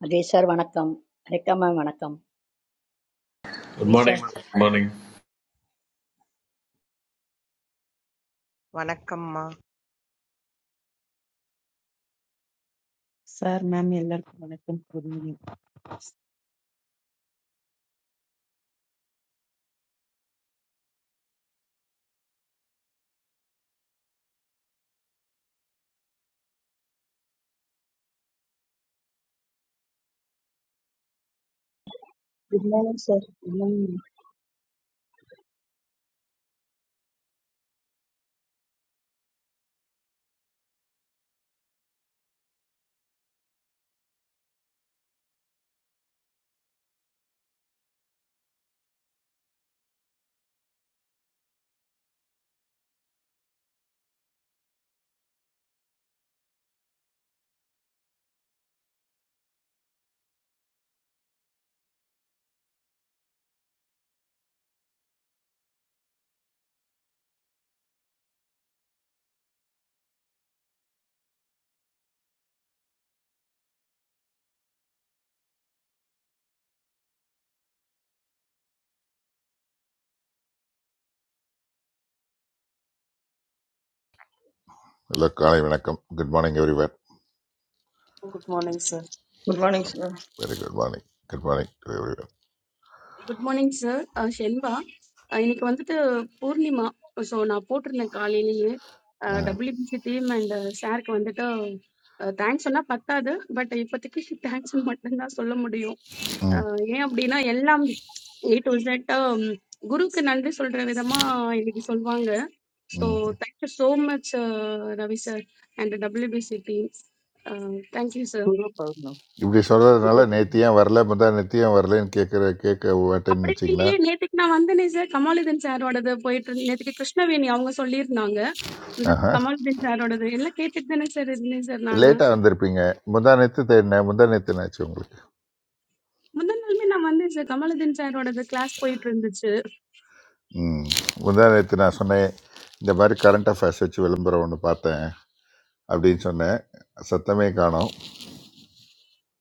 Hello, sir. Welcome. Welcome, my welcome. Good Please, morning. Good morning. வணக்கம்மா. Sir ma'am எல்லாருக்கும் வணக்கம் good evening good morning sir good morning இல்லை காலை வணக்கம் good morning everyone Good morning, sir. Good morning, sir. Very good morning good morning to everyone good morning sir Selva அஹ் இன்னைக்கு வந்துட்டு Purnima so நான் போட்டிருந்தேன் காலையிலேயே டபிள்யூபிசி டீம் அண்ட் சாருக்கு வந்துட்டு தேங்க்ஸ் சொன்னா பத்தாது பட் இப்போதைக்கு தேங்க்ஸ் மட்டும்தான் சொல்ல முடியும் ம் அஹ் ஏன் அப்படின்னா எல்லாம் ஏ டு Z குருக்கு நன்றி சொல்ற விதமா இன்னைக்கு சொல்வாங்க so hmm thank you so much Ravi sir and WBC team thank you sir Guru Purnima இப்படி குரு சொல்கிறதுனால பௌர்ணமி. நேற்று ஏன் வரல முந்தா நேற்று ஏன் வரலன்னு கேட்குற கேட்க வேட்டேன்னு அப்படி வச்சிங்களா இல்லையே நேத்துக்கு நான் வந்தேனே சார் கமாலுதீன் சாரோடது போயிட்டு இருந்து- நேத்துக்கு கிருஷ்ணவேணி அவங்க சொல்லியிருந்தாங்க இந்த மாதிரி ஆஹா கமாலுதீன் சாரோடது எல்லாம் கேட்டுட்டு தானே சார் இருந்தேன் சார் நானு லேட்டாக வந்திருப்பீங்க முந்தா நேற்று தேடினேன் முந்தா நேற்று ஆச்சு உங்களுக்கு முந்தின நாளுமே நான் வந்தேன் சார் கமாலுதீன் சாரோடது கிளாஸ் போயிட்டு இருந்துச்சு ம் முந்தா நேற்று நான் சொன்னேன் இந்த மாதிரி கரண்ட் அஃபேர்ஸ் வச்சு விளம்பரம் ஒன்று பார்த்தேன் அப்படின்னு சொன்னேன் சத்தமே காணோம்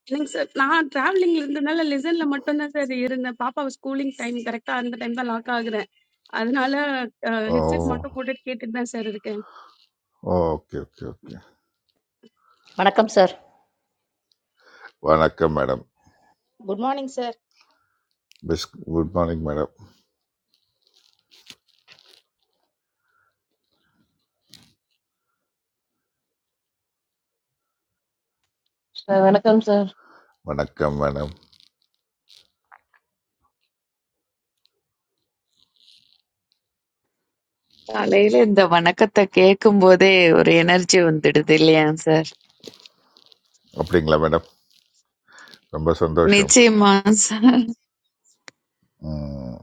இல்லைங்க சார் நான் டிராவலிங்ல இருந்தனால லெசன்ல மட்டும்தான் சார் இருந்தேன் பாப்பாவை ஸ்கூலிங் டைம் கரெக்டா அந்த டைம் தான் லாக் ஆகுறேன் அதனால ஓ ஹெட்செட் மட்டும் போட்டுட்டு கேட்டுட்டு தான் சார் இருக்கேன் okay okay okay welcome, sir. வணக்கம் madam Good morning, sir. Best good morning madam Sir, வணக்கம் sir. வணக்கம் மேடம் காலையில இந்த வணக்கத்தை கேட்கும் போதே ஒரு எனர்ஜி வந்துடுது இல்லையா சார் அப்படிங்களா மேடம் ரொம்ப சந்தோஷம் நிச்சயமா சார் ம்,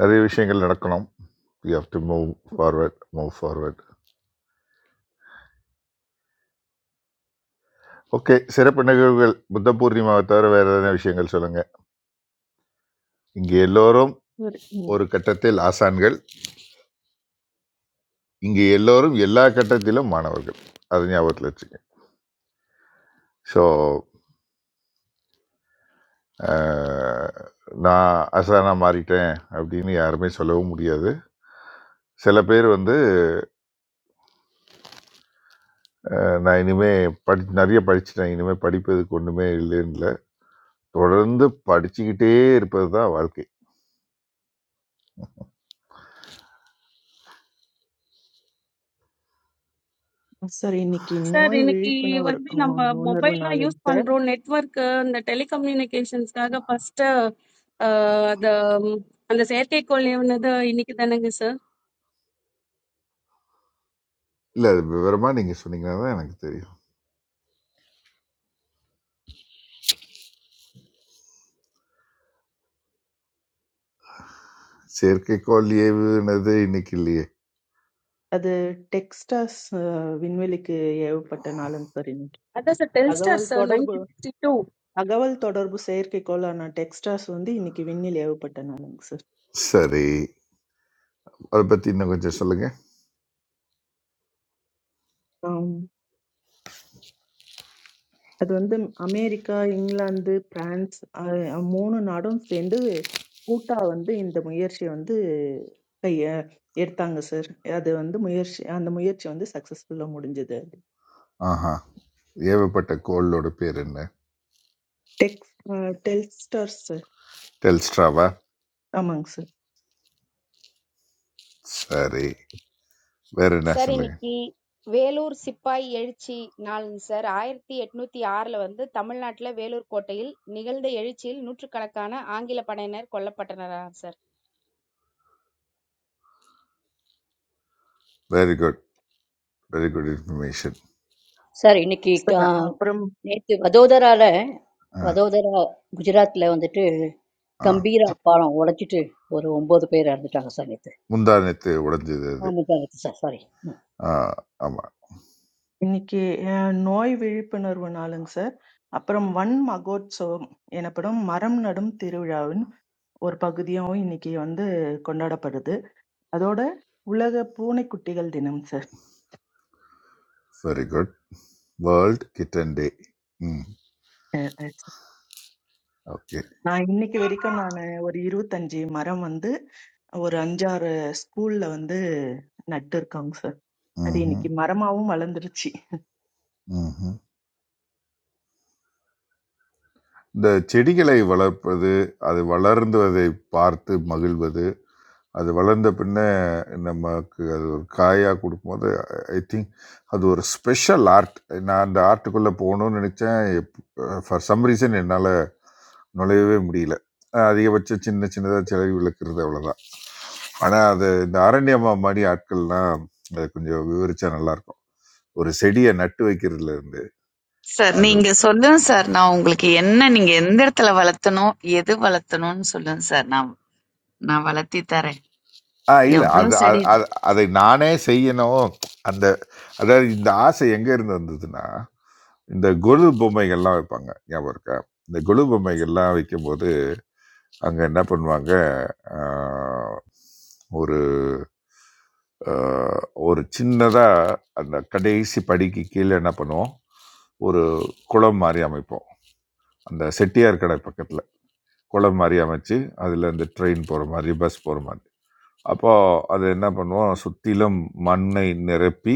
நிறைய விஷயங்கள் நடக்கணும் you have to move forward move forward okay சிறப்பு நிகழ்வுகள் புத்த பூர்ணிமாவை தவிர வேறு எதனா விஷயங்கள் சொல்லுங்கள் இங்கே எல்லோரும் சார் ம், ஒரு கட்டத்தில் ஆசான்கள் இங்கே எல்லோரும் எல்லா கட்டத்திலும் மாணவர்கள் அது ஞாபகத்தில் வச்சுங்க ஸோ நான் அசானாக மாறிட்டேன் அப்படின்னு யாருமே சொல்லவும் முடியாது சில பேர் வந்து அஹ், நான் இனிமே படி நிறைய படிச்சுட்டேன் இனிமே படிப்பதுக்கு ஒன்றுமே இல்லைன்னு இல்லை, தொடர்ந்து படிச்சுக்கிட்டே இருப்பது தான் வாழ்க்கை சார் இன்னைக்கு சார் நோய் இன்னைக்கு விழிப்புணர்வு வந்து நம்ம அஹ், உணர்வு மொபைல்லாம் யூஸ் நாளுங்க சார் பண்றோம் நெட்வொர்க் இந்த டெலிகம்யூனிகேஷன்ஸ்க்காக ஃபர்ஸ்ட் அந்த ம், அந்த செயற்கைக்கோள் ஏவுனது இன்னைக்கு தானேங்க சார் இல்ல. அது விவரமா நீங்க சொன்னீங்கன்னா தான் எனக்கு தெரியும். செயற்கைக்கோள் ஏவுனது இன்னைக்கு இல்லையே! அது டெக்ஸ்டாஸ் அஹ், விண்வெளிக்கு ஏவப்பட்ட நாளுங்க சார் இன்னைக்கு அதான் சார் டெல்ஸ்டார் தகவல் சார் தொடர்பு நைன்டீன் சிக்ஸ்டி டூ தகவல் தொடர்பு செயற்கைக்கோளான டெக்ஸ்டாஸ் வந்து இன்னைக்கு விண்ணில் ஏவப்பட்ட நாளுங்க சரி. அத பத்தி இன்னும் கொஞ்சம் சொல்லுங்க. சார் அது வந்து அமெரிக்கா, இங்கிலாந்து, பிரான்ஸ் அ 3 நாடும் சேர்ந்து கூட்டா வந்து இந்த முயற்சிய வந்து கைய எடுத்தாங்க சார். அது வந்து முயற்சி அந்த முயற்சி வந்து சக்சஸ்ஃபுல்லா முடிஞ்சது. ஆஹா. ஏவப்பட்ட கோளோட பேர் என்ன? டெக்ஸ் அ டெல்ஸ்டர்ஸ் சார். டெல்ஸ்ட்ராவா? ஆமாங்க சார். சரி. வேற என்ன Sir, in சொல்லுங்க? the Veloor Sippai area, sir, I heard that at no time R has come to Tamil Nadu Veloor Courtil. You guys have heard that Nutr Kerala Anna Angila Parayner Collab Pattanar, sir. Very good. Very good information. Sir, in the case, it sir அப்புறம் is from Vadodara. ஆ, From Vadodara, Gujarat. There is a ஆ. gambira parang. We have to take one hundred rupees முந்தானத்து உடைஞ்சது அது. for that. Sorry. ஆ, ஆமா. இன்னைக்கு அ, நோய் விழிப்புணர்வு நாளுங்க சார். அப்புறம் வன் மகோத்சவம் எனப்படும் மரம் நடும் திருவிழாவின் ஒரு பகுதியாவும் இன்னைக்கு வந்து கொண்டாடப்படுது. அதோட உலக பூனைக்குட்டிகள் தினம் very good. World kitten day. Hmm. Sir. Okay. நான் இன்னைக்கு வரைக்கும் நான் ஒரு இருபத்தஞ்சு மரம் வந்து ஒரு அஞ்சாறு ஸ்கூல்ல வந்து நட்டு இருக்காங்க சார் அது இன்னைக்கு மரமாவும் வளர்ந்துருச்சு ம்ஹ்ம். இந்த செடிகளை வளர்ப்பது அது வளர்ந்துவதை பார்த்து மகிழ்வது அது வளர்ந்த பின்னே நமக்கு அது ஒரு காயாக கொடுக்கும்போது ஐ திங்க் அது ஒரு ஸ்பெஷல் ஆர்ட் நான் அந்த ஆர்ட்டுக்குள்ளே போகணும்னு நினச்சேன் ஃபார் சம் ரீசன் என்னால் நுழையவே முடியல அஹ் அதிகபட்சம் சின்ன சின்னதாக செலவு விளக்குறது அவ்வளோதான் ஆனால் அது இந்த அரண்யமா மாதிரி ஆட்கள்லாம் அது கொஞ்சம் விவரிச்சா நல்லாயிருக்கும் ஒரு செடியை நட்டு வைக்கிறதுல இருந்து சார் அது நீங்க சொல்லுங்க சார் நான் உங்களுக்கு என்ன நீங்க எந்த இடத்துல வளர்த்தணும் எது வளர்த்தணும்னு சொல்லுங்க சார் நான் நான் வளர்த்தி தரேன் ஆ இல்ல. அது எவ்வளவு அது செடி அது அதை நானே செய்யணும். அந்த அதாவது இந்த ஆசை எங்க இருந்து வந்ததுன்னா, இந்த கொலு பொம்மைகள்லாம் வைப்பாங்க. ஞாபகம் இருக்கா? இந்த கொலு பொம்மைகள்லாம் வைக்கும்போது, அங்க என்ன பண்ணுவாங்க, ஆ ஒரு அ ஒரு சின்னதா அந்த கடைசி படிக்கு கீழ என்ன பண்ணுவோம், ஒரு குளம் மாரி அமைப்போம். அந்த செட்டியார் கடை பக்கத்துல. குளம் மாரி அமைச்சு, அதுல இந்த ட்ரெயின் போற மாரி, பஸ் போற மாரி. அப்போ அது என்ன பண்ணுவோம் சுற்றிலும் மண்ணை நிரப்பி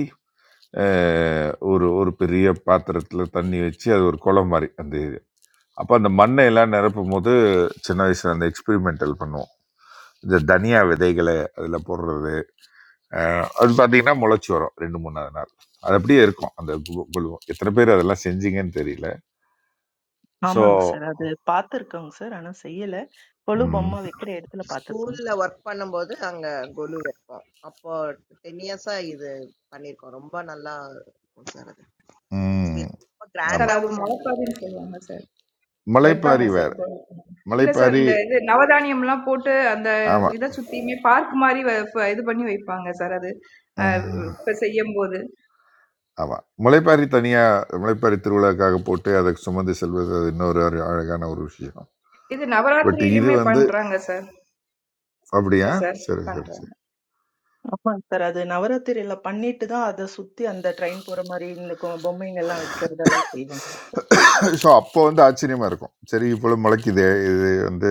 அஹ், ஒரு ஒரு பெரிய பாத்திரத்தில் தண்ணி வச்சு அது ஒரு குளம் மாதிரி அந்த இது அப்போ அந்த மண்ணை எல்லாம் நிரப்பும் போது சின்ன வயசில் அந்த எக்ஸ்பெரிமெண்டல் பண்ணுவோம் இந்த தனியா விதைகளை அதில் போடுறது அஹ், அது பார்த்தீங்கன்னா முளைச்சி வரும் ரெண்டு மூணாவது நாள் அது அப்படியே இருக்கும் அந்த கு- குழுவும் எத்தனை பேர் அதெல்லாம் செஞ்சீங்கன்னு தெரியல ஸோ ஆமாங்க சார் அது பார்த்துருக்கோங்க சார் ஆனா செய்யல கொலு ம் பொம்மை வைக்கிற இடத்துல பார்த்துருக்கோங்க ஸ்கூல்ல வொர்க் பண்ணும்போது அங்க கொலு வைப்போம். அப்போ 10 இயர்ஸா இது பண்ணியிருக்கோம். ரொம்ப நல்லா இருக்கும் சார் அது. ம் எக்ஸ்பீரியன்ஸ் ரொம்ப Sir, ஆமாம் that is a கிராண்டாவும் lot of சொல்லியிருக்கோம். pain for you, sir. Why are you மலைப்பாரி angry, sir? வேறு No, sir. மலைப்பாரி That is new. Daily, we put that. This time, we park our. This is why we are angry. Sir, that is. ஆமாம் Because I am bored. ஆமாம் முளைப்பாரி தனியாக முளைப்பாரி திருவிழாக்காக போட்டு அதை சுமந்து செல்வது அது இன்னொரு ஒரு அழகான ஒரு விஷயம் This is on the night. But இது We வந்து are angry, sir. அப்படியா Sir, சரி சரி angry. சரி ஆமாங்க சார் அது நவராத்திரியில பண்ணிட்டு தான் அதை சுத்தி அந்த ட்ரெயின் போற மாதிரி இந்த கொ- பொம்மைங்க எல்லாம் வைக்கிறதெல்லாம் செய்வாங்க ஸோ அப்போ வந்து ஆச்சரியமா இருக்கும் சரி இப்போ முளைக்குதே இது வந்து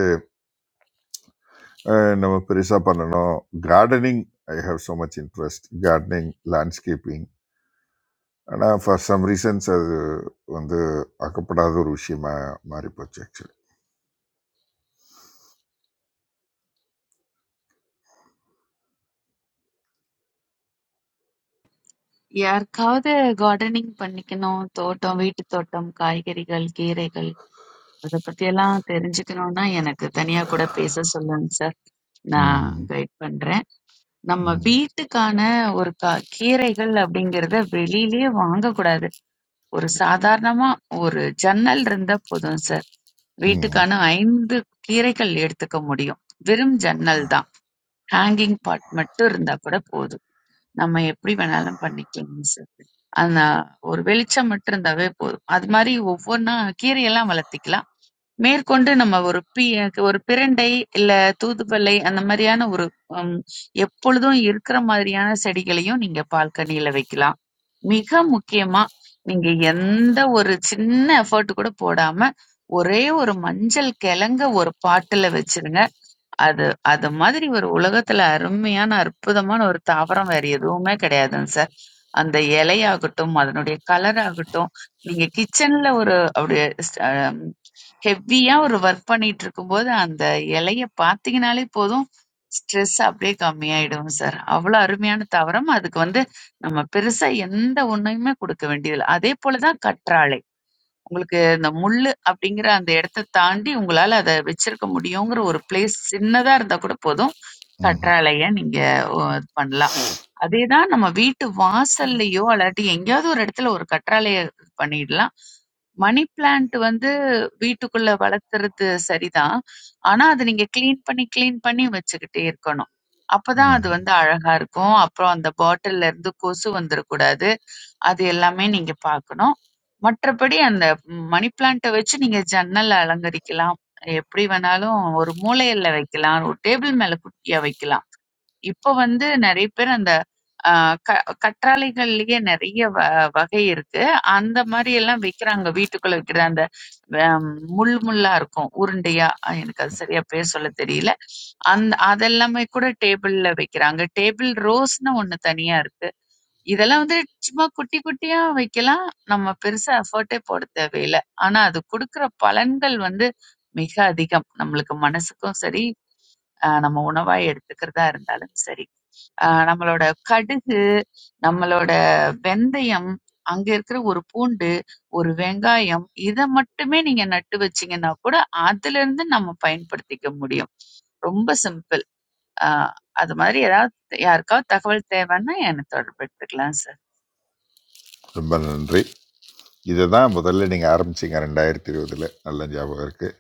அஹ், நம்ம பெருசாக பண்ணணும் gardening I have so much interest gardening landscaping ஆனால் ஃபார் சம் ரீசன்ஸ் அது வந்து ஆக்கப்படாத ஒரு விஷயமா மாறி போச்சு ஆக்சுவலி யாருக்காவது கார்டனிங் பண்ணிக்கணும் தோட்டம் வீட்டு தோட்டம் காய்கறிகள் கீரைகள் அத பத்தி எல்லாம் தெரிஞ்சுக்கணும்னா எனக்கு தனியா கூட பேச சொல்லுங்க சார் நான் ம் கைட் பண்றேன். நம்ம ம் வீட்டுக்கான ஒரு க கீரைகள் அப்படிங்கிறத வெளியிலேயே வாங்கக்கூடாது. ஒரு சாதாரணமா ஒரு ஜன்னல் இருந்தா போதும் சார். வீட்டுக்கான ஐந்து கீரைகள் எடுத்துக்க முடியும். வெறும் ஜன்னல் தான். ஹேங்கிங் பாட் மட்டும் இருந்தா கூட போதும். நம்ம எப்படி வேணாலும் பண்ணிக்கலாங்க சார். ஆனா ஒரு வெளிச்சம் மட்டும் இருந்தாவே போதும். அது மாதிரி ஒவ்வொன்னா கீரையெல்லாம் வளர்த்திக்கலாம். மேற்கொண்டு நம்ம ஒரு பி ஒரு பிரண்டை இல்ல தூதுவளை அந்த மாதிரியான ஒரு ம், எப்பொழுதும் இருக்கிற மாதிரியான செடிகளையும் நீங்க பால்கனியில வைக்கலாம் மிக முக்கியமா நீங்க எந்த ஒரு சின்ன எஃபோர்ட் கூட போடாம ஒரே ஒரு மஞ்சள் கிழங்க ஒரு பாட்டுல வச்சிருங்க. அது அது மாதிரி ஒரு உலகத்துல அருமையான, அற்புதமான ஒரு தாவரம் வேற எதுவுமே கிடையாதுங்க சார். அந்த இலையாகட்டும், அதனுடைய கலர் ஆகட்டும், நீங்க கிச்சன்ல ஒரு அப்படியே ஸ்- அம், ஹெவியா ஒரு ஒர்க் பண்ணிட்டு இருக்கும்போது அந்த இலைய பார்த்தீங்கனாலே போதும், ஸ்ட்ரெஸ் அப்படியே கம்மியாயிடும் சார். அவ்வளவு அருமையான தாவரம். அதுக்கு வந்து நம்ம பெருசா எந்த ஒண்ணுமே குடுக்க வேண்டியதில்ல. அதே போல தான் கற்றாழை. உங்களுக்கு இந்த முள்ளு அப்படிங்கிற அந்த இடத்த தாண்டி உங்களால அத வச்சிருக்க முடியுங்கிற ஒரு பிளேஸ் சின்னதா இருந்தா கூட போதும். ம் கற்றாழைய நீங்க ஒ இது பண்ணலாம். அதேதான் நம்ம வீட்டு வாசல்லயோ அல்லாட்டி எங்கேயாவது ஒரு இடத்துல ஒரு கற்றாழைய பண்ணிடலாம் மணி பிளான்ட் வந்து வீட்டுக்குள்ள வளர்த்துறது சரிதான் ஆனா அது நீங்க க்ளீன் பண்ணி க்ளீன் பண்ணி வச்சுக்கிட்டே இருக்கணும் அப்பதான் அது ம் வந்து அழகா இருக்கும் அப்புறம் அந்த பாட்டில்ல இருந்து கொசு வந்துடக்கூடாது அது எல்லாமே நீங்க பார்க்கணும் மற்றபடி அந்த மணி பிளான்ட்டை வச்சு நீங்க ஜன்னல் அலங்கரிக்கலாம் எப்படி வேணாலும் ஒரு மூலையில வைக்கலாம் ஒரு டேபிள் மேல குட்டியா வைக்கலாம் இப்ப வந்து நெறைய பேர் அந்த ஆ, க கற்றாழைகள்லயே நெறைய வ வகை இருக்கு. அந்த மாரி எல்லாம் விக்கிறாங்க. வீட்டுக்குள்ள விக்கிற அந்த ஆம், முள் முள்ளா இருக்கும். உருண்டையா. அ, எனக்கு அது சரியா பேர் சொல்ல தெரியல. அந்த அதெல்லாமே கூட டேபிள்ல வைக்கிறாங்க. டேபிள் ரோஸ்ன்னு ஒண்ணு தனியா இருக்கு. இதெல்லாம் வந்து சும்மா குட்டி குட்டியா வைக்கலாம். நம்ம பெருசா எஃபோர்ட்டே போட தேவையில்ல. ஆனா அது குடுக்குற பலன்கள் வந்து மிக அதிகம். நம்மளுக்கு மனசுக்கும் சரி, அ, நம்ம உணவா எடுத்துக்கிறதா இருந்தாலும் சரி. ஆஹ் நம்மளோட கடுகு நம்மளோட வெந்தயம் அங்க இருக்கிற ஒரு பூண்டு ஒரு வெங்காயம் இத மட்டுமே நீங்க நட்டு வச்சீங்கன்னா கூட அதுல இருந்து நம்ம பயன்படுத்திக்க முடியும் ரொம்ப சிம்பிள் ஆஹ் அது மாதிரி ஏதாவது யாருக்காவது தகவல் தேவைன்னா என்னை தொடர்பு எடுத்துக்கலாம் சார் ரொம்ப நன்றி இதை தான் முதல்ல நீங்கள் ஆரம்பிச்சீங்க ரெண்டாயிரத்தி இருபதில் நல்ல ஞாபகம் இருக்குது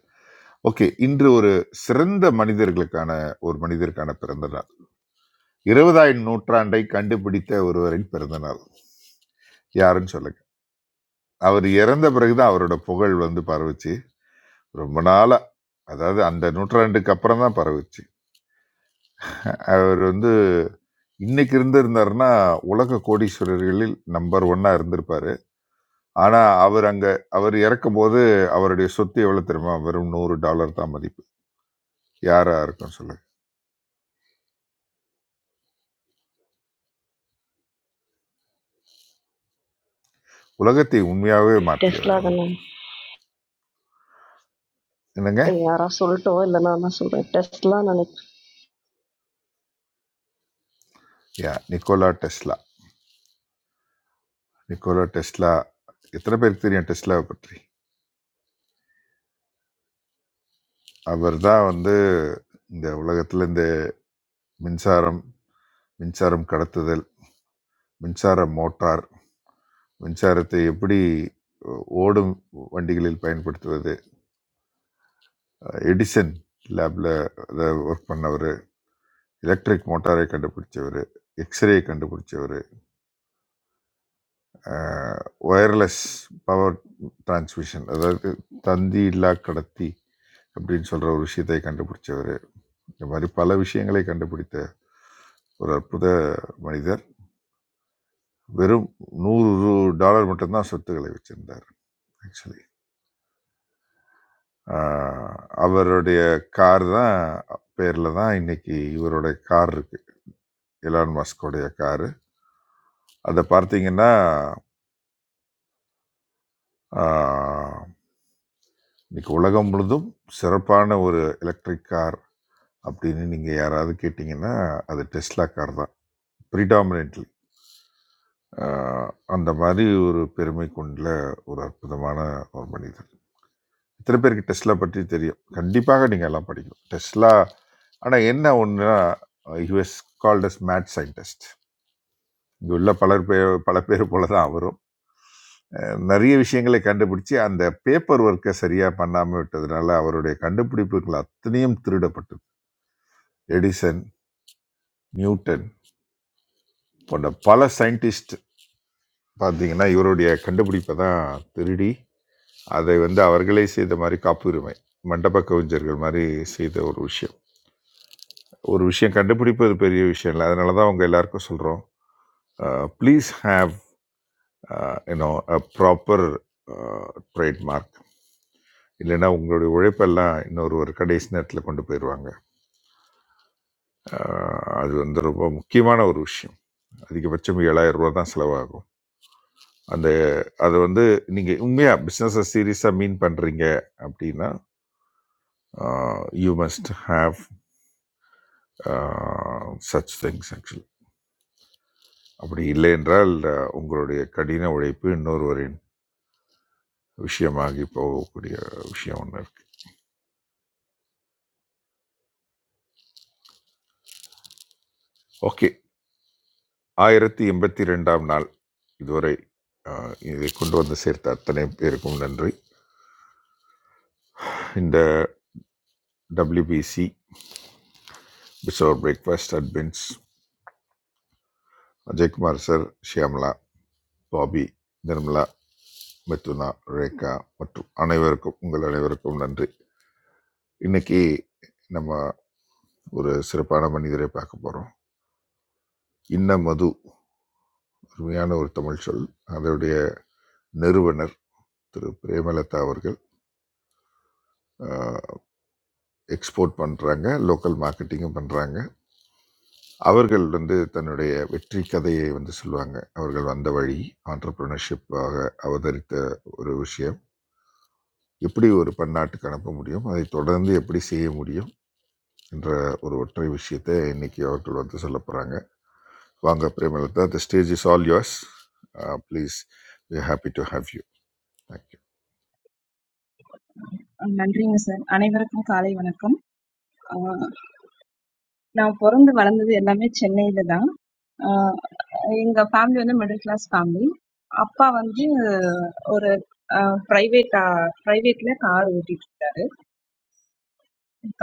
ஓகே இன்று ஒரு சிறந்த மனிதர்களுக்கான ஒரு மனிதருக்கான பிறந்த நாள் இருபதாயிரம் நூற்றாண்டை கண்டுபிடித்த ஒருவரின் பிறந்த நாள் யாருன்னு சொல்லுங்க அவர் இறந்த பிறகுதான் அவரோட புகழ் வந்து பரவுச்சு ரொம்ப நாளா அதாவது அந்த நூற்றாண்டுக்கு அப்புறம் தான் பரவுச்சு அவர் வந்து இன்னைக்கு இருந்திருந்தாருன்னா உலக கோடீஸ்வரர்களில் நம்பர் ஒன்னா இருந்திருப்பார் ஆனா, அவர் அங்க அவர் இறக்கும்போது, அவருடைய சொத்து எவ்வளோ தெரியுமா? வெறும் $100 தான் மதிப்பு. யாரா இருக்கும் சொல்லுங்க? உலகத்தை உண்மையாவே மாற்றியவர் டெஸ்லா அவரு. தானே என்னங்க? ஏய், யாரா சொல்லட்டோ இல்லை நான் தான் சொல்கிறேன் டெஸ்லா நினைக்கிறேன் yeah Nikola Tesla. Nikola Tesla. எத்தனை பேருக்கு தெரியும் டெஸ்லாவை பற்றி? அவர் தான் வந்து இந்த உலகத்துல இந்த மின்சாரம், மின்சாரம் கடத்துதல், மின்சார மோட்டார், மின்சாரத்தை எப்படி ஓ ஓடும் வண்டிகளில் பயன்படுத்துவது, எடிசன் லேப்ல அதை ஒர்க் பண்ணவர். எலக்ட்ரிக் மோட்டாரை கண்டுபிடிச்சவர் எக்ஸ்ரே கண்டுபிடிச்சவர் ஒயர்லெஸ் பவர் டிரான்ஸ்மிஷன் அதாவது தந்தி இல்லா கடத்தி அப்படின்னு சொல்கிற ஒரு விஷயத்தை கண்டுபிடிச்சவர் இந்த மாதிரி பல விஷயங்களை கண்டுபிடித்த ஒரு அற்புத மனிதர் வெறும் நூறு டாலர் மட்டும்தான் சொத்துக்களை வச்சுருந்தார் ஆக்சுவலி அவருடைய கார் தான் பேரில் தான் இன்னைக்கு இவரோட கார் இருக்குது எலான் மஸ்கோடைய காரு அதை பார்த்தீங்கன்னா இன்னைக்கு உலகம் முழுதும் சிறப்பான ஒரு எலக்ட்ரிக் கார் அப்படின்னு நீங்கள் யாராவது கேட்டிங்கன்னா அது டெஸ்லா கார் தான் ப்ரிடாமினெட்லி அந்த மாதிரி ஒரு பெருமை கொண்ட ஒரு அற்புதமான ஒரு மனிதர் இத்தனை பேருக்கு டெஸ்லா பற்றி தெரியும் கண்டிப்பாக நீங்கள் எல்லாம் படிக்கணும் டெஸ்லா ஆனால் என்ன ஒன்றுனா US called as mad scientist இங்கே உள்ள பலர் பேர் பல பேர் போல தான் அவரும் அஹ் நிறைய விஷயங்களை கண்டுபிடிச்சு அந்த பேப்பர் ஒர்க்கை சரியாக பண்ணாமல் விட்டதுனால அவருடைய கண்டுபிடிப்புகள் அத்தனையும் திருடப்பட்டது எடிசன் நியூட்டன் போன்ற பல சயின்டிஸ்ட் பார்த்தீங்கன்னா இவருடைய கண்டுபிடிப்பை தான் திருடி அதை வந்து அவர்களே செய்த மாதிரி காப்புரிமை மண்டப கவிஞர்கள் மாதிரி செய்த ஒரு விஷயம் ஒரு விஷயம் கண்டுபிடிப்பது பெரிய விஷயம் இல்லை அதனால தான் அவங்க எல்லாருக்கும் சொல்கிறோம் please have you know a proper trademark இல்லைன்னா உங்களுடைய உழைப்பெல்லாம் இன்னொருவர் கடைசி நேரத்தில் கொண்டு போயிடுவாங்க அது வந்து ரொம்ப முக்கியமான ஒரு விஷயம் அதிகபட்சம் ஏழாயிரம் ரூபா தான் செலவாகும் அந்த அது வந்து நீங்க உண்மையா பிஸ்னஸை சீரியஸா மீன் பண்றீங்க அப்படின்னா you must have such things actually அப்படி இல்லை என்றால் அஹ், உங்களுடைய கடின உழைப்பு இன்னொருவரின் விஷயமாகி போகக்கூடிய விஷயம் ஒன்று இருக்கு ஓகே ஆயிரத்தி எண்பத்தி ரெண்டாம் நாள் இதுவரை அஹ், இதை கொண்டு வந்து சேர்த்த அத்தனை பேருக்கும் நன்றி இந்த டபிள்யூபிசி பிசோர் breakfast admins Ajaykumar sir Shyamala Babi Nirmala Mithuna Rekha மற்றும் அனைவருக்கும் உங்கள் அனைவருக்கும் நன்றி இன்னைக்கு நம்ம ஒரு சிறப்பான மனிதரை பார்க்க போகிறோம் இன்ன மது அருமையான ஒரு தமிழ் சொல் அதோடைய நிறுவனர் திரு பிரேமலதா அவர்கள் எக்ஸ்போர்ட் பண்ணுறாங்க லோக்கல் மார்க்கெட்டிங்கும் பண்ணுறாங்க அவர்கள் வந்து தன்னுடைய வெற்றி கதையை வந்து சொல்லுவாங்க அவர்கள் வந்த வழி ஆண்டர்பிரினர்ஷிப்பாக அவதரித்த ஒரு விஷயம் எப்படி ஒரு பன்னாட்டுக்கு அனுப்ப முடியும் அதை தொடர்ந்து எப்படி செய்ய முடியும் என்ற ஒரு ஒற்றை விஷயத்தை இன்னைக்கு அவர்கள் வந்து சொல்ல போகிறாங்க வாங்க Premalatha the stage is all yours please we are happy to have you thank you நன்றிங்க சார் அனைவருக்கும் காலை வணக்கம் ஆஹ் நான் பிறந்து வளர்ந்தது எல்லாமே சென்னையில தான் ஆஹ் எங்க ஃபேமிலி வந்து மிடில் கிளாஸ் ஃபேமிலி அப்பா வந்து ஒரு பிரைவேட் பிரைவேட்ல கார் ஓட்டிட்டு இருந்தாரு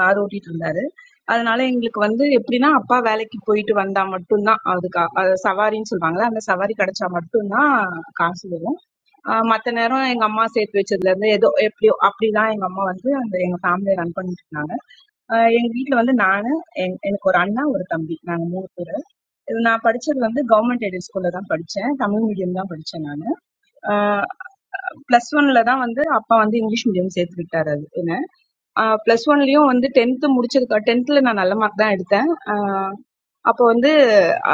கார் ஓட்டிட்டு இருந்தாரு அதனால எங்களுக்கு வந்து எப்படின்னா அப்பா வேலைக்கு போயிட்டு வந்தா மட்டும்தான் அதுக்கு அ- அது சவாரின்னு சொல்லுவாங்கல்ல அந்த சவாரி கிடைச்சா மட்டும்தான் காசு வரும் ஆஹ் மத்த நேரம் எங்க அம்மா சேர்த்து வச்சதுல இருந்து ஏதோ எப்படியோ அப்படிதான் எங்க அம்மா வந்து அந்த எங்க ஃபேமிலியை ரன் பண்ணிட்டு இருந்தாங்க ஆஹ் எங்க வீட்ல வந்து நானு என் எனக்கு ஒரு அண்ணா, ஒரு தம்பி. நாங்க 3 பேரு. இது நான் படிச்சது வந்து கவர்ன்மெண்ட் எய்டட் ஸ்கூல்ல தான் படிச்சேன். தமிழ் மீடியம் தான் படிச்சேன் நானு. ஆஹ் பிளஸ் 1ல தான் வந்து அப்பா வந்து இங்கிலீஷ் மீடியம் சேர்த்து விட்டாரு அது என்ன. ஆஹ் பிளஸ் 1லயும் வந்து 10த் முடிச்சதுக்கு 10த்ல நான் நல்ல மார்க் தான் எடுத்தேன். ஆஹ் அப்போ வந்து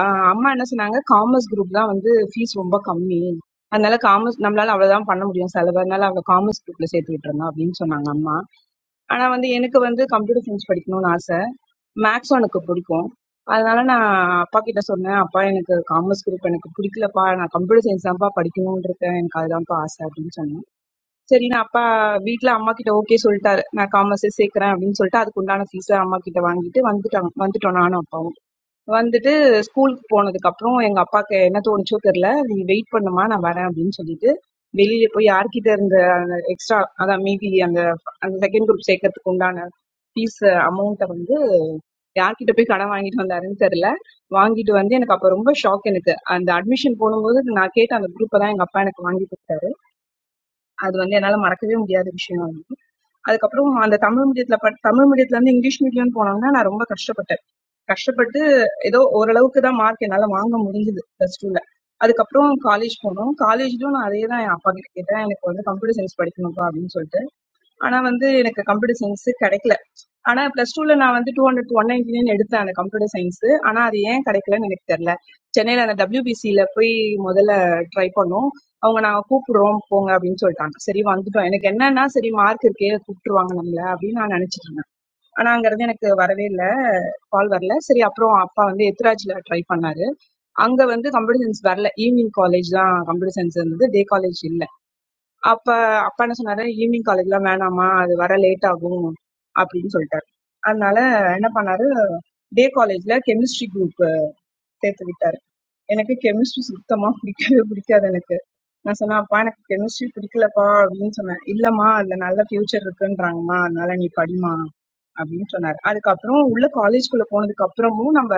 ஆஹ் அம்மா என்ன சொன்னாங்க, காமர்ஸ் குரூப் தான் வந்து ஃபீஸ் ரொம்ப கம்மி. அதனால காமர்ஸ் நம்மளால அவ்வளவுதான் பண்ண முடியும் செலவு. அதனால அவள காமர்ஸ் குரூப்ல சேர்த்து விட்டுறணும் அப்படின்னு சொன்னாங்க அம்மா. ஆனா வந்து எனக்கு வந்து கம்ப்யூட்டர் சயின்ஸ் படிக்கணும்னு ஆசை. மேத்ஸும் எனக்கு பிடிக்கும். அதனால நான் அப்பா கிட்ட சொன்னேன். "அப்பா எனக்கு காமர்ஸ் குரூப் எனக்கு பிடிக்கலப்பா. நான் கம்ப்யூட்டர் சயின்ஸ் தான்ப்பா படிக்கணும்னு இருக்கேன். எனக்கு அதுதான்ப்பா ஆசை" அப்படின்னு சொன்னேன். சரின்னு அப்பா வீட்ல அம்மா கிட்ட ஓகே சொல்லிட்டாரு. நான் காமர்ஸே சேர்க்கிறேன் அப்படின்னு சொல்லிட்டு அதுக்கு உண்டான ஃபீஸ அம்மா கிட்ட வாங்கிட்டு வந்துட்டாங்க வந்துட்டோம் நானும் அப்பாவும். வந்துட்டு ஸ்கூலுக்கு போனதுக்கப்புறம் எங்க அப்பாக்கு என்ன தோணுச்சோ தெரியல. "நீ வெயிட் பண்ணும்மா, நான் வரேன்" அப்படின்னு சொல்லிட்டு, வெளியில போய் யார்கிட்ட இருந்த அந்த எக்ஸ்ட்ரா அதான் மீதி அந்த அந்த 2ண்ட் குரூப் சேர்க்கறதுக்கு உண்டான ஃபீஸ் அமௌண்ட்ட வந்து யார்கிட்ட போய் கடன் வாங்கிட்டு வந்தாருன்னு தெரியல. வாங்கிட்டு வந்து எனக்கு அப்ப ரொம்ப ஷாக் எனக்கு. அந்த அட்மிஷன் போடும்போது நான் கேட்ட அந்த குரூப்ப தான் எங்க அப்பா எனக்கு வாங்கி கொடுத்தாரு. அது வந்து என்னால மறக்கவே முடியாத விஷயம் அது. அதுக்கப்புறம் அந்த தமிழ் மீடியத்துல படி தமிழ் மீடியத்துல இருந்து இங்கிலீஷ் மீடியம்னு போனோம்னா நான் ரொம்ப கஷ்டப்பட்டேன். கஷ்டப்பட்டு ஏதோ ஓரளவுக்கு தான் மார்க் என்னால வாங்க முடிஞ்சது பிளஸ் டூல அதுக்கப்புறம் காலேஜ் போனோம் காலேஜ்லயும் நான் அதே தான் என் அப்பா கிட்ட கேட்டேன் எனக்கு வந்து கம்ப்யூட்டர் சயின்ஸ் படிக்கணும்ப்பா அப்படின்னு சொல்லிட்டு ஆனா வந்து எனக்கு கம்ப்யூட்டர் சயின்ஸ் கிடைக்கல ஆனா பிளஸ் டூல நான் வந்து two hundred one ninety nine எடுத்தேன் அந்த கம்ப்யூட்டர் சயின்ஸ் ஆனா அது ஏன் கிடைக்கலன்னு எனக்கு தெரியல சென்னையில அந்த WBC ல போய் முதல்ல ட்ரை பண்ணோம் அவங்க நாங்க கூப்பிடுறோம் போங்க அப்படின்னு சொல்லிட்டாங்க சரி வந்துட்டோம் எனக்கு என்னன்னா சரி மார்க் இருக்கே கூப்பிட்டுருவாங்க நம்மள அப்படின்னு நான் நினைச்சிட்டு இருந்தேன் ஆனா அங்கருந்து எனக்கு வரவே இல்ல. கால் வரல. சரி அப்புறம் அப்பா வந்து எத்திராஜ்ல ட்ரை பண்ணாரு. அங்க வந்து கம்ப்யூட்டர் சயின்ஸ் வரல. ஈவ்னிங் காலேஜ் தான் கம்ப்யூட்டர் சயின்ஸ் இருந்தது. டே காலேஜ் இல்ல. அப்ப அப்பா என்ன சொன்னாரு, "ஈவ்னிங் காலேஜ்லாம் வேணாம்மா, அது வர லேட் ஆகும்." அப்படின்னு சொல்லிட்டாரு. அதனால என்ன பண்ணாரு, டே காலேஜ்ல கெமிஸ்ட்ரி குரூப் சேர்த்து விட்டாரு. எனக்கு கெமிஸ்ட்ரி சுத்தமா பிடிக்கவே பிடிக்காது எனக்கு. நான் சொன்னேன், "அப்பா எனக்கு கெமிஸ்ட்ரி பிடிக்கலப்பா" அப்படின்னு சொன்னேன். "இல்லம்மா அதுல நல்ல ஃபியூச்சர் இருக்குன்றாங்கம்மா, அதனால நீ படிம்மா" அப்படின்னு சொன்னாரு. அதுக்கப்புறம் உள்ள காலேஜ்குள்ள போனதுக்கு அப்புறமும் நம்ம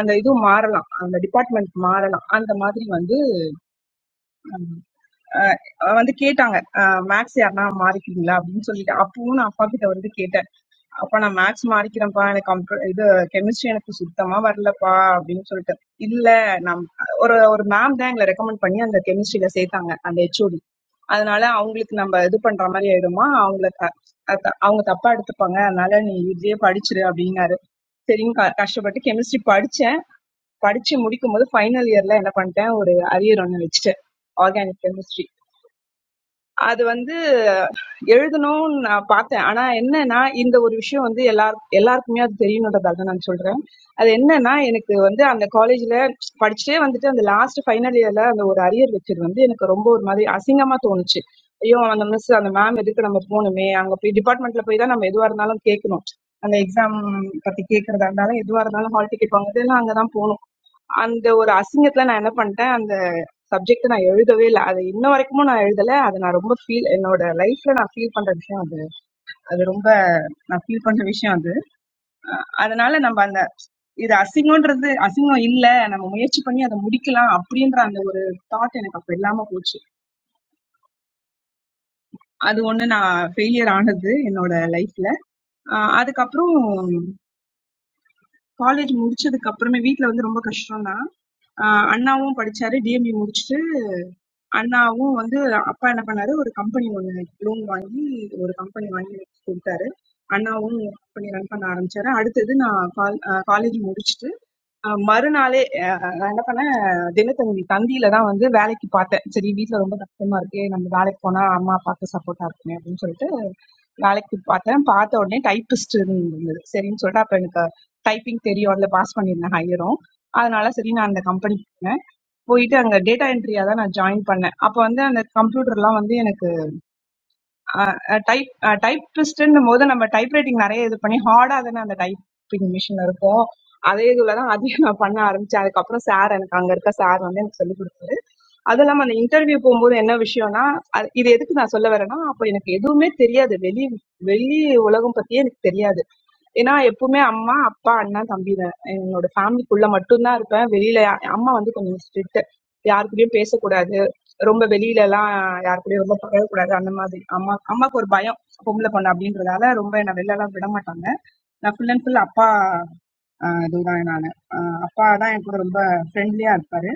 அந்த இது மாறலாம். அந்த டிபார்ட்மெண்ட் மாறலாம். அந்த மாதிரி வந்து அ வந்து கேட்டாங்க. அ மேத்ஸ் யாருன்னா மாறிக்கிறீங்களா? அப்படின்னு சொல்லிட்டு, அப்பவும் நான் அப்பா கிட்ட வந்து கேட்டேன். அப்பா நான் மேத்ஸ் மாறிக்கிறேன்ப்பா. எனக்கு கம்ப்யூ இது கெமிஸ்ட்ரி எனக்கு சுத்தமா வரலப்பா அப்படின்னு சொல்லிட்டு. இல்ல நான் ஒரு ஒரு மேம் தான் எங்கள ரெக்கமெண்ட் பண்ணி அந்த கெமிஸ்ட்ரில சேர்த்தாங்க. அந்த ஹெச்ஓடி. அதனால அவங்களுக்கு நம்ம இது பண்ற மாதிரி ஆயிடுமா அவங்கள த- அத- அவங்க தப்பா எடுத்துப்பாங்க அதனால நீ இதுலயே படிச்சிரு அப்படின்னாரு சரின்னு க- கஷ்டப்பட்டு கெமிஸ்ட்ரி படிச்சேன் படிச்சு முடிக்கும் போது ஃபைனல் இயர்ல என்ன பண்ணிட்டேன் ஒரு அரியர் ஒண்ணு வச்சுட்டேன் ஆர்கானிக் கெமிஸ்ட்ரி அது வந்து எழுதணும்னு நான் பார்த்தேன். ஆனா என்னன்னா, இந்த ஒரு விஷயம் வந்து எல்லார் எல்லாருக்குமே அது தெரியணுன்றதால நான் சொல்றேன். அது என்னன்னா, எனக்கு வந்து அந்த காலேஜ்ல படிச்சுட்டே வந்துட்டு அந்த லாஸ்ட் ஃபைனல் இயர்ல அந்த ஒரு அரியர் வச்சது வந்து எனக்கு ரொம்ப ஒரு மாதிரி அசிங்கமா தோணுச்சு. ஐயோ! அந்த மிஸ், அந்த மேம் எதுக்கு நம்ம போணுமே? அங்க போய் டிபார்ட்மெண்ட்ல போய் தான் நம்ம எதுவா இருந்தாலும் கேட்கணும். அந்த எக்ஸாம் பத்தி கேட்கறதா இருந்தாலும், எதுவா இருந்தாலும் ஹால் டிக்கெட் வாங்குறதுன்னா அங்க தான் போணும். அந்த ஒரு அசிங்கத்துல நான் என்ன பண்ணிட்டேன் அந்த சப்ஜெக்ட் நான் எழுதவே இல்லை அது இன்ன வரைக்குமும் நான் எழுதல அது நான் ரொம்ப ஃபீல் என்னோட லைஃப்ல நான் ஃபீல் பண்ற விஷயம் அது அது ரொம்ப நான் ஃபீல் பண்ற விஷயம் அது அதனால நம்ம அந்த இது அசிங்கம்ன்றது அசிங்கம் இல்ல நம்ம முயற்சி பண்ணி அதை முடிக்கலாம் அப்படின்ற அந்த ஒரு தாட் எனக்கு அப்ப இல்லாம போச்சு அது ஒண்ணு நான் ஃபெயிலியர் ஆனது என்னோட லைஃப்ல அதுக்கப்புறம் காலேஜ் முடிச்சதுக்கு அப்புறமே வீட்ல வந்து ரொம்ப கஷ்டம் தான் அண்ணாவும் படிச்சாரு டிஎம்இ முடிச்சிட்டாரு அண்ணாவும் வந்து அப்பா என்ன பண்ணாரு ஒரு கம்பெனி ஒண்ணு லோன் வாங்கி ஒரு கம்பெனி வாங்கி கொடுத்தாரு அண்ணாவும் கம்பெனி ரன் பண்ண ஆரம்பிச்சாரு அடுத்தது நான் காலேஜ் முடிச்சுட்டு அஹ், மறுநாளே அஹ், நான் என்ன பண்ணேன் தினத்தந்தி தந்தியில தான் வந்து வேலைக்கு பார்த்தேன் சரி வீட்ல ரொம்ப கஷ்டமா இருக்கே நம்ம வேலைக்கு போனா அம்மா அப்பாவுக்கு சப்போர்ட்டா இருக்குமே அப்படின்னு சொல்லிட்டு வேலைக்கு பார்த்தேன் பார்த்த உடனே டைப்பிஸ்ட் இருந்தது சரின்னு சொல்லிட்டு அப்ப எனக்கு டைப்பிங் தெரியும் அதுல பாஸ் பண்ணியிருந்தேன் ஹையரும் அதனால சரி நான் அந்த கம்பெனி போயிட்டு அங்க டேட்டா என்ட்ரியா தான் நான் ஜாயின் பண்ணேன். அப்ப வந்து அந்த கம்ப்யூட்டர்லாம் வந்து எனக்கு அ டைப் அ டைப்பிஸ்ட்டுன்னும்போது நம்ம டைப்ரைட்டிங் நெறைய இது பண்ணி ஹார்டா தானே அந்த டைப்பிங் மிஷின் இருக்கும். அதே இதுல தான் அதையும் நான் பண்ண ஆரம்பிச்சேன். அதுக்கப்புறம் சார் எனக்கு அங்க இருக்க சார் வந்து எனக்கு சொல்லிக் கொடுத்தாரு. அதுவும் இல்லாம அந்த இன்டர்வியூ போகும்போது என்ன விஷயம்னா, அது இது எதுக்கு நான் சொல்ல வரேன்னா, அப்ப எனக்கு எதுவுமே தெரியாது. வெளி வெளி உலகம் பத்தியே எனக்கு தெரியாது. ஏன்னா எப்பவுமே அம்மா அப்பா அண்ணன் தம்பி தான் என்னோட ஃபேமிலிக்குள்ள மட்டும்தான் இருப்பேன் வெளியில யா- அம்மா வந்து கொஞ்சம் ஸ்ட்ரிக்ட் யாருக்கூடயும் பேசக்கூடாது ரொம்ப வெளியில எல்லாம் யார் கூடயும் ரொம்ப பழகக்கூடாது அந்த மாதிரி அம்மா அம்மாக்கு ஒரு பயம் பொம்பளை பொண்ணு அப்படின்றதால ரொம்ப என்ன வெளில எல்லாம் விட மாட்டாங்க நான் ஃபுல் அண்ட் ஃபுல் அப்பா ஆஹ் இதுதான் நானு ஆஹ் அப்பா தான் என் கூட ரொம்ப ஃப்ரெண்ட்லியா இருப்பாரு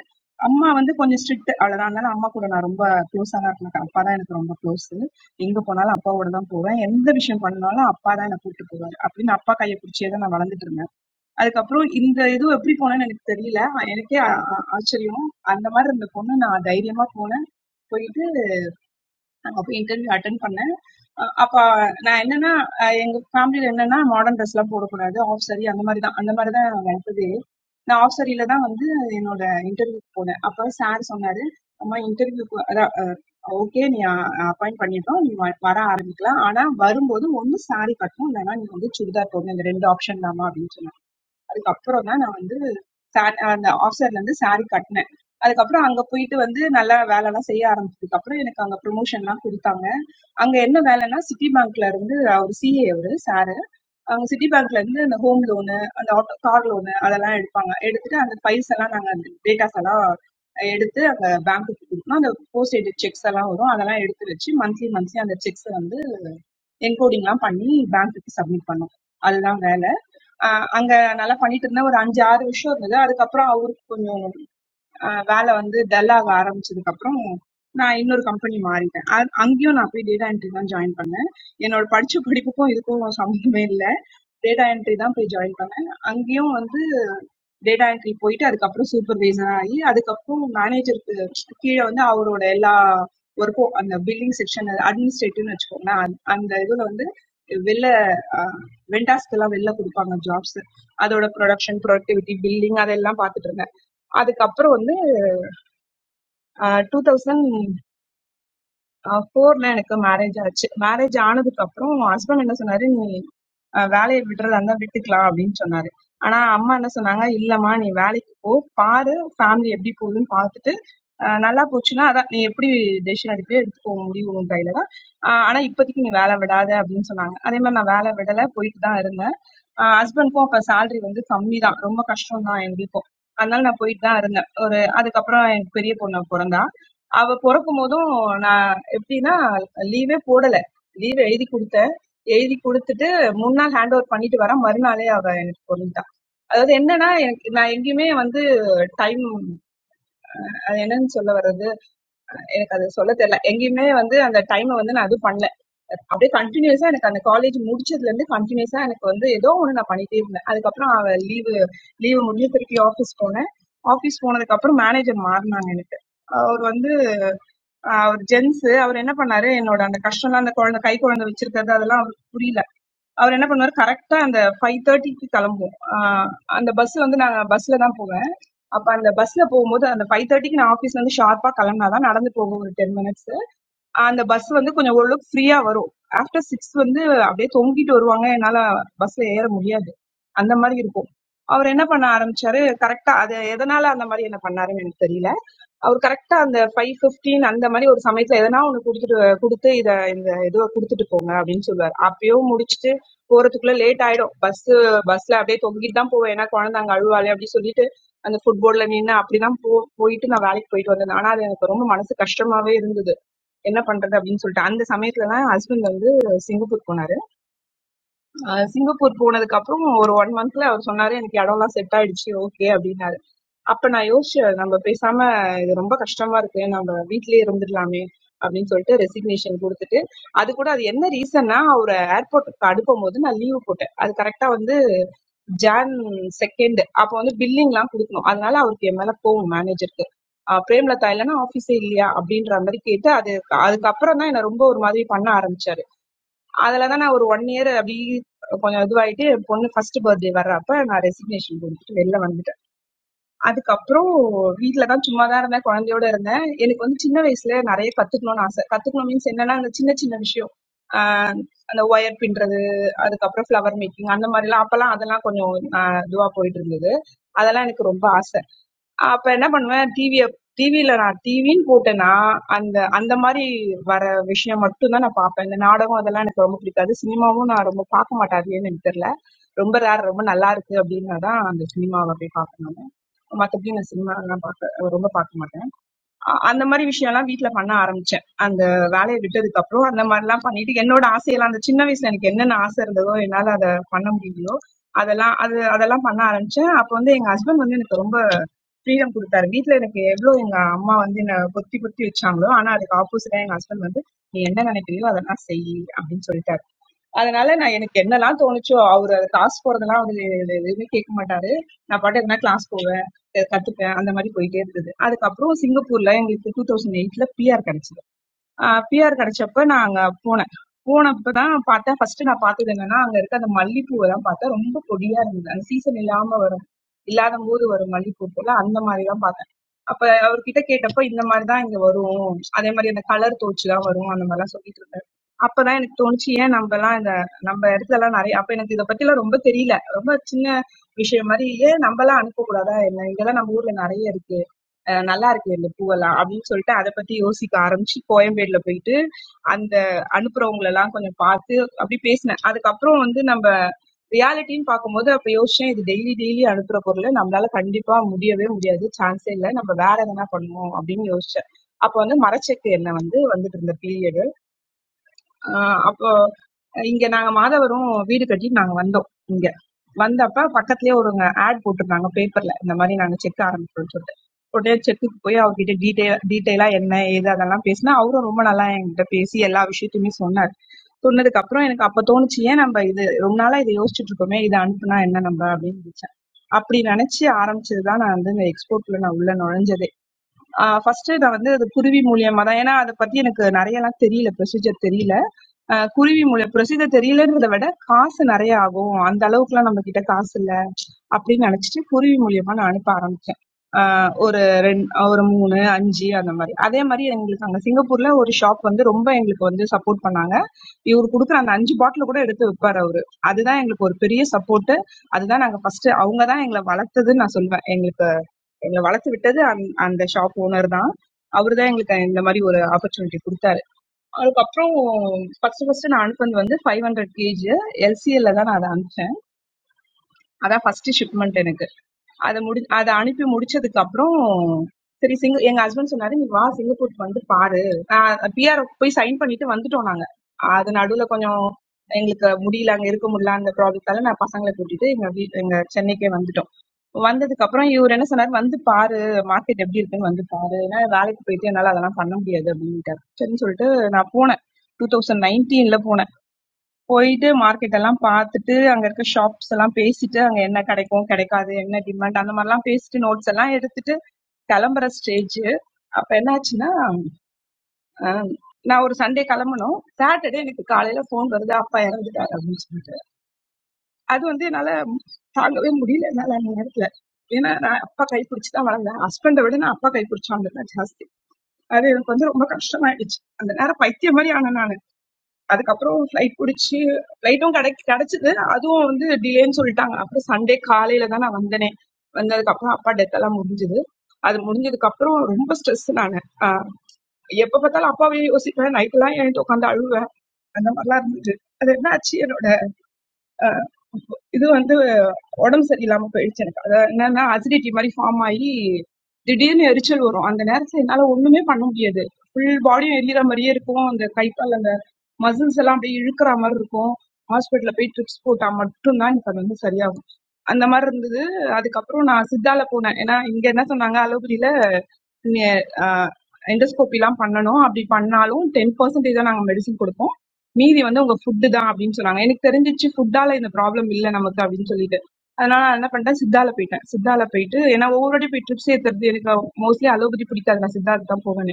அம்மா வந்து கொஞ்சம் ஸ்ட்ரிக்ட் அவ்வளவுதான் அதனால அம்மா கூட நான் ரொம்ப க்ளோஸா தான் இருக்கேன் அப்பா தான் எனக்கு ரொம்ப க்ளோஸ் எங்க போனாலும் அப்பாவோட தான் போவேன் எந்த விஷயம் பண்ணாலும் அப்பா தான் என்னை கூட்டு போவாரு அப்படின்னு அப்பா கையை பிடிச்சே தான் நான் வளர்ந்துட்டு இருந்தேன் அதுக்கப்புறம் இந்த இது எப்படி போனேன்னு எனக்கு தெரியல ஆஹ் எனக்கே ஆ- ஆ- ஆச்சரியம் அந்த மாதிரி இருந்த பொண்ணு நான் தைரியமா போனேன் போயிட்டு அங்க போய் இன்டர்வியூ அட்டென்ட் பண்ணேன் அ- அப்ப நான் என்னன்னா அஹ் எங்க ஃபேமிலில என்னன்னா மாடர்ன் ட்ரெஸ் எல்லாம் போடக்கூடாது ஆஃப் சாரி அந்த மாதிரி தான் அந்த மாதிரி தான் வளர்த்ததே நான் ஆஃப் சாரியில தான் வந்து என்னோட இன்டர்வியூக்கு போனேன் அப்ப சார் சொன்னாரு அம்மா இன்டர்வியூக்கு அதான் ஓகே நீ அப்பாயிண்ட் பண்ணிட்டோம் நீ வ- வர ஆரம்பிக்கலாம் ஆனா வரும்போது ஒண்ணு saree கட்டணும் இல்லைன்னா நீ வந்து சுடிதார் போடணும் இந்த ரெண்டு ஆப்ஷன் தாமா அப்படின்னு சொன்னாங்க அதுக்கப்புறம் தான் நான் வந்து சாரி அந்த ஆஃப் சாரிலேருந்து சாரி கட்டினேன் அதுக்கப்புறம் அங்க போயிட்டு வந்து நல்லா வேலைலாம் செய்ய ஆரம்பிச்சதுக்கு அப்புறம் எனக்கு அங்க ப்ரொமோஷன்லாம் கொடுத்தாங்க அங்க என்ன வேலைன்னா சிட்டி பேங்க்ல இருந்து அவர் சிஏ அவரு சாரு அவங்க சிட்டி பேங்க்ல இருந்து அந்த ஹோம் லோனு அந்த ஆட்டோ கார் லோனு அதெல்லாம் எடுப்பாங்க எடுத்துட்டு அந்த ஃபைல்ஸ் எல்லாம் நாங்க அந்த டேட்டாஸ் எல்லாம் எடுத்து அந்த பேங்க்குக்கு கொடுக்கணும் அந்த போஸ்டேஜ் செக்ஸ் எல்லாம் வரும் அதெல்லாம் எடுத்து வச்சு மந்த்லி மந்த்லி அந்த செக்ஸ் வந்து என்கோடிங்லாம் பண்ணி பேங்க்குக்கு சப்மிட் பண்ணோம் அதுதான் வேலை ஆஹ் அங்க நல்லா பண்ணிட்டு இருந்தேன் ஒரு அஞ்சு ஆறு வருஷம் இருந்தது அதுக்கப்புறம் அவருக்கு கொஞ்சம் ஆஹ் வேலை வந்து dull ஆக ஆரம்பிச்சதுக்கு அப்புறம் நான் இன்னொரு கம்பெனி மாறிட்டேன் அ- அங்கேயும் நான் போய் டேட்டா என்ட்ரி தான் ஜாயின் பண்ணேன் என்னோட படிச்ச படிப்புக்கும் இதுக்கும் சம்மந்தமே இல்லை டேட்டா என்ட்ரி தான் போய் ஜாயின் பண்ணேன் அங்கேயும் வந்து டேட்டா என்ட்ரி போயிட்டு அதுக்கப்புறம் சூப்பர்வைசர் ஆகி அதுக்கப்புறம் மேனேஜருக்கு கீழே வந்து அவரோட எல்லா ஒர்க்கும் அந்த பில்லிங் செக்ஷன் அட்மினிஸ்ட்ரேட்டிவ்னு வச்சுக்கோங்களேன் அந்த- அந்த இதுல வந்து வெளில வெண்டாஸ்க்கு எல்லாம் வெளில கொடுப்பாங்க ஜாப்ஸ் அதோட ப்ரொடக்ஷன் ப்ரொடக்டிவிட்டி பில்லிங் அதெல்லாம் பார்த்துட்டு இருந்தேன் அதுக்கப்புறம் வந்து டூ தௌசண்ட் ஃபோர்ல எனக்கு மேரேஜ் ஆச்சு மேரேஜ் ஆனதுக்கு அப்புறம் ஹஸ்பண்ட் என்ன சொன்னாரு நீ அஹ் வேலைய விடுறதா இருந்தா விட்டுக்கலாம் அப்படின்னு சொன்னாரு ஆனா அம்மா என்ன சொன்னாங்க இல்லம்மா நீ வேலைக்கு போ பாரு ஃபேமிலி எப்படி போகுதுன்னு பார்த்துட்டு அஹ் நல்லா போச்சுன்னா அதான் நீ எப்படி டெசிஷன் எடுக்கவே எடுத்துக்கோ முடிவு உன் கையில தான் அஹ் ஆனா இப்போதைக்கு நீ வேலை விடாத அப்படின்னு சொன்னாங்க அதே மாதிரி நான் வேலை விடல போயிட்டு தான் இருந்தேன் ஹஸ்பண்ட்க்கும் அப்ப salary வந்து கம்மி தான் ரொம்ப கஷ்டம் தான் எங்களுக்கும் அதனால நான் போயிட்டு தான் இருந்தேன் ஒரு அதுக்கப்புறம் எனக்கு பெரிய பொண்ணு பிறந்தா அவ பிறக்கும் போதும் நான் எப்படின்னா லீவே போடல லீவ் எழுதி கொடுத்தேன் எழுதி கொடுத்துட்டு முன்னாள் ஹேண்ட் ஓவர் பண்ணிட்டு வரேன் மறுநாளே அவ எனக்கு பொருந்தா அதாவது என்னன்னா எனக்கு நான் எங்கேயுமே வந்து டைம் அது என்னன்னு சொல்ல வர்றது எனக்கு அது சொல்ல தெரியல எங்கேயுமே வந்து அந்த டைமை வந்து நான் எதுவும் பண்ணல அப்படியே கண்டினியூஸா எனக்கு அந்த காலேஜ் முடிச்சதுல இருந்து கண்டினியூஸா எனக்கு வந்து ஏதோ ஒன்று நான் பண்ணிட்டே இருந்தேன் அதுக்கப்புறம் அவ லீவு லீவு முடிஞ்சு திருப்பி ஆஃபீஸ் போனேன் ஆஃபீஸ் போனதுக்கு அப்புறம் மேனேஜர் மாறினாங்க எனக்கு அவர் வந்து அவர் ஜென்ஸ் அவர் என்ன பண்ணாரு என்னோட அந்த கஷ்டம்லாம் அந்த குழந்தை கை குழந்தை வச்சிருக்கிறது அதெல்லாம் அவருக்கு புரியல அவர் என்ன பண்ணுவாரு கரெக்டா அந்த ஃபைவ் தேர்ட்டிக்கு கிளம்புவோம் ஆஹ் அந்த பஸ் வந்து நாங்க பஸ்ல தான் போவேன் அப்ப அந்த பஸ்ல போகும்போது அந்த ஃபைவ் தேர்ட்டிக்கு நான் ஆஃபீஸ்ல இருந்து ஷார்ப்பா கிளம்பினாதான் நடந்து போகும் ஒரு டென் மினிட்ஸ் அந்த பஸ் வந்து கொஞ்சம் ஓரளவுக்கு ஃப்ரீயா வரும் ஆஃப்டர் சிக்ஸ் வந்து அப்படியே தொங்கிட்டு வருவாங்க என்னால பஸ்ல ஏற முடியாது அந்த மாதிரி இருக்கும் அவர் என்ன பண்ண ஆரம்பிச்சாரு கரெக்டா அது எதனால அந்த மாதிரி என்ன பண்ணாருன்னு எனக்கு தெரியல அவரு கரெக்டா அந்த 5:15 அந்த மாதிரி ஒரு சமயத்துல எதனா ஒண்ணு குடுத்துட்டு குடுத்து இத இந்த இதுவ குடுத்துட்டு போங்க அப்படின்னு சொல்லுவாரு. அப்பயும் முடிச்சுட்டு போறதுக்குள்ள லேட் ஆயிடும். பஸ் பஸ்ல அப்படியே தொங்கிட்டு தான் போவேன். ஏன்னா குழந்தை அங்க அழுவாளே அப்படின்னு சொல்லிட்டு அந்த ஃபுட் போர்டுல நின்னு அப்படிதான் போ போயிட்டு நான் வேலைக்கு போயிட்டு வந்தேன். ஆனா அது எனக்கு ரொம்ப மனசு கஷ்டமாவே இருந்தது. என்ன பண்றது அப்படின்னு சொல்லிட்டு அந்த சமயத்துல தான் ஹஸ்பண்ட் வந்து சிங்கப்பூர் போனாரு. அஹ் சிங்கப்பூர் போனதுக்கு அப்புறம் ஒரு ஒன் மந்த்ல அவர் சொன்னாரு எனக்கு இடம்லாம் செட் ஆயிடுச்சு ஓகே அப்படின்னாரு. அப்ப நான் யோசிச்சேன் நம்ம பேசாம இது ரொம்ப கஷ்டமா இருக்கு நம்ம வீட்டிலேயே இருந்துடலாமே அப்படின்னு சொல்லிட்டு ரெசிக்னேஷன் கொடுத்துட்டு அது கூட அது என்ன ரீசன்னா அவர் ஏர்போர்ட்டுக்கு அனுப்பும் போது நான் லீவு போட்டேன் அது கரெக்டா வந்து ஜான் செகண்ட் அப்ப வந்து பில்லிங் எல்லாம் கொடுக்கணும் அதனால அவருக்கு என் மேல போகும் மேனேஜருக்கு பிரேம்லதா இல்லைன்னா ஆபீஸே இல்லையா அப்படின்ற மாதிரி கேட்டு அது அதுக்கப்புறம் தான் என்ன ரொம்ப ஒரு மாதிரி பண்ண ஆரம்பிச்சாரு அதுலதான் நான் ஒரு ஒன் இயர் அப்படி கொஞ்சம் இதுவாயிட்டு என் பொண்ணு ஃபர்ஸ்ட் பர்த்டே வர்றப்ப நான் ரெசிக்னேஷன் கொடுத்துட்டு வெளில வந்துட்டேன் அதுக்கப்புறம் வீட்ல தான் சும்மா தான் இருந்தேன், குழந்தையோட இருந்தேன். எனக்கு வந்து சின்ன வயசுல நெறைய கத்துக்கணும்னு ஆசை. கத்துக்கணும் மீன்ஸ் என்னன்னா, அந்த சின்ன சின்ன விஷயம். ஆ அந்த ஒயர் பின்றது, அதுக்கப்புறம் ஃப்ளவர் மேக்கிங் அந்த மாரிலாம் அப்பலாம் அதெல்லாம் கொஞ்சம் ஆ இதுவா போயிட்டு இருந்தது. அதெல்லாம் எனக்கு ரொம்ப ஆசை. அப்ப என்ன பண்ணுவேன் டிவிய டிவில நான் டிவின்னு போட்டேன்னா, அந்த அந்த மாரி வர விஷயம் மட்டும் தான் நான் பாப்பேன். இந்த நாடகம் அதெல்லாம் எனக்கு ரொம்ப பிடிக்காது. சினிமாவும் நான் ரொம்ப பார்க்க மாட்டேன். அது ஏன்னு எனக்கு தெரியல. ரொம்ப ரேர் ரொம்ப நல்லா இருக்கு அப்டின்னா தான் அந்த சினிமாவ போய் பார்ப்பேன் நானு. மத்தபடி நான் சினிமாலாம் பார்க்க ரொம்ப பார்க்க மாட்டேன். அ- அந்த மாதிரி விஷயம்லாம் வீட்ல பண்ண ஆரம்பிச்சேன். அந்த வேலைய விட்டதுக்கு அப்புறம் அந்த மாதிரிலாம் பண்ணிட்டு, என்னோட ஆசையெல்லாம் அந்த சின்ன வயசுல எனக்கு என்னென்ன ஆசை இருந்ததோ, என்னால அத பண்ண முடியலையோ, அதெல்லாம் அது அதெல்லாம் பண்ண ஆரம்பிச்சேன். அப்ப வந்து எங்க ஹஸ்பண்ட் வந்து எனக்கு ரொம்ப ஃப்ரீடம் குடுத்தாரு. வீட்ல எனக்கு எவ்ளோ எங்க அம்மா வந்து என்ன பொத்தி பொத்தி வச்சாங்களோ, ஆனா அதுக்கு ஆப்போசிட்டா எங்க ஹஸ்பண்ட் வந்து, "நீ என்ன நினைக்கிறியோ அதெல்லாம் செய்" அப்படின்னு சொல்லிட்டாரு. அதனால நான் எனக்கு என்னலாம் தோணுச்சோ அவரு கிளாஸ் போறதெல்லாம் அவரு எதுவுமே கேட்க மாட்டாரு நான் பாட்டு எதுனா கிளாஸ் போவேன் கத்துப்பேன் அந்த மாதிரி போயிட்டே இருந்தது அதுக்கப்புறம் சிங்கப்பூர்ல எங்களுக்கு டூ தௌசண்ட் எயிட்ல பிஆர் கிடைச்சது பிஆர் கிடைச்சப்ப நான் அங்க போனேன் போனப்ப தான் பார்த்தேன் ஃபர்ஸ்ட் நான் பார்த்தது என்னன்னா அங்க இருக்க அந்த மல்லிப்பூவை தான் பார்த்தேன் ரொம்ப கொடியா இருந்தது அந்த சீசன் இல்லாம வரும் இல்லாத போது வரும் மல்லிப்பூ போல அந்த மாதிரி தான் பார்த்தேன் அப்ப அவர்கிட்ட கேட்டப்ப இந்த மாதிரி தான் இங்க வரும் அதே மாதிரி அந்த கலர் தோச்சு தான் வரும் அந்த மாதிரிலாம் சொல்லிட்டு இருந்தாரு அப்பதான் எனக்கு தோணுச்சு ஏன் நம்ம எல்லாம் இந்த நம்ம இடத்துல எல்லாம் நிறைய அப்ப எனக்கு இதை பத்தி எல்லாம் ரொம்ப தெரியல ரொம்ப சின்ன விஷயம் மாதிரி ஏன் நம்ம எல்லாம் அனுப்ப கூடாதா என்ன இங்கெல்லாம் நம்ம ஊர்ல நிறைய இருக்கு அஹ் நல்லா இருக்கு இந்த பூவெல்லாம் அப்படின்னு சொல்லிட்டு அதை பத்தி யோசிக்க ஆரம்பிச்சு கோயம்பேடுல போயிட்டு அந்த அனுப்புறவங்களை எல்லாம் கொஞ்சம் பார்த்து அப்படி பேசினேன் அதுக்கப்புறம் வந்து நம்ம ரியாலிட்டின்னு பார்க்கும்போது அப்ப யோசிச்சேன் இது டெய்லி டெய்லி அனுப்புற பொருளை நம்மளால கண்டிப்பா முடியவே முடியாது சான்ஸே இல்லை நம்ம வேற எதனா பண்ணுவோம் அப்படின்னு யோசிச்சேன் அப்போ வந்து மரச்செக்கு எண்ணெய் வந்து வந்துட்டு இருந்த பீரியடு அப்போ இங்க நாங்க மாதவரும் வீடு கட்டிட்டு நாங்க வந்தோம் இங்க வந்தப்ப பக்கத்துலயே ஒருங்க ஆட் போட்டிருந்தாங்க பேப்பர்ல இந்த மாதிரி நாங்க செக் ஆரம்பிக்கிறோம்னு சொல்லிட்டு உடனே செக்குக்கு போய் அவர்கிட்ட டீட்டெயில் டீட்டெயிலா என்ன ஏது அதெல்லாம் பேசினா அவரும் ரொம்ப நல்லா என்கிட்ட பேசி எல்லா விஷயத்தையுமே சொன்னார் சொன்னதுக்கு அப்புறம் எனக்கு அப்ப தோணுச்சு ஏன் நம்ம இது ரொம்ப நாளா இதை யோசிச்சுட்டு இருக்கோமே இதை அனுப்புனா என்ன நம்ம அப்படின்னு நினைச்சேன் அப்படி நினைச்சு ஆரம்பிச்சதுதான் நான் வந்து இந்த எக்ஸ்போர்ட்ல நான் உள்ள நுழைஞ்சதே ஃபர்ஸ்ட் நான் வந்து அது குருவி மூலியமா தான் ஏன்னா அதை பத்தி எனக்கு நிறைய எல்லாம் தெரியல ப்ரொசீஜர் தெரியல அஹ் குருவி மூலம் procedure தெரியலன்றத விட காசு நிறைய ஆகும் அந்த அளவுக்குலாம் நம்ம கிட்ட காசு இல்ல அப்படின்னு நினைச்சிட்டு குருவி மூலியமா நான் அனுப்ப ஆரம்பிச்சேன் ஆஹ் ஒரு ரெண்டு ஒரு மூணு அஞ்சு அந்த மாதிரி அதே மாதிரி எங்களுக்கு அங்க சிங்கப்பூர்ல ஒரு ஷாப் வந்து ரொம்ப எங்களுக்கு வந்து சப்போர்ட் பண்ணாங்க இவர் கொடுக்குற அந்த அஞ்சு பாட்டில் கூட எடுத்து விற்பாரு அவரு அதுதான் எங்களுக்கு ஒரு பெரிய சப்போர்ட் அதுதான் நாங்க ஃபர்ஸ்ட் அவங்க தான் எங்களை வளர்த்ததுன்னு நான் சொல்வேன் எங்களுக்கு எங்களை வளர்த்து விட்டது அந்த ஷாப் ஓனர் தான் அவர்தான் எங்களுக்கு இந்த மாதிரி ஒரு ஆப்பர்ச்சுனிட்டி கொடுத்தாரு அதுக்கப்புறம் ஃபர்ஸ்ட் ஃபர்ஸ்ட் நான் அனுப்புனது வந்து ஃபைவ் ஹண்ட்ரட் கேஜி எல்சிஎல்ல தான் நான் அதை அனுப்பிச்சேன் அதான் ஃபர்ஸ்ட் ஷிப்மெண்ட் எனக்கு அதை முடி அதை அனுப்பி முடிச்சதுக்கு அப்புறம் சரி சிங்க எங்க ஹஸ்பண்ட் சொன்னாரு நீ வா சிங்கப்பூருக்கு வந்து பாரு பிஆர் போய் சைன் பண்ணிட்டு வந்துட்டோம் நாங்க அது நடுவுல கொஞ்சம் எங்களுக்கு முடியல அங்க இருக்க முடியல அந்த ப்ராப்ளத்தால நான் பசங்களை கூட்டிட்டு எங்க வீட் எங்க சென்னைக்கே வந்துட்டோம் வந்ததுக்கு அப்புறம் இவரு என்ன சொன்னாரு, "வந்து பாரு மார்க்கெட் எப்டி இருக்குன்னு வந்து பாரு. ஏன்னா வேலைக்கு போயிட்டு என்னால அதெல்லாம் பண்ண முடியாது" அப்டின்ட்டாரு. சரின்னு சொல்லிட்டு நான் போனேன். 2019ல போனேன். போயிட்டு மார்க்கெட் எல்லாம் பார்த்துட்டு, அங்க இருக்க ஷாப்ஸ் எல்லாம் பேசிட்டு, அங்க என்ன கிடைக்கும், கிடைக்காது, என்ன டிமாண்ட் அந்த மாரிலாம் பேசிட்டு நோட்ஸ் எல்லாம் எடுத்துட்டு கிளம்புற ஸ்டேஜ். அப்ப என்னாச்சுன்னா, அ நான் ஒரு சண்டே கிளம்பணும். சாட்டர்டே எனக்கு காலையில ஃபோன் வருது, "அப்பா இறந்துட்டாரு" அப்டின்னு சொல்லிட்டு. அது வந்து என்னால தாங்கவே முடியல என்னால அந்த நேரத்துல ஏன்னா நான் அப்பா கைப்பிடிச்சு தான் வளர்ந்தேன் ஹஸ்பண்டை விட நான் அப்பா கைப்பிடிச்சு வளர்ந்தேன் ஜாஸ்தி அது எனக்கு வந்து ரொம்ப கஷ்டமாயிடுச்சு அந்த நேரம் பைத்தியம் மாதிரி ஆனேன் நான் அதுக்கப்புறம் ஃப்ளைட் பிடிச்சி ஃப்ளைட்டும் கிடை கிடைச்சது அதுவும் வந்து டிலேன்னு சொல்லிட்டாங்க அப்புறம் சண்டே காலையில தான் நான் வந்தேனே வந்ததுக்கு அப்புறம் அப்பா டெத் எல்லாம் முடிஞ்சது அது முடிஞ்சதுக்கு அப்புறம் ரொம்ப ஸ்ட்ரெஸ் நான் ஆஹ் எப்ப பார்த்தாலும் அப்பாவே யோசிப்பேன் நைட் எல்லாம் என்கிட்ட உட்காந்து அழுவேன் அந்த மாதிரிலாம் இருந்தது அது என்ன ஆச்சு என்னோட இது வந்து உடம்பு சரியில்லாம போயிடுச்சு எனக்கு அது என்னன்னா அசிடிட்டி மாதிரி ஃபார்ம் ஆகி திடீர்னு எரிச்சல் வரும் அந்த நேரத்துல என்னால ஒண்ணுமே பண்ண முடியாது ஃபுல் பாடியும் எரியற மாதிரியே இருக்கும் அந்த கை கால் அந்த மசில்ஸ் எல்லாம் அப்படியே இழுக்கிற மாதிரி இருக்கும் ஹாஸ்பிட்டல்ல போய் ட்ரிப்ஸ் போட்டா மட்டும்தான் எனக்கு அது வந்து சரியாகும் அந்த மாதிரி இருந்தது அதுக்கப்புறம் நான் சித்தால போனேன் ஏன்னா இங்க என்ன சொன்னாங்க அலோபதியில எண்டோஸ்கோபி எல்லாம் பண்ணணும் அப்படி பண்ணாலும் டென் பர்சன்டேஜ் தான் நாங்க மெடிசன் கொடுப்போம் மீதி வந்து உங்க ஃபுட்டு தான் அப்படின்னு சொன்னாங்க எனக்கு தெரிஞ்சிச்சு ஃபுட்டால இந்த ப்ராப்ளம் இல்ல நமக்கு அப்படின்னு சொல்லிட்டு அதனால நான் என்ன பண்ணிட்டேன் சித்தால போயிட்டேன் சித்தால போயிட்டு ஏன்னா ஒவ்வொரு வாட்டி போய் ட்ரிப்ஸ் ஏத்துறது எனக்கு மோஸ்ட்லி அலோபதி பிடிக்காது நான் சித்தாக்கு தான் போவேன்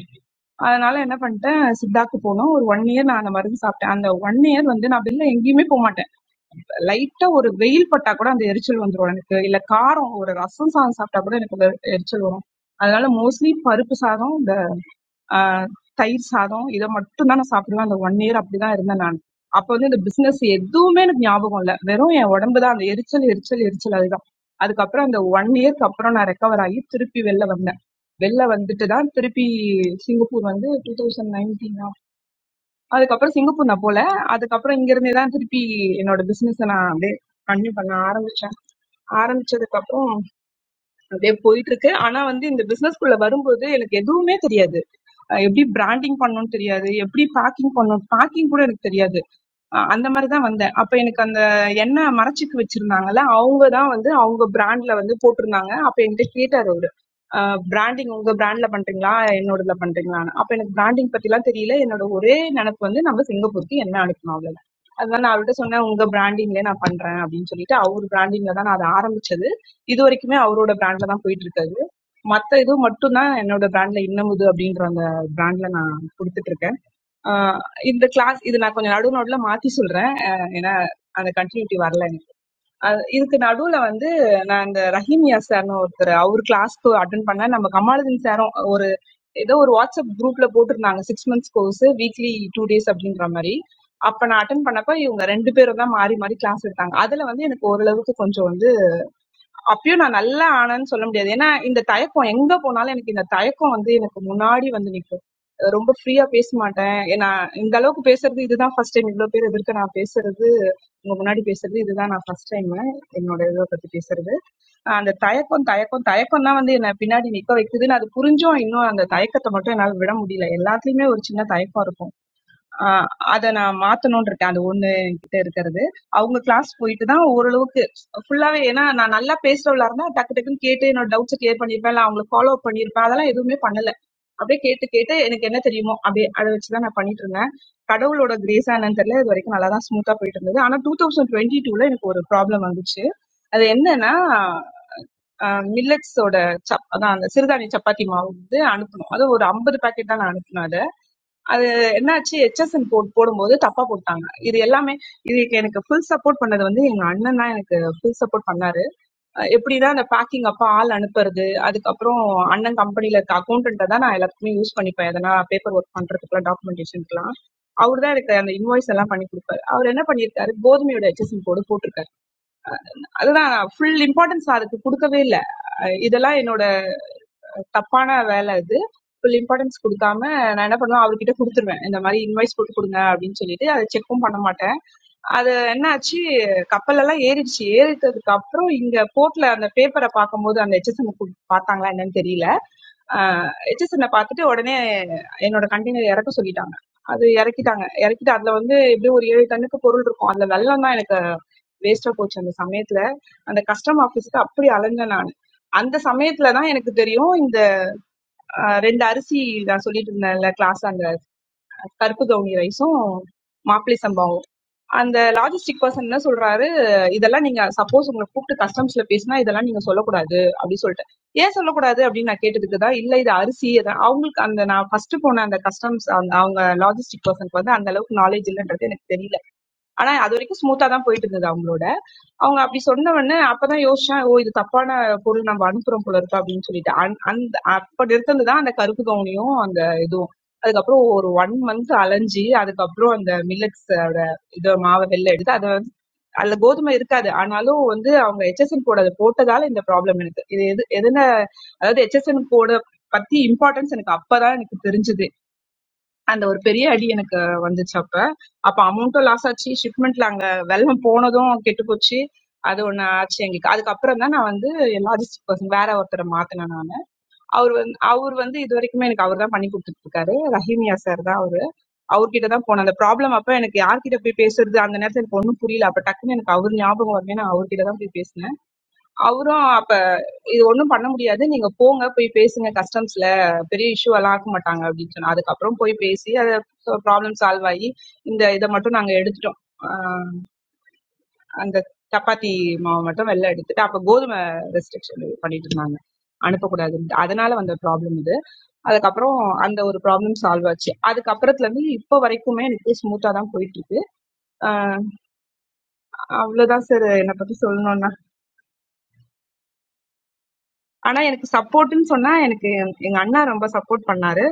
அதனால என்ன பண்ணிட்டேன் சித்தாக்கு போனோம் ஒரு ஒன் இயர் நான் அந்த மருந்து சாப்பிட்டேன் அந்த ஒன் இயர் வந்து நான் வெளில எங்கேயுமே போக மாட்டேன் லைட்டா ஒரு வெயில் பட்டா கூட அந்த எரிச்சல் வந்துரும் எனக்கு இல்ல காரம் ஒரு ரசம் சாதம் சாப்பிட்டா கூட எனக்கு அந்த எரிச்சல் வரும் அதனால மோஸ்ட்லி பருப்பு சாதம் இந்த ஆஹ், தயிர் சாதம் இதை மட்டும் தான் நான் சாப்பிடுவேன் அந்த ஒன் இயர் அப்படிதான் இருந்தேன் நான் அப்ப வந்து இந்த பிசினஸ் எதுவுமே எனக்கு ஞாபகம் இல்ல வெறும் என் உடம்பு தான் அந்த எரிச்சல் எரிச்சல் எரிச்சல் அதுதான் அதுக்கப்புறம் அந்த ஒன் இயர்க்கு அப்புறம் நான் ரெக்கவர் ஆகி திருப்பி வெளில வந்தேன் வெளில வந்துட்டு தான் திருப்பி சிங்கப்பூர் வந்து டூ தௌசண்ட் நைன்டீன் அதுக்கப்புறம் சிங்கப்பூர் நான் போல அதுக்கப்புறம் இங்க இருந்தே தான் திருப்பி என்னோட பிசினஸ் நான் அப்படியே கண்டினியூ பண்ண ஆரம்பிச்சேன் ஆரம்பிச்சதுக்கு அப்புறம் அப்படியே போயிட்டு இருக்கு ஆனா வந்து இந்த பிசினஸ் குள்ள வரும்போது எனக்கு எதுவுமே தெரியாது அஹ் எப்படி பிராண்டிங் பண்ணணும்னு தெரியாது எப்படி பேக்கிங் பண்ணணும் பேக்கிங் கூட எனக்கு தெரியாது அ அந்த மாரி தான் வந்தேன். அப்ப எனக்கு அந்த எண்ணெய் மரச்சிக்கு வச்சிருந்தாங்கல்ல, அவுங்க தான் வந்து அவுங்க பிராண்ட்ல வந்து போட்டிருந்தாங்க. அப்ப என்கிட்ட கேட்டாரு அவரு. அ பிராண்டிங் உங்க பிராண்ட்ல பண்றீங்களா? என்னோடதுல பண்றீங்களான்னு. அப்ப எனக்கு பிராண்டிங் பத்திலாம் தெரியல. என்னோட ஒரே நினைப்பு வந்து நம்ம சிங்கப்பூருக்கு எண்ணெய் அனுப்பணும் அவ்வளவுதான். அதனால நான் அவர்ட்ட சொன்னேன், "உங்க பிராண்டிங்லயே நான் பண்றேன்" அப்படின்னு சொல்லிட்டு, அவரு பிராண்டிங்ல தான் நான் அத ஆரம்பிச்சது. இதுவரைக்குமே அவரோட பிராண்ட்ல தான் போயிட்டு இருக்கு அது. மத்த இது மட்டும் தான் என்னோட பிராண்ட்ல இன்னமுது அப்படின்ற அந்த பிராண்ட்ல நான் குடுத்துட்டு இருக்கேன். ஆஹ் இந்த கிளாஸ் இது நான் கொஞ்சம் நடு நடுல மாத்தி சொல்றேன் ஆஹ் ஏன்னா அந்த கண்டினியூட்டி வரல எனக்கு அஹ் இதுக்கு நடுவுல வந்து நான் இந்த ரஹீமியா சார்னு ஒருத்தர் அவர் கிளாஸ்க்கு அட்டன் பண்ணேன் நம்ம கமாலுதீன் சாரும் ஒரு ஏதோ ஒரு வாட்ஸ்அப் குரூப்ல போட்டிருந்தாங்க six months course weekly two days அப்படின்ற மாதிரி அப்ப நான் அட்டன் பண்ணப்ப இவங்க ரெண்டு பேரும் தான் மாறி மாறி கிளாஸ் எடுத்தாங்க அதுல வந்து எனக்கு ஓரளவுக்கு கொஞ்சம் வந்து அப்பயும் நான் நல்லா ஆனேன்னு சொல்ல முடியாது ஏன்னா இந்த தயக்கம் எங்க போனாலும் எனக்கு இந்த தயக்கம் வந்து எனக்கு முன்னாடி வந்து நிற்கும் அஹ் ரொம்ப ஃப்ரீயா பேச மாட்டேன் ஏ, நான் இந்த அளவுக்கு பேசுறது இதுதான் ஃபர்ஸ்ட் டைம் இவ்வளவு பேர் எதிர்க்க நான் பேசுறது உங்க முன்னாடி பேசுறது இதுதான் நான் ஃபர்ஸ்ட் டைம் என்னோட இதை பத்தி பேசுறது அஹ் அந்த தயக்கம் தயக்கம் தயக்கம் தான் வந்து என்னை பின்னாடி நிக்க வைக்குதுன்னு அது புரிஞ்சும் இன்னும் அந்த தயக்கத்தை மட்டும் என்னால விட முடியல எல்லாத்துலயுமே ஒரு சின்ன தயக்கம் இருக்கும் ஆஹ் அத நான் மாத்தணும்னு இருக்கேன் அது ஒண்ணு என்கிட்ட இருக்கிறது அவங்க கிளாஸ் போயிட்டு தான் ஓரளவுக்கு ஃபுல்லாவே ஏன்னா நான் நல்லா பேசுறவளா இருந்தா டக்கு டக்குன்னு கேட்டு என்னோட டவுட்ஸ் கிளியர் பண்ணிருப்பேன் இல்ல அவங்களை ஃபாலோ அப் பண்ணிருப்பேன் அதெல்லாம் எதுவுமே பண்ணல அப்படியே கேட்டு கேட்டு எனக்கு என்ன தெரியுமோ அப்படியே அதை வச்சுதான் நான் பண்ணிட்டு இருந்தேன் கடவுளோட கிரேஸ் என்னன்னு தெரியல இது வரைக்கும் நல்லா தான் ஸ்மூத்தா போயிட்டு இருந்தது ஆனா டூ தௌசண்ட் டுவெண்ட்டி டூல எனக்கு ஒரு ப்ராப்ளம் வந்துச்சு அது என்னன்னா மில்லட்ஸோட சப் அதான் அந்த சிறுதானிய சப்பாத்தி மாவு வந்து அனுப்பணும் அது ஒரு ஐம்பது பாக்கெட் தான் நான் அனுப்பினேன் அது என்னாச்சு ஹெச்எஸ்என் கோட் போடும்போது தப்பா போட்டாங்க இது எல்லாமே இதுக்கு எனக்கு ஃபுல் சப்போர்ட் பண்ணது வந்து எங்க அண்ணன் தான் எனக்கு ஃபுல் சப்போர்ட் பண்ணாரு அஹ் எப்படின்னா அந்த பேக்கிங் அப்ப ஆள் அனுப்புறது அதுக்கப்புறம் அண்ணன் கம்பெனில இருக்க அக்கௌண்டன்ட்ட தான் நான் எல்லாத்துக்குமே யூஸ் பண்ணிப்பேன் எதனா பேப்பர் ஒர்க் பண்றதுக்குலாம் டாக்குமெண்டேஷனுக்குலாம் அவர் தான் எனக்கு அந்த இன்வாய்ஸ் எல்லாம் பண்ணி கொடுப்பாரு அவர் என்ன பண்ணியிருக்காரு கோதுமையோட ஹெச்எஸ்என் கோடு போட்டிருக்காரு அதுதான் ஃபுல் இம்பார்ட்டன்ஸ் அதுக்கு கொடுக்கவே இல்லை இதெல்லாம் என்னோட தப்பான வேலை அது. ஃபுல் இம்பார்ட்டன்ஸ் குடுக்காம நான் என்ன பண்ணுவேன், அவர்கிட்ட குடுத்துருவேன். இந்த மாரி இன்வாய்ஸ் போட்டு குடுங்க அப்டின்னு சொல்லிட்டு, அத செக்கும் பண்ண மாட்டேன். அது என்னாச்சு, கப்பலெல்லாம் ஏறிடுச்சு. ஏறிட்டதுக்கு அப்புறம் இங்க போர்ட்ல அந்த பேப்பர பாக்கும்போது அந்த ஹெச்எஸ்என் பாத்தாங்களா என்னன்னு தெரியல. அ ஹெச்எஸ்என் பாத்துட்டு உடனே என்னோட கண்டெய்னர் இறக்க சொல்லிட்டாங்க. அது இறக்கிட்டாங்க. இறக்கிட்டு அதுல வந்து எப்படியும் ஒரு 7 டன்னுக்கு பொருள் இருக்கும். அதுல வெல்லம் தான் எனக்கு வேஸ்ட்டா போச்சு அந்த சமயத்துல. அந்த கஸ்டம் ஆபீஸ்க்கு அப்படி அலைஞ்சேன் நானு. அந்த சமயத்துல தான் எனக்கு தெரியும் இந்த ஆஹ் ரெண்டு அரிசி நான் சொல்லிட்டு இருந்தேன்ல கிளாஸ் அந்த கருப்பு கவுனி ரைஸும் மாப்பிளை சம்பாவும் அந்த லாஜிஸ்டிக் பர்சன் என்ன சொல்றாரு இதெல்லாம் நீங்க சப்போஸ் உங்களை கூப்பிட்டு கஸ்டம்ஸ்ல பேசினா இதெல்லாம் நீங்க சொல்லக்கூடாது அப்படின்னு சொல்லிட்டு ஏன் சொல்லக்கூடாது அப்படின்னு நான் கேட்டதுக்கு தான் இல்ல இது அரிசி இது அவங்களுக்கு அந்த நான் ஃபர்ஸ்ட் போன அந்த கஸ்டம்ஸ் அந்த அவங்க லாஜிஸ்டிக் பர்சனுக்கு வந்து அந்த அளவுக்கு நாலேஜ் இல்லைன்றது எனக்கு தெரியல ஆனா அது வரைக்கும் ஸ்மூத்தா தான் போயிட்டு இருந்தது அவங்களோட அவங்க அப்படி சொன்ன உடனே அப்பதான் யோசிச்சேன் ஓ இது தப்பான பொருள் நம்ம அனுப்புறோம் போல இருக்கு அப்படின்னு சொல்லிட்டு அந்- அந்த அப்ப நிறுத்தினதுதான் அந்த கருப்பு கவுனியும் அந்த இதுவும் அதுக்கப்புறம் ஒரு ஒன் மந்த் அலைஞ்சு அதுக்கப்புறம் அந்த மில்லட்ஸ் இத மாவை வெளில எடுத்து அது அதுல கோதுமை இருக்காது ஆனாலும் வந்து அவங்க ஹெச்எஸ்என் கோட் அதை போட்டதால இந்த ப்ராப்ளம் எனக்கு இது எது எதுன அதாவது ஹெச்எஸ்என் கோட பத்தி இம்பார்ட்டன்ஸ் எனக்கு அப்பதான் எனக்கு தெரிஞ்சது அந்த ஒரு பெரிய அடி எனக்கு வந்துச்சு அப்ப அப்ப அமௌண்ட்டும் லாஸ் ஆச்சு ஷிப்மெண்ட்ல அங்க வெள்ளம் போனதும் கெட்டு போச்சு அது ஒண்ணு ஆச்சு எங்களுக்கு அதுக்கப்புறம் தான் நான் வந்து லாஜிஸ்டிக் பர்சன் வேற ஒருத்தரை மாத்தினேன் நான் அவர் வந்து அவர் வந்து இது வரைக்குமே எனக்கு அவர் தான் பண்ணி கொடுத்துட்டு இருக்காரு ரஹீமியா சார் தான் அவரு அவர்கிட்ட தான் போனேன் அந்த ப்ராப்ளம் அப்ப எனக்கு யார்கிட்ட போய் பேசுறது அந்த நேரத்துல எனக்கு ஒன்றும் புரியல அப்ப டக்குன்னு எனக்கு அவர் ஞாபகம் வரவே நான் அவர்கிட்ட தான் போய் பேசினேன் அவரும் அப்ப இது ஒண்ணும் பண்ண முடியாது நீங்க போங்க போய் பேசுங்க கஸ்டம்ஸ்ல பெரிய இஷ்யூ எல்லாம் ஆக்க மாட்டாங்க அப்படின்னு சொன்னா அதுக்கப்புறம் போய் பேசி அதை ப்ராப்ளம் சால்வ் ஆகி இந்த இதை மட்டும் நாங்க எடுத்துட்டோம் ஆஹ் அந்த சப்பாத்தி மாவு மட்டும் வெளில எடுத்துட்டு அப்ப கோதுமை ரெஸ்ட்ரிக்ஷன் பண்ணிட்டு இருந்தாங்க அனுப்பக்கூடாதுன்ட்டு அதனால வந்த ப்ராப்ளம் இது அதுக்கப்புறம் அந்த ஒரு ப்ராப்ளம் சால்வ் ஆச்சு அதுக்கப்புறத்துல இருந்து இப்போ வரைக்குமே எனக்கு ஸ்மூத்தா தான் போயிட்டு இருக்கு அஹ் அவ்வளவுதான் சார் என்னை பத்தி சொல்லணும்னா ஆனா எனக்கு சப்போர்ட்ன்னு சொன்னா எனக்கு எங்க அண்ணா ரொம்ப சப்போர்ட் பண்ணாரு.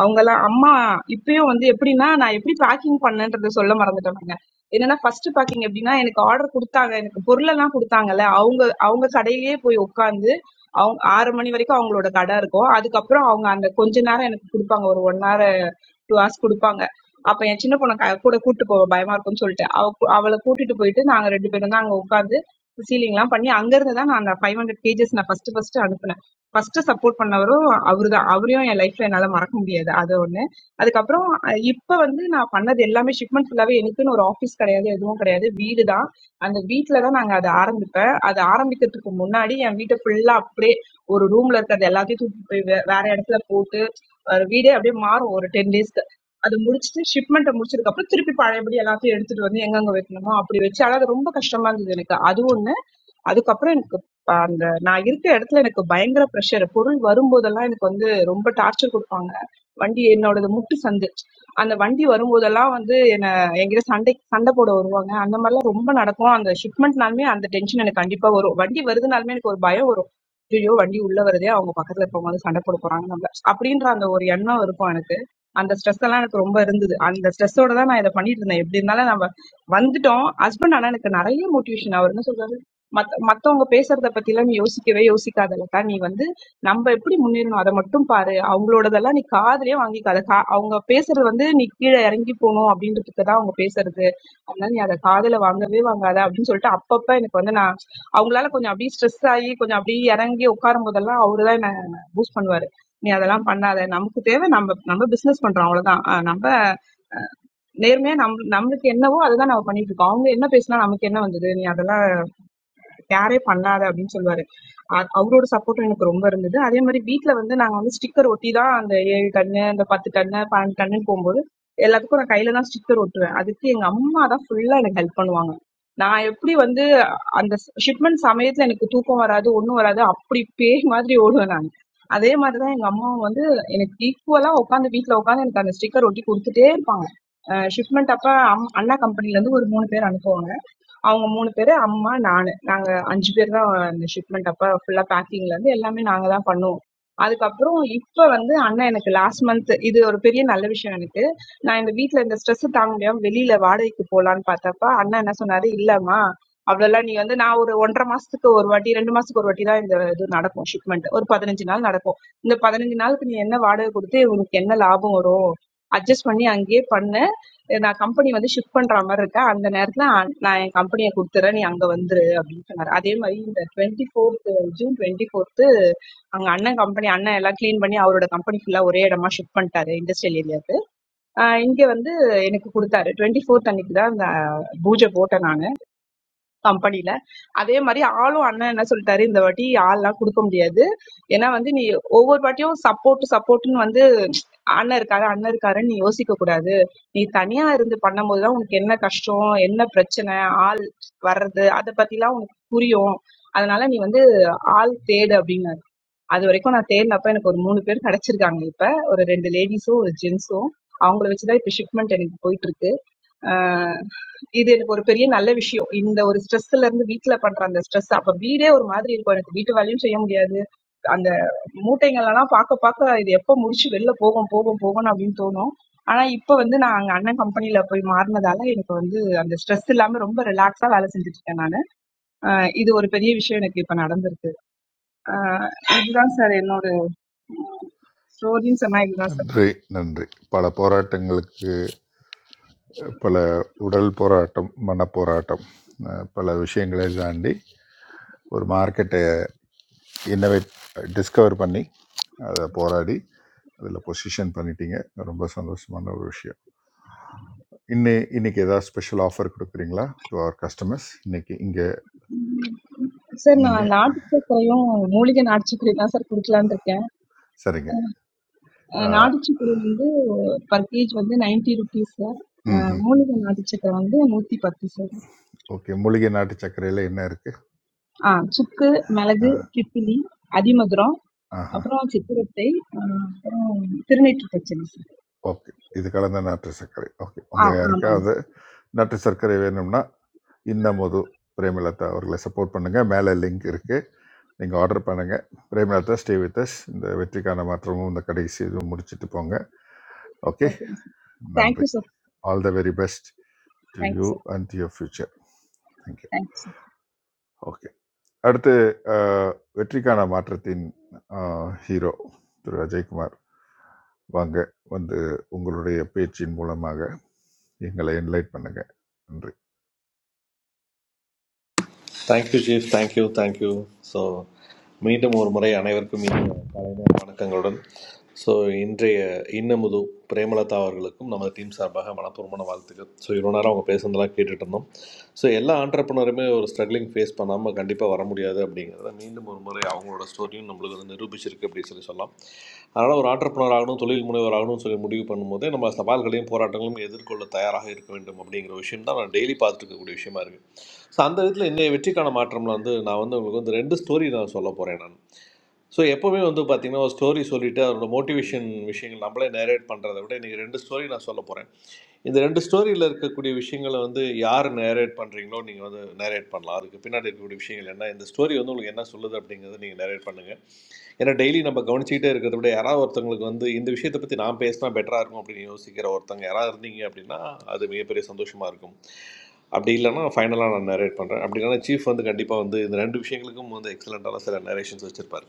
அவங்கலாம் அம்மா இப்பயும் வந்து எப்படின்னா, நான் எப்படி பேக்கிங் பண்ணேன்றத சொல்ல மறந்துட்டேனுங்க. என்னன்னா ஃபர்ஸ்ட் பேக்கிங் எப்படின்னா, எனக்கு ஆர்டர் குடுத்தாங்க. எனக்கு பொருளெல்லாம் குடுத்தாங்கல்ல, அவங்க அவங்க கடையிலேயே போய் உட்கார்ந்து, அவங்க 6 மணி வரைக்கும் அவங்களோட கடை இருக்கும். அதுக்கப்புறம் அவங்க அந்த கொஞ்ச நேரம் எனக்கு குடுப்பாங்க. ஒரு 1 ஹார், 2 ஹார்ஸ் குடுப்பாங்க. அப்ப என் சின்ன பொண்ண க கூட கூட்டிட்டு போக பயமா இருக்கும்ன்னு சொல்லிட்டு, அவ அவள கூட்டிட்டு போயிட்டு நாங்க 2 பேரும் தான் அங்க உட்கார்ந்து சீலிங்லாம் பண்ணி அங்கருந்து தான் நான் அந்த 500 கேஜஸ் நான் ஃபர்ஸ்ட் ஃபர்ஸ்ட் அனுப்புனேன். ஃபர்ஸ்ட் சப்போர்ட் பண்ணவரும் அவரு தான். அவரையும் என் லைஃப்ல என்னால மறக்க முடியாது. அது ஒண்ணு. அதுக்கப்புறம் அ இப்ப வந்து நான் பண்ணது எல்லாமே ஷிப்மெண்ட் ஃபுல்லாவே எனக்குன்னு ஒரு ஆஃபீஸ் கிடையாது, எதுவும் கிடையாது. வீடு தான். அந்த வீட்ல தான் நாங்க அத ஆரம்பிப்பேன். அது ஆரம்பிக்கிறதுக்கு முன்னாடி என் வீட்ட ஃபுல்லா அப்படியே ஒரு ரூம்ல இருக்கிறது எல்லாத்தையும் தூக்கிட்டு போய் வே வேற இடத்துல போட்டு, ஒரு வீடே அப்படியே மாறும் ஒரு 10 டேஸ்க்கு. அது முடிச்சுட்டு ஷிப்மெண்ட்ட முடிச்சதுக்கப்புறம் திருப்பி பழையபடி எல்லாத்தையும் எடுத்துட்டு வந்து எங்கெங்க வைக்கணுமோ அப்படி வச்சு, ஆனா அது ரொம்ப கஷ்டமா இருந்தது எனக்கு. அது ஒண்ணு. அதுக்கப்புறம் எனக்கு ப அந்த நான் இருக்கிற இடத்துல எனக்கு பயங்கர ப்ரெஷர். பொருள் வரும்போதெல்லாம் எனக்கு வந்து ரொம்ப டார்ச்சர் குடுப்பாங்க. வண்டி என்னோடது முட்டு சந்து. அந்த வண்டி வரும்போதெல்லாம் வந்து என்ன என்கிட்ட சண்டை சண்டை போட வருவாங்க. அந்த மாரிலாம் ரொம்ப நடக்கும். அந்த ஷிப்மெண்ட்னாலுமே அந்த டென்ஷன் எனக்கு கண்டிப்பா வரும். வண்டி வருதுனாலுமே எனக்கு ஒரு பயம் வரும். ஐயய்யோ! வண்டி உள்ள வருதே! அவங்க பக்கத்துல இருக்கவங்க வந்து சண்டை போட போறாங்க நம்மள. அப்படின்ற அந்த ஒரு எண்ணம் இருக்கும் எனக்கு. அந்த ஸ்ட்ரெஸ் எல்லாம் எனக்கு ரொம்ப இருந்தது. அந்த ஸ்ட்ரெஸ்ஸோட தான் நான் இத பண்ணிட்டு இருந்தேன். எப்படி இருந்தாலும் நம்ம வந்துட்டோம். ஹஸ்பண்ட் ஆனா எனக்கு நெறைய மோட்டிவேஷன். அவர் என்ன சொல்றாருன்னா மத்த மத்தவங்க பேசுறத பத்திலாம் நீ யோசிக்கவே யோசிக்காதல்லக்கா நீ வந்து நம்ம எப்படி முன்னேறணும் அதை மட்டும் பாரு அவங்களோடதெல்லாம் நீ காதுலயே வாங்கிக்காத கா அவங்க பேசுறது வந்து நீ கீழே இறங்கி போகணும் அப்படின்றதுக்கு தான் அவங்க பேசுறது அதனால நீ அதை காதுல வாங்கவே வாங்காத அப்படின்னு சொல்லிட்டு அப்பப்ப எனக்கு வந்து நான் அவங்களால கொஞ்சம் அப்படியே ஸ்ட்ரெஸ் ஆகி கொஞ்சம் அப்படியே இறங்கி உட்காரும் போதெல்லாம் அவரு தான் என்ன பூஸ்ட் பண்ணுவாரு நீ அதெல்லாம் பண்ணாத நமக்கு தேவை நம்ம நம்ம பிசினஸ் பண்றோம் அவ்வளவுதான் அஹ் நம்ம நேர்மையா நம்ம நம்மளுக்கு என்னவோ அதுதான் நம்ம பண்ணிட்டு இருக்கோம் அவங்க என்ன பேசினா நமக்கு என்ன வந்தது நீ அதெல்லாம் கேரே பண்ணாத அப்படின்னு சொல்லுவாரு அ- அவரோட சப்போர்ட்டும் எனக்கு ரொம்ப இருந்தது அதே மாதிரி வீட்ல வந்து நாங்க வந்து ஸ்டிக்கர் ஒட்டி தான் அந்த ஏழு கண்ணு அந்த பத்து கண்ணு பன்னெண்டு கண்ணுன்னு போகும்போது எல்லாத்துக்கும் நான் கையில தான் ஸ்டிக்கர் ஒட்டுவேன் அதுக்கு எங்க அம்மா தான் ஃபுல்லா எனக்கு ஹெல்ப் பண்ணுவாங்க நான் எப்படி வந்து அந்த ஷிப்மெண்ட் சமயத்துல எனக்கு தூக்கம் வராது ஒண்ணும் வராது அப்படி பேய் மாதிரி ஓடுவேன் நான் அதே மாதிரிதான் எங்க அம்மாவும் வந்து எனக்கு ஈக்குவலா உட்காந்து வீட்ல உட்காந்து எனக்கு அந்த ஸ்டிக்கர் ஒட்டி கொடுத்துட்டே இருப்பாங்க ஷிப்மெண்ட் அப்ப அம்- அண்ணா கம்பெனில இருந்து ஒரு மூணு பேர் அனுப்புவாங்க அவங்க 3 பேரு, அம்மா, நானு. நாங்க 5 பேர் தான் அந்த ஷிப்மெண்ட் அப்ப ஃபுல்லா பேக்கிங்லருந்து எல்லாமே நாங்க தான் பண்ணுவோம். அதுக்கப்புறம் இப்ப வந்து அண்ணன் எனக்கு லாஸ்ட் மந்த் இது ஒரு பெரிய நல்ல விஷயம் எனக்கு. நான் எங்க வீட்ல இந்த ஸ்ட்ரெஸ் தாங்க முடியாம வெளியில வாடகைக்கு போலான்னு பார்த்தப்ப, அண்ணன் என்ன சொன்னாரு, "இல்லம்மா, அவ்வளோலாம் நீ வந்து" நான் ஒரு 1 1/2 மாசத்துக்கு ஒரு வாட்டி, 2 மாசத்துக்கு ஒரு வாட்டி தான் இந்த இது நடக்கும் ஷிப்மெண்ட். ஒரு 15 நாள் நடக்கும். இந்த 15 நாளுக்கு நீ என்ன வாடகை குடுத்து உனக்கு என்ன லாபம் வரும்? அட்ஜஸ்ட் பண்ணி அங்கேயே பண்ணு. நான் கம்பெனி வந்து ஷிஃப்ட் பண்ற மாதிரி இருக்கேன் அந்த நேரத்துல அ- நான் என் கம்பெனியை கொடுத்துறேன் நீ அங்க வந்துரு அப்படின்னு சொன்னாரு அதே மாதிரி இந்த twenty fourth June twenty fourth அங்க அண்ணன் கம்பெனி அண்ணன் எல்லாம் க்ளீன் பண்ணி அவரோட கம்பெனி ஃபுல்லா ஒரே இடமா ஷிஃப்ட் பண்ணிட்டாரு இண்டஸ்ட்ரியல் ஏரியாவுக்கு இங்க வந்து எனக்கு கொடுத்தாரு டுவெண்ட்டி ஃபோர்த் அன்னைக்கு தான் அந்த பூஜை போட்டேன் நானு. கம்பெனில. அதே மாதிரி ஆளும் அண்ணன் என்ன சொல்லிட்டாரு, இந்த வாட்டி ஆள்லாம் குடுக்க முடியாது. ஏன்னா வந்து நீ ஒவ்வொரு வாட்டியும் சப்போர்ட் சப்போர்ட்ன்னு வந்து அண்ணன் இருக்காரு, அண்ணன் இருக்காருன்னு நீ யோசிக்க கூடாது. நீ தனியா இருந்து பண்ணும்போது தான் உனக்கு என்ன கஷ்டம், என்ன பிரச்சனை, ஆள் வர்றது அத பத்திலாம் உனக்கு புரியும். அதனால நீ வந்து ஆள் தேடு அப்படின்னாரு. அது வரைக்கும் நான் தேடினப்ப எனக்கு ஒரு மூணு பேர் கிடைச்சிருக்காங்க இப்ப. ஒரு 2 லேடீஸும், ஒரு ஜென்ஸும். அவங்கள வச்சு தான் இப்ப ஷிப்மெண்ட் எனக்கு போயிட்டு இருக்கு. இது எனக்கு ஒரு பெரிய நல்ல விஷயம். இந்த ஒரு ஸ்ட்ரெஸ்ல இருந்து வீட்ல பண்ற அந்த ஸ்ட்ரெஸ் அப்ப வீடே ஒரு மாதிரி இருக்கும். எனக்கு வீட்டு வேலையும் செய்ய முடியாது. அந்த மூட்டைங்கள்லாம் பாக்க பாக்க இது எப்ப முடிச்சு வெளில போகும், போகும், போகும்னு அப்டின்னு தோணும். ஆனா இப்ப வந்து நான் அங்க அண்ணன் கம்பெனில போய் மாறுனதால எனக்கு வந்து அந்த ஸ்ட்ரெஸ் இல்லாம ரொம்ப ரிலாக்ஸா வேலை செஞ்சுட்டு இருக்கேன் நானு. அ இது ஒரு பெரிய விஷயம் எனக்கு இப்ப நடந்திருக்கு. அ இதுதான் சார் என்னோட ஸ்டோரின்னு சொன்னா இதுதான் சார். நன்றி நன்றி பல போராட்டங்களுக்கு பல உடல் போராட்டம் மன போராட்டம் அஹ், பல விஷயங்களை தாண்டி ஒரு மார்க்கெட்டை இன்னவேட் டிஸ்கவர் பண்ணி அதை போராடி அதில் பொசிஷன் பண்ணிட்டீங்க ரொம்ப சந்தோஷமான ஒரு விஷயம் இன்னி இன்னைக்கு ஏதாவது ஸ்பெஷல் ஆஃபர் கொடுக்குறீங்களா டு அவர் கஸ்டமர்ஸ் இன்னைக்கு இங்கே சார் நீங்க நான் நாட்டுச் சர்க்கரையும் மூலிகை நாட்டுச் சர்க்கரையும் தான் சார் குடிக்கலான்னு இருக்கேன். சரிங்க. அ ஆ, நாட்டுச்சக்கரை வந்து பர் கேஜ் வந்து 90 ருப்பீஸ் சார். அ ம்ஹ்ம். மூலிகை நாட்டுச்சக்கரை வந்து 110 சார். ஓகே. மூலிகை நாட்டு சர்க்கரையில என்ன இருக்கு? ஆ சுக்கு, ஆ, மிளகு, திப்பிலி, அதிமதுரம், ஆஹா. அப்புறம் சித்திரத்தை, அ அப்புறம் திருநீற்று பச்சடி சார். ஓகே. இது கலந்த நாட்டு சர்க்கரை. ஓகே. ஆ உங்க ஆமாங்க யாருக்காவது சார். நாட்டு சர்க்கரை வேணும்னா, இன்னமுது பிரேமலதா அவர்களை சப்போர்ட் பண்ணுங்க. மேல லிங்க் இருக்கு. நீங்க ஆர்டர் பண்ணுங்க. Premalatha stay with us. இந்த வெற்றிக்கான மாற்றமும் இந்த கடைசி இதுவும் முடிச்சுட்டு போங்க. ஓகே. ஓகேங்க சார். தேங்க் நன்றி. You sir. All the very best to thank you you sir. And to your future. Thank you. Thank you sir. Okay. அடுத்து அஹ், வெற்றிக்கான மாற்றத்தின் அஹ், ஹீரோ திரு அஜய்குமார் வாங்க வந்து உங்களுடைய பேச்சின் மூலமாக எங்களை என்லைட் பண்ணுங்க நன்றி thank you chief thank you thank you so மீண்டும் ஒரு முறை அனைவருக்கும் இனிய காலை நேர வணக்கங்களுடன் ஸோ இன்றைய இன்னமுது பிரேமலதா அவர்களுக்கும் நமது டீம் சார்பாக மனப்பூர்வமான வாழ்த்துக்கள் ஸோ இவ்வளோ நேரம் அவங்க பேசுனதெல்லாம் கேட்டுட்டு இருந்தோம் ஸோ எல்லா ஆண்டர்பனருமே ஒரு ஸ்ட்ரகிளிங் ஃபேஸ் பண்ணாமல் கண்டிப்பாக வர முடியாது அப்படிங்கிறத மீண்டும் ஒரு முறை அவங்களோட ஸ்டோரியும் நம்மளுக்கு வந்து நிரூபிச்சிருக்கு அப்படின்னு சொல்லி சொல்லலாம் அதனால் ஒரு ஆண்டர்பனர் ஆகணும் தொழில் முனைவர் ஆகணும்னு சொல்லி முடிவு பண்ணும்போதே நம்ம சவால்களையும் போராட்டங்களையும் எதிர்கொள்ள தயாராக இருக்க வேண்டும் அப்படிங்கிற விஷயம் தான் நான் டெய்லி பார்த்துட்டு இருக்கக்கூடிய விஷயமா இருக்குது ஸோ அந்த விதத்தில் இன்னைய வெற்றிக்கான மாற்றம்ல வந்து நான் வந்து உங்களுக்கு வந்து ரெண்டு ஸ்டோரி நான் சொல்ல போகிறேன் நான் ஸோ எப்போவுமே வந்து பார்த்தீங்கன்னா ஒரு ஸ்டோரி சொல்லிட்டு அதோட மோட்டிவேஷன் விஷயங்கள் நம்மளே நேரேட் பண்ணுறதை விட இன்றைக்கி ரெண்டு ஸ்டோரி நான் சொல்ல போகிறேன் இந்த ரெண்டு ஸ்டோரியில் இருக்கக்கூடிய விஷயங்களை வந்து யார் நேரேட் பண்ணுறீங்களோ நீங்கள் வந்து நேரேட் பண்ணலாம் அதுக்கு பின்னாடி இருக்கக்கூடிய விஷயங்கள் என்ன இந்த ஸ்டோரி வந்து உங்களுக்கு என்ன சொல்லுது அப்படிங்கிறத நீங்கள் நேரேட் பண்ணுங்கள் ஏன்னா டெய்லி நம்ம கவனிச்சுக்கிட்டே இருக்கிறத விட யாராவது ஒருத்தவங்களுக்கு வந்து இந்த விஷயத்தை பற்றி நான் பேசினா பெட்டராக இருக்கும் அப்படின்னு யோசிக்கிற ஒருத்தங்க யாராவது இருந்தீங்க அப்படின்னா அது மிகப்பெரிய சந்தோஷமாக இருக்கும் அப்படி இல்லைன்னா ஃபைனலாக நான் நரேட் பண்ணுறேன் அப்படி இல்லைன்னா சீஃப் வந்து கண்டிப்பாக வந்து இந்த ரெண்டு விஷயங்களுக்கும் வந்து எக்ஸலண்ட்டான சில நரேஷன்ஸ் வச்சுருப்பார்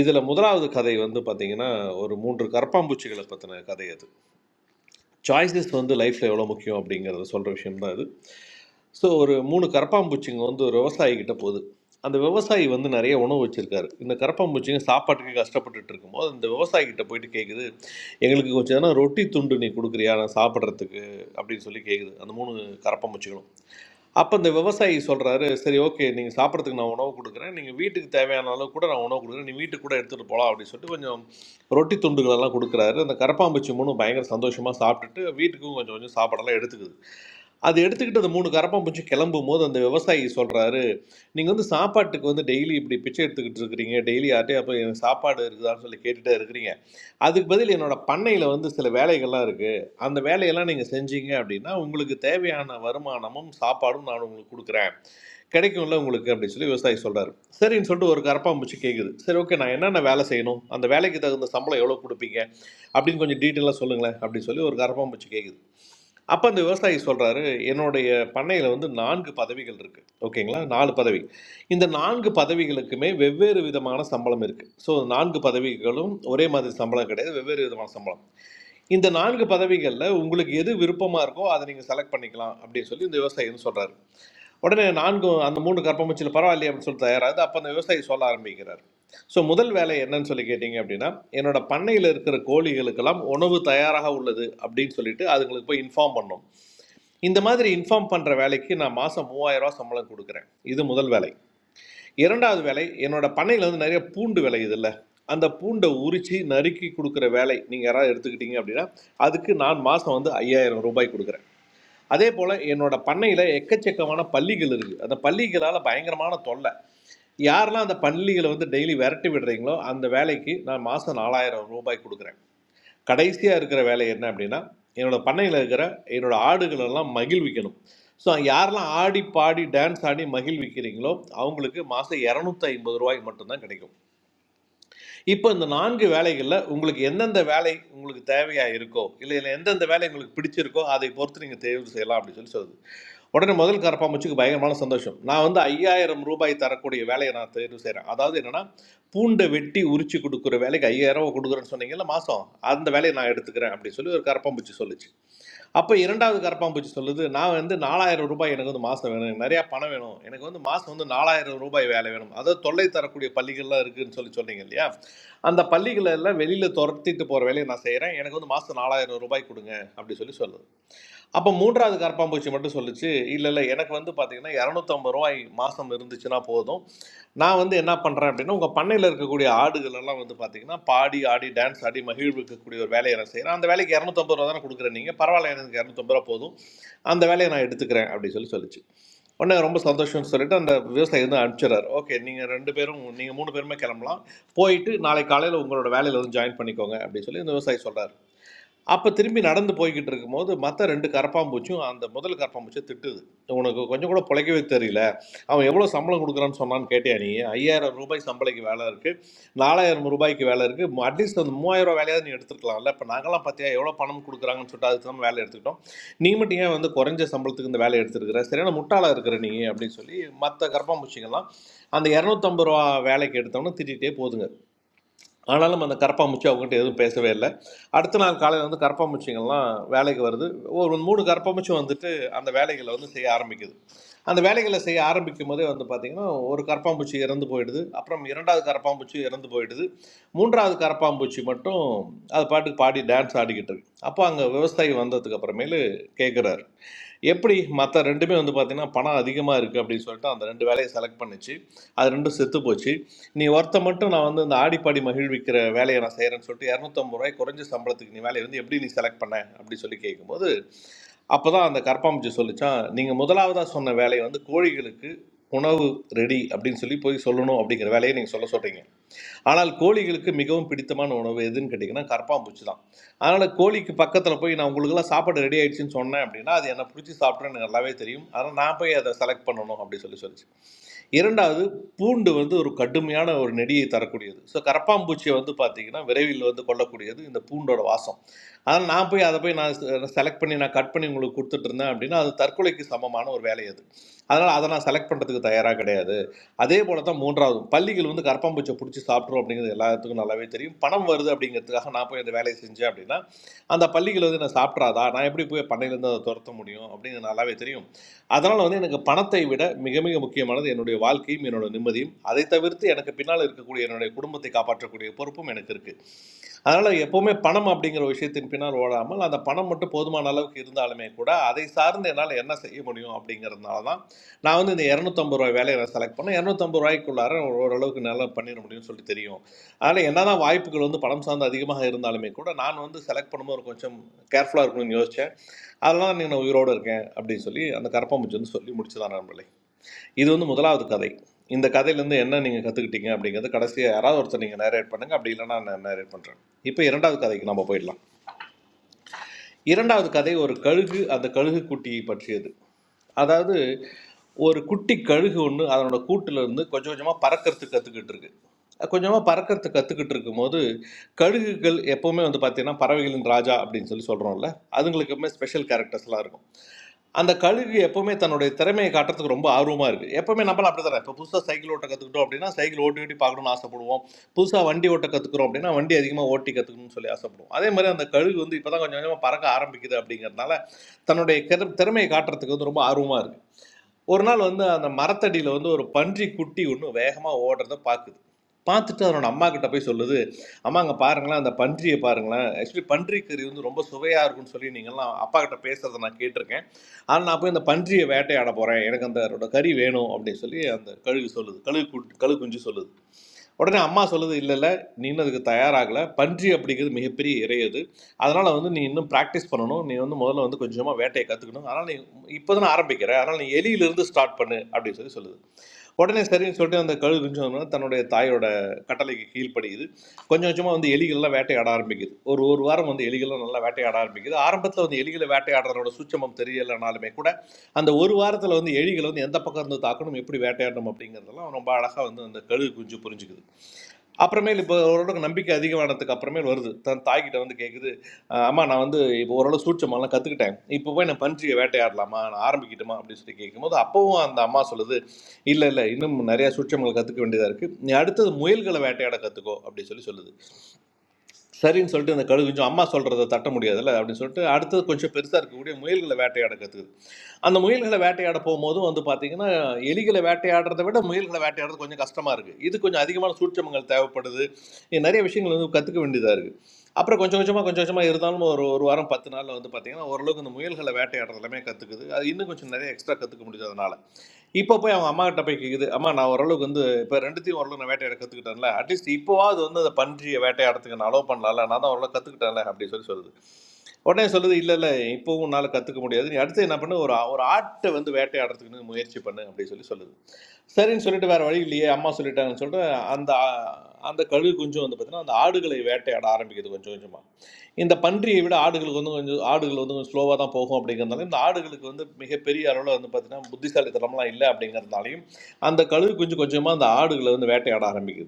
இதில் முதலாவது கதை வந்து பார்த்திங்கன்னா ஒரு மூன்று கரப்பாம்பூச்சிகளை பற்றின கதை அது சாய்ஸஸ் வந்து லைஃப்பில் எவ்வளோ முக்கியம் அப்படிங்கிறத சொல்கிற விஷயம் தான் இது ஸோ ஒரு மூணு கரப்பாம்பூச்சிங்க வந்து ஒரு விவசாயிகிட்ட போகுது அந்த விவசாயி வந்து நிறைய உணவு வச்சுருக்காரு இந்த கரப்பாம்பூச்சிங்க சாப்பாட்டுக்கு கஷ்டப்பட்டுட்டு இருக்கும்போது இந்த விவசாயிகிட்ட போயிட்டு கேட்குது எங்களுக்கு கொஞ்சம் ஏன்னா ரொட்டி துண்டு நீ கொடுக்குறியா நான் சாப்பிட்றதுக்கு அப்படின்னு சொல்லி கேட்குது அந்த மூணு கரப்பாம்பூச்சிகளும் அப்போ இந்த விவசாயி சொல்கிறாரு சரி ஓகே நீங்கள் சாப்பிட்றதுக்கு நான் உணவு கொடுக்குறேன் நீங்கள் வீட்டுக்கு தேவையான அளவு கூட நான் உணவு கொடுக்குறேன் நீ வீட்டுக்கு கூட எடுத்துகிட்டு போகலாம் அப்படின்னு சொல்லிட்டு கொஞ்சம் ரொட்டி துண்டுகளெல்லாம் கொடுக்குறாரு அந்த கரப்பாம்பூச்சி மூணு பயங்கர சந்தோஷமாக சாப்பிட்டுட்டு வீட்டுக்கும் கொஞ்சம் கொஞ்சம் சாப்பாடெல்லாம் எடுத்துக்குது அது எடுத்துக்கிட்டு அந்த மூணு கரப்பாம்பூச்சி கிளம்பும் போது அந்த விவசாயி சொல்கிறாரு நீங்கள் வந்து சாப்பாட்டுக்கு வந்து டெய்லி இப்படி பிச்சை எடுத்துக்கிட்டு இருக்கிறீங்க டெய்லி யார்ட்டே அப்போ எனக்கு சாப்பாடு இருக்குதான்னு சொல்லி கேட்டுகிட்டே இருக்கிறீங்க அதுக்கு பதில் என்னோட பண்ணையில் வந்து சில வேலைகள்லாம் இருக்குது அந்த வேலையெல்லாம் நீங்க செஞ்சீங்க அப்படின்னா, உங்களுக்கு தேவையான வருமானமும், சாப்பாடும் நான் உங்களுக்கு குடுக்குறேன். கிடைக்கும்ல உங்களுக்கு அப்படின்னு சொல்லி விவசாயி சொல்றாரு. சரின்னு சொல்லிட்டு ஒரு கரப்பான்பூச்சி கேட்குது. சரி ஓகே நான் என்னென்ன வேலை செய்யணும்? அந்த வேலைக்கு தகுந்த சம்பளம் எவ்வளோ குடுப்பீங்க? அப்படின்னு கொஞ்சம் டீட்டெயிலா சொல்லுங்களேன் அப்படின்னு சொல்லி ஒரு கரப்பான்பூச்சி கேட்குது. அப்ப அந்த விவசாயி சொல்றாரு, "என்னுடைய பண்ணையில வந்து 4 பதவிகள் இருக்கு. ஓகேங்களா? 4 பதவி. இந்த 4 பதவிகளுக்குமே வெவ்வேறு விதமான சம்பளம் இருக்கு. ஸோ 4 பதவிகளும் ஒரே மாதிரி சம்பளம் கிடையாது. வெவ்வேறு விதமான சம்பளம். இந்த 4 பதவிகள்ல உங்களுக்கு எது விருப்பமா இருக்கோ அதை நீங்க செலக்ட் பண்ணிக்கலாம் அப்படின்னு சொல்லி இந்த விவசாயி வந்து சொல்றாரு. உடனே 4 அந்த 3 கற்பமுச்சில பரவாயில்லையே அப்படின்னு சொல்லி தயாராகுது. அப்ப அந்த விவசாயி சொல்ல ஆரம்பிக்கிறார். ஸோ முதல் வேலை என்னன்னு சொல்லி கேட்டீங்க அப்படின்னா, என்னோட பண்ணையில இருக்கிற கோழிகளுக்கெல்லாம் உணவு தயாராக உள்ளது அப்படின்னு சொல்லிட்டு அதுங்களுக்கு போய் இன்ஃபார்ம் பண்ணணும். இந்த மாதிரி இன்ஃபார்ம் பண்ற வேலைக்கு நான் மாசம் 3000 ரூபாய் சம்பளம் கொடுக்கிறேன். இது முதல் வேலை. இரண்டாவது வேலை என்னோட பண்ணையில் வந்து நிறைய பூண்டு விளையுதுல்ல அந்த பூண்டை உரித்து நறுக்கி கொடுக்குற வேலை நீங்கள் யாராவது எடுத்துக்கிட்டீங்க அப்படின்னா அதுக்கு நான் மாதம் வந்து ஐயாயிரம் ரூபாய் கொடுக்குறேன் அதே போல் என்னோட பண்ணையில் எக்கச்சக்கமான பள்ளிகள் இருக்குது அந்த பள்ளிகளால் பயங்கரமான தொல்லை யாரெல்லாம் அந்த பள்ளிகளை வந்து டெய்லி விரட்டி விடுறீங்களோ அந்த வேலைக்கு நான் மாதம் நாலாயிரம் ரூபாய் கொடுக்குறேன் கடைசியாக இருக்கிற வேலை என்ன அப்படின்னா என்னோட பண்ணையில் இருக்கிற என்னோட ஆடுகள் எல்லாம் மகிழ்விக்கணும் ஸோ யாரெல்லாம் ஆடி பாடி டான்ஸ் ஆடி மகிழ்விக்கிறீங்களோ அவங்களுக்கு மாதம் இரநூத்தி ஐம்பது ரூபாய் மட்டும்தான் கிடைக்கும் இப்போ இந்த நான்கு வேலைகளில் உங்களுக்கு எந்தெந்த வேலை உங்களுக்கு தேவையாக இருக்கோ இல்லை இல்லை எந்தெந்த வேலை உங்களுக்கு பிடிச்சிருக்கோ அதை பொறுத்து நீங்கள் தேர்வு செய்யலாம் அப்படின்னு சொல்லி சொல்லுது உடனே முதல் கரப்பாம்பூச்சிக்கு பயங்கரமான சந்தோஷம் நான் வந்து ஐயாயிரம் ரூபாய் தரக்கூடிய வேலையை நான் தேர்வு செய்கிறேன் அதாவது என்னன்னா பூண்டை வெட்டி உரிச்சு கொடுக்குற வேலைக்கு ஐயாயிரம் ரூபாய் கொடுக்குறேன்னு சொன்னீங்கல்ல மாதம் அந்த வேலையை நான் எடுத்துக்கிறேன் அப்படின்னு சொல்லி ஒரு கரப்பாம்பூச்சி சொல்லுச்சு அப்போ இரண்டாவது கரப்பான்பூச்சி சொல்லுது நான் வந்து நாலாயிரம் ரூபாய் எனக்கு வந்து மாதம் வேணும் எனக்கு நிறையா பணம் வேணும் எனக்கு வந்து மாதம் வந்து நாலாயிரம் ரூபாய் வேலை வேணும் அதாவது தொல்லை தரக்கூடிய பள்ளிகள்லாம் இருக்குதுன்னு சொல்லி சொன்னீங்க இல்லையா அந்த பள்ளிகளை எல்லாம் வெளியில் துரத்திட்டு போகிற வேலையை நான் செய்கிறேன் எனக்கு வந்து மாதம் நாலாயிரம் ரூபாய் கொடுங்க அப்படி சொல்லி சொல்லுது அப்போ 3வது கரப்பான்பூச்சி மட்டும் சொல்லுச்சு, "இல்ல, இல்ல எனக்கு வந்து பார்த்தீங்கன்னா, ரூ. 250 மாசம் இருந்துச்சுன்னா போதும். நான் வந்து என்ன பண்றேன் அப்படின்னா, உங்க பண்ணையில இருக்கக்கூடிய ஆடுகள் எல்லாம் வந்து பார்த்தீங்கன்னா, பாடி, ஆடி, டான்ஸ் ஆடி மகிழ்விக்கக்கூடிய ஒரு வேலையை நான் செய்றேன். அந்த வேலைக்கு ரூ. 250 தானே குடுக்குற நீங்க. பரவாயில்ல எனக்கு ரூ. 250 போதும். அந்த வேலையை நான் எடுத்துக்கிறேன்." அப்படின்னு சொல்லி சொல்லுச்சு. உடனே ரொம்ப சந்தோஷம்னு சொல்லிட்டு அந்த விவசாயி வந்து அனுப்பிச்சிடுறாரு. "ஓகே நீங்க 2 பேரும் நீங்க 3 பேருமே கிளம்பலாம். போயிட்டு நாளை காலையில உங்களோட வேலையில வந்து ஜாயின் பண்ணிக்கோங்க." அப்படின்னு சொல்லி அந்த விவசாயி சொல்றாரு. அப்ப திரும்பி நடந்து போய்க்கிட்டு இருக்கும்போது, மத்த 2 கரப்பான்பூச்சியும் அந்த முதல் கரப்பான்பூச்சிய திட்டுது. "உனக்கு கொஞ்சம் கூட பொழைக்கவே தெரியல. அவன் எவ்வளோ சம்பளம் குடுக்குறான்னு சொன்னான்னு கேட்டியா நீ? ரூ. 5000 சம்பளைக்கு வேலை இருக்கு. ரூ. 4000 வேலை இருக்கு. ம அட்லீஸ்ட் அந்த ரூ. 3000 வேலையாவது நீ எடுத்துருக்கலாம்ல. இப்ப நாங்கலாம் பாத்தியா எவ்வளோ பணம் குடுக்குறாங்கன்னு சொல்லிட்டு அதுக்கு தான் வேலை எடுத்துக்கிட்டோம். நீ மட்டும் ஏன் வந்து குறைஞ்ச சம்பளத்துக்கு இந்த வேலைய எடுத்துருக்குற? சரியான முட்டாளா இருக்குற நீ" அப்படின்னு சொல்லி மத்த கரப்பான்பூச்சிங்கலாம் அந்த ரூ. 250 வேலைக்கு எடுத்தவன திட்டிட்டே போதுங்க. ஆனாலும் அந்த கரப்பாம்பூச்சி அவங்ககிட்ட எதுவும் பேசவே இல்லை அடுத்த நாள் காலையில் வந்து கரப்பாம்பூச்சிங்கள்லாம் வேலைக்கு வருது ஒரு மூணு கரப்பாம்பூச்சி வந்துட்டு அந்த வேலைகளை வந்து செய்ய ஆரம்பிக்குது அந்த வேலைகளை செய்ய ஆரம்பிக்கும் போதே வந்து பார்த்திங்கன்னா ஒரு கரப்பாம்பூச்சி இறந்து போயிடுது அப்புறம் இரண்டாவது கரப்பாம்பூச்சி இறந்து போயிடுது மூன்றாவது கரப்பாம்பூச்சி மட்டும் அது பாட்டுக்கு பாடி டான்ஸ் ஆடிக்கிட்டு இருக்கு அப்போ அங்கே விவசாயி வந்ததுக்கு அப்புறமேலு கேட்குறாரு எப்படி மற்ற ரெண்டுமே வந்து பார்த்திங்கன்னா பணம் அதிகமாக இருக்குது அப்படின்னு சொல்லிட்டு அந்த ரெண்டு வேலையை செலக்ட் பண்ணிச்சு அது ரெண்டும் செத்து போச்சு நீ ஒருத்த மட்டும் நான் வந்து இந்த ஆடிப்பாடி மகிழ்விக்கிற வேலையை நான் செய்கிறேன்னு சொல்லிட்டு இரநூத்தம்பது ரூபாய் குறைஞ்ச சம்பளத்துக்கு நீ வேலையை வந்து எப்படி நீ செலக்ட் பண்ண அப்படி சொல்லி கேட்கும்போது அப்போ தான் அந்த கற்பாம்பூச்சி சொல்லிச்சான் நீங்கள் முதலாவதாக சொன்ன வேலையை வந்து கோழிகளுக்கு உணவு ரெடி அப்படின்னு சொல்லி போய் சொல்லணும் அப்படிங்கிற வேலையை நீங்கள் சொல்ல சொல்கிறீங்க ஆனால் கோழிகளுக்கு மிகவும் பிடித்தமான உணவு எதுன்னு கேட்டிங்கன்னா கற்பாம்பூச்சி தான் அதனால் கோழிக்கு பக்கத்தில் போய் நான் உங்களுக்கெல்லாம் சாப்பாடு ரெடி ஆயிடுச்சுன்னு சொன்னேன் அப்படின்னா அது என்னை பிடிச்சி சாப்பிட்றேன்னு எனக்கு நல்லாவே தெரியும் அதனால் நான் போய் அதை செலக்ட் பண்ணணும் அப்படின்னு சொல்லி சொல்லிச்சு இரண்டாவது பூண்டு வந்து ஒரு கடுமையான ஒரு நெடியை தரக்கூடியது ஸோ கரப்பாம்பூச்சியை வந்து பார்த்தீங்கன்னா விரைவில் வந்து கொல்லக்கூடியது இந்த பூண்டோட வாசம் ஆனால் நான் போய் அதை போய் நான் செலக்ட் பண்ணி நான் கட் பண்ணி உங்களுக்கு கொடுத்துட்டு இருந்தேன் அப்படின்னா அது தற்கொலைக்கு சமமான ஒரு வேலை அது அதனால் அதை நான் செலக்ட் பண்ணுறதுக்கு தயாராக கிடையாது அதே போல தான் மூன்றாவது பள்ளிகள் வந்து கரப்பாம்பூச்சியை பிடிச்சி சாப்பிட்றோம் அப்படிங்கிறது எல்லாத்துக்கும் நல்லாவே தெரியும் பணம் வருது அப்படிங்கிறதுக்காக நான் போய் அந்த வேலையை செஞ்சேன் அப்படின்னா அந்த பள்ளிகள் வந்து நான் சாப்பிட்றாதா நான் எப்படி போய் பண்ணையிலேருந்து அதை துரத்த முடியும் அப்படிங்கிறது நல்லாவே தெரியும் அதனால் வந்து எனக்கு பணத்தை விட மிக மிக முக்கியமானது என்னுடைய வாழ்க்கையும் என்னோட நிம்மதியும் அதை தவிர்த்து எனக்கு பின்னால் இருக்கக்கூடிய என்னுடைய குடும்பத்தை காப்பாற்றக்கூடிய பொறுப்பும் எனக்கு இருக்குது அதனால் எப்போவுமே பணம் அப்படிங்கிற விஷயத்தின் பின்னால் ஓடாமல் அந்த பணம் மட்டும் போதுமான அளவுக்கு இருந்தாலுமே கூட அதை சார்ந்து என்னால் என்ன செய்ய முடியும் அப்படிங்கிறதுனால தான் நான் வந்து இந்த இரநூத்தம்பது ரூபாய் வேலையை நான் செலக்ட் பண்ணேன் இரநூத்தம்பது ரூபாய்க்குள்ளார ஓரளவுக்கு நல்லா பண்ணிட முடியும்னு சொல்லி தெரியும் அதனால் என்னதான் வாய்ப்புகள் வந்து பணம் சார்ந்து அதிகமாக இருந்தாலுமே கூட நான் வந்து செலக்ட் பண்ணும்போது கொஞ்சம் கேர்ஃபுல்லாக இருக்கணும்னு யோசித்தேன் அதெல்லாம் நீங்கள் நான் உயிரோடு இருக்கேன் அப்படின்னு சொல்லி அந்த கரப்பாம்பூச்சி வந்து சொல்லி முடிச்சதான் நண்பர்களே இது வந்து முதலாவது கதை இந்த கதையிலேருந்து என்ன நீங்கள் கற்றுக்கிட்டீங்க அப்படிங்கிறது கடைசியாக யாராவது ஒருத்தர் நீங்கள் நேரேட் பண்ணுங்கள் அப்படி இல்லைன்னா நான் நேரேட் பண்ணுறேன் இப்போ இரண்டாவது கதைக்கு நம்ம போயிடலாம் இரண்டாவது கதை ஒரு கழுகு அந்த கழுகு குட்டியை பற்றியது அதாவது ஒரு குட்டி கழுகு ஒன்று அதனோட கூட்டிலேருந்து கொஞ்சம் கொஞ்சமாக பறக்கிறதுக்கு கற்றுக்கிட்டு இருக்கு கொஞ்சமாக பறக்கிறதுக்கு கற்றுக்கிட்டு இருக்கும்போது கழுகுகள் எப்போவுமே வந்து பார்த்தீங்கன்னா பறவைகளின் ராஜா அப்படின்னு சொல்லி சொல்கிறோம்ல அதுங்களுக்குமே ஸ்பெஷல் கேரக்டர்ஸ்லாம் இருக்கும் அந்த கழுகு எப்பவுமே தன்னுடைய திறமையை காட்டுறதுக்கு ரொம்ப ஆர்வமாக இருக்குது எப்பவுமே நம்மள அப்படி தானே இப்போ புதுசாக சைக்கிள் ஓட்ட கற்றுக்கிட்டோம் அப்படின்னா சைக்கிள் ஓட்டி ஓட்டி பார்க்கணும்னு ஆசைப்படுவோம் புதுசாக வண்டி ஓட்ட கற்றுக்குறோம் அப்படின்னா வண்டி அதிகமாக ஓட்டி கற்றுக்கணும்னு சொல்லி ஆசைப்படுவோம் அதே மாதிரி அந்த கழுகு வந்து இப்போ தான் கொஞ்சம் கொஞ்சமாக பறக்க ஆரம்பிக்குது அப்படிங்கிறதுனால தன்னுடைய கிற- திறமையை காட்டுறதுக்கு வந்து ரொம்ப ஆர்வமாக இருக்குது ஒரு நாள் வந்து அந்த மரத்தடியில் வந்து ஒரு பன்றி குட்டி ஒன்று வேகமாக ஓடுறத பார்க்குது பார்த்துட்டு அதனோட அம்மா கிட்ட போய் சொல்லுது அம்மா அங்கே பாருங்களேன் அந்த பன்றியை பாருங்களேன் ஆக்சுவலி பன்றி கறி வந்து ரொம்ப சுவையாக இருக்கும்னு சொல்லி நீங்கள்லாம் அப்பா கிட்ட பேசுகிறத நான் கேட்டிருக்கேன் ஆனால் நான் போய் அந்த பன்றியை வேட்டையாட போகிறேன் எனக்கு அந்த அதோட கறி வேணும் அப்படின்னு சொல்லி அந்த கழுகு சொல்லுது கழுகு கு- கழுகு குஞ்சு சொல்லுது உடனே அம்மா சொல்லுது இல்லை இல்லை நீனும் அதுக்கு தயாராகலை பன்றி அப்படிங்கிறது மிகப்பெரிய இறை அது அதனால் வந்து நீ இன்னும் ப்ராக்டிஸ் பண்ணணும் நீ வந்து முதல்ல வந்து கொஞ்சமாக வேட்டையை கற்றுக்கணும் அதனால் நீ இப்போ தான் ஆரம்பிக்கிற அதனால் நீ எலியிலிருந்து ஸ்டார்ட் பண்ணு அப்படின்னு சொல்லி சொல்லுது உடனே சரின்னு சொல்லிட்டு அந்த கழு குஞ்சோன்னு தன்னுடைய தாயோட கட்டளைக்கு கீழ்ப்படியுது கொஞ்சம் கொஞ்சமாக வந்து எலிகள்லாம் வேட்டையாட ஆரம்பிக்குது ஒரு ஒரு வாரம் வந்து எலிகள்லாம் நல்லா வேட்டையாட ஆரம்பிக்குது ஆரம்பத்தில் வந்து எலிகளை வேட்டையாடுறதோட சூட்சமம் தெரியலைனாலுமே கூட அந்த ஒரு வாரத்தில் வந்து எலிகளை வந்து எந்த பக்கம் இருந்து தாக்கணும் எப்படி வேட்டையாடணும் அப்படிங்கிறதெல்லாம் ரொம்ப அழகாக வந்து அந்த கழுகு குஞ்சு புரிஞ்சுக்குது அப்புறமேல் இப்போ ஓரளவுக்கு நம்பிக்கை அதிகமானதுக்கு அப்புறமேல் வருது தன் தாய்கிட்ட வந்து கேட்குது அஹ் அம்மா நான் வந்து இப்போ ஓரளவு சூட்சமெல்லாம் கற்றுக்கிட்டேன் இப்போ போய் நான் பன்றியை வேட்டையாடலாமா நான் ஆரம்பிக்கட்டுமா அப்படின்னு சொல்லி கேட்கும்போது அப்பவும் அந்த அம்மா சொல்லுது இல்லை இல்லை இன்னும் நிறையா சூட்சமங்களை கற்றுக்க வேண்டியதாக இருக்குது நீ அடுத்தது முயல்களை வேட்டையாட கற்றுக்கோ அப்படின்னு சொல்லி சொல்லுது சரின்னு சொல்லிட்டு இந்த கழுகு கொஞ்சம் அம்மா சொல்கிறத தட்ட முடியாதுல்ல அப்படின்னு சொல்லிட்டு அடுத்தது கொஞ்சம் பெருசாக இருக்கக்கூடிய முயல்களை வேட்டையாட கற்றுக்குது அந்த முயல்களை வேட்டையாட போகும்போதும் வந்து பார்த்தீங்கன்னா எலிகளை வேட்டையாடுறதை விட முயல்களை வேட்டையாடுறது கொஞ்சம் கஷ்டமாக இருக்குது இது கொஞ்சம் அதிகமான சூட்சமங்கள் தேவைப்படுது இது நிறைய விஷயங்கள் வந்து கற்றுக்க வேண்டியதாக இருக்குது அப்புறம் கொஞ்சம் கொஞ்சமாக கொஞ்சம் கொஞ்சமாக இருந்தாலும் ஒரு ஒரு வாரம் பத்து நாளில் வந்து பார்த்தீங்கன்னா ஓரளவுக்கு இந்த முயல்களை வேட்டையாடுறது எல்லாமே கற்றுக்குது அது இன்னும் கொஞ்சம் நிறைய எக்ஸ்ட்ரா கற்றுக்க முடிஞ்சதுனால இப்போ போய் அவங்க அம்மா கிட்ட போய் கேக்குது அம்மா நான் ஓரளவுக்கு வந்து இப்போ ரெண்டுத்தையும் ஓரளவு நான் வேட்டையாட கற்றுக்கிட்டேன்ல அட்லீஸ்ட் இப்போவாவது வந்து அந்த பன்றியை வேட்டையாடுறதுக்கு நான் அலோவ் பண்ணலாம்ல நான் தான் ஓரளவு கற்றுக்கிட்டேன்ல அப்படின்னு சொல்லி சொல்லுது உடனே சொல்லுது இல்லை இல்லை இப்போவும் உன்னால் கற்றுக்க முடியாது நீ அடுத்து என்ன பண்ணு ஒரு ஒரு ஆட்டை வந்து வேட்டையாடுறதுக்குன்னு முயற்சி பண்ணு அப்படின்னு சொல்லி சொல்லுது சரின்னு சொல்லிட்டு வேறு வழி இல்லையே அம்மா சொல்லிட்டாங்கன்னு சொல்லிட்டு அந்த அந்த கழுகு குஞ்சு வந்து பார்த்தீங்கன்னா அந்த ஆடுகளை வேட்டையாட ஆரம்பிக்குது கொஞ்சம் கொஞ்சமாக இந்த பன்றியை விட ஆடுகளுக்கு வந்து கொஞ்சம் ஆடுகள் வந்து கொஞ்சம் ஸ்லோவாக தான் போகும் அப்படிங்கிறதுனால இந்த ஆடுகளுக்கு வந்து மிகப்பெரிய அளவில் வந்து பார்த்தீங்கன்னா புத்திசாலித்தனம்லாம் இல்லை அப்படிங்கிறதுனாலையும் அந்த கழுகு குஞ்சு கொஞ்சமாக அந்த ஆடுகளை வந்து வேட்டையாட ஆரம்பிக்குது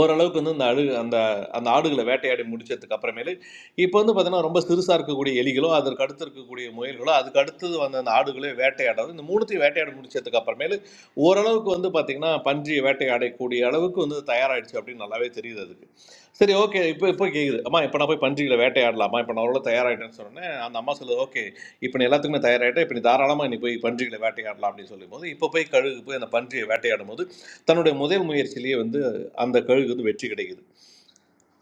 ஓரளவுக்கு வந்து இந்த அழு அந்த அந்த ஆடுகளை வேட்டையாடி முடிச்சதுக்கு அப்புறமேலு இப்போ வந்து பார்த்தீங்கன்னா ரொம்ப சிறுசாக இருக்கக்கூடிய எலிகளோ அதற்கு அடுத்து இருக்கக்கூடிய முயல்களோ அதுக்கு அடுத்தது வந்த அந்த ஆடுகளே வேட்டையாடுறது இந்த மூணுத்தையும் வேட்டையாடி முடிச்சதுக்கு அப்புறமேலு ஓரளவுக்கு வந்து பார்த்தீங்கன்னா பன்றியை வேட்டையாடக்கூடிய அளவுக்கு வந்து தயாராகிடுச்சு அப்படின்னு நல்லாவே தெரியுது அதுக்கு சரி ஓகே இப்போ இப்போ கேட்குது அம்மா இப்போ நான் போய் பன்றிகளை வேட்டையாடலாமா இப்போ நான் அவ்வளோ தயாராகிட்டேன்னு சொன்னேன் அந்த அம்மா சொல்லுது ஓகே இப்போ நீ எல்லாத்துக்குமே தயாராகிட்டேன் இப்போ நீ தாராளமாக நீ போய் பன்றிகளை வேட்டையாடலாம் அப்படின்னு சொல்லும்போது இப்போ போய் கழுகு போய் அந்த பன்றியை வேட்டையாடும் போது தன்னுடைய முதல் முயற்சியிலேயே வந்து அந்த கழுகு வந்து வெற்றி கிடைக்குது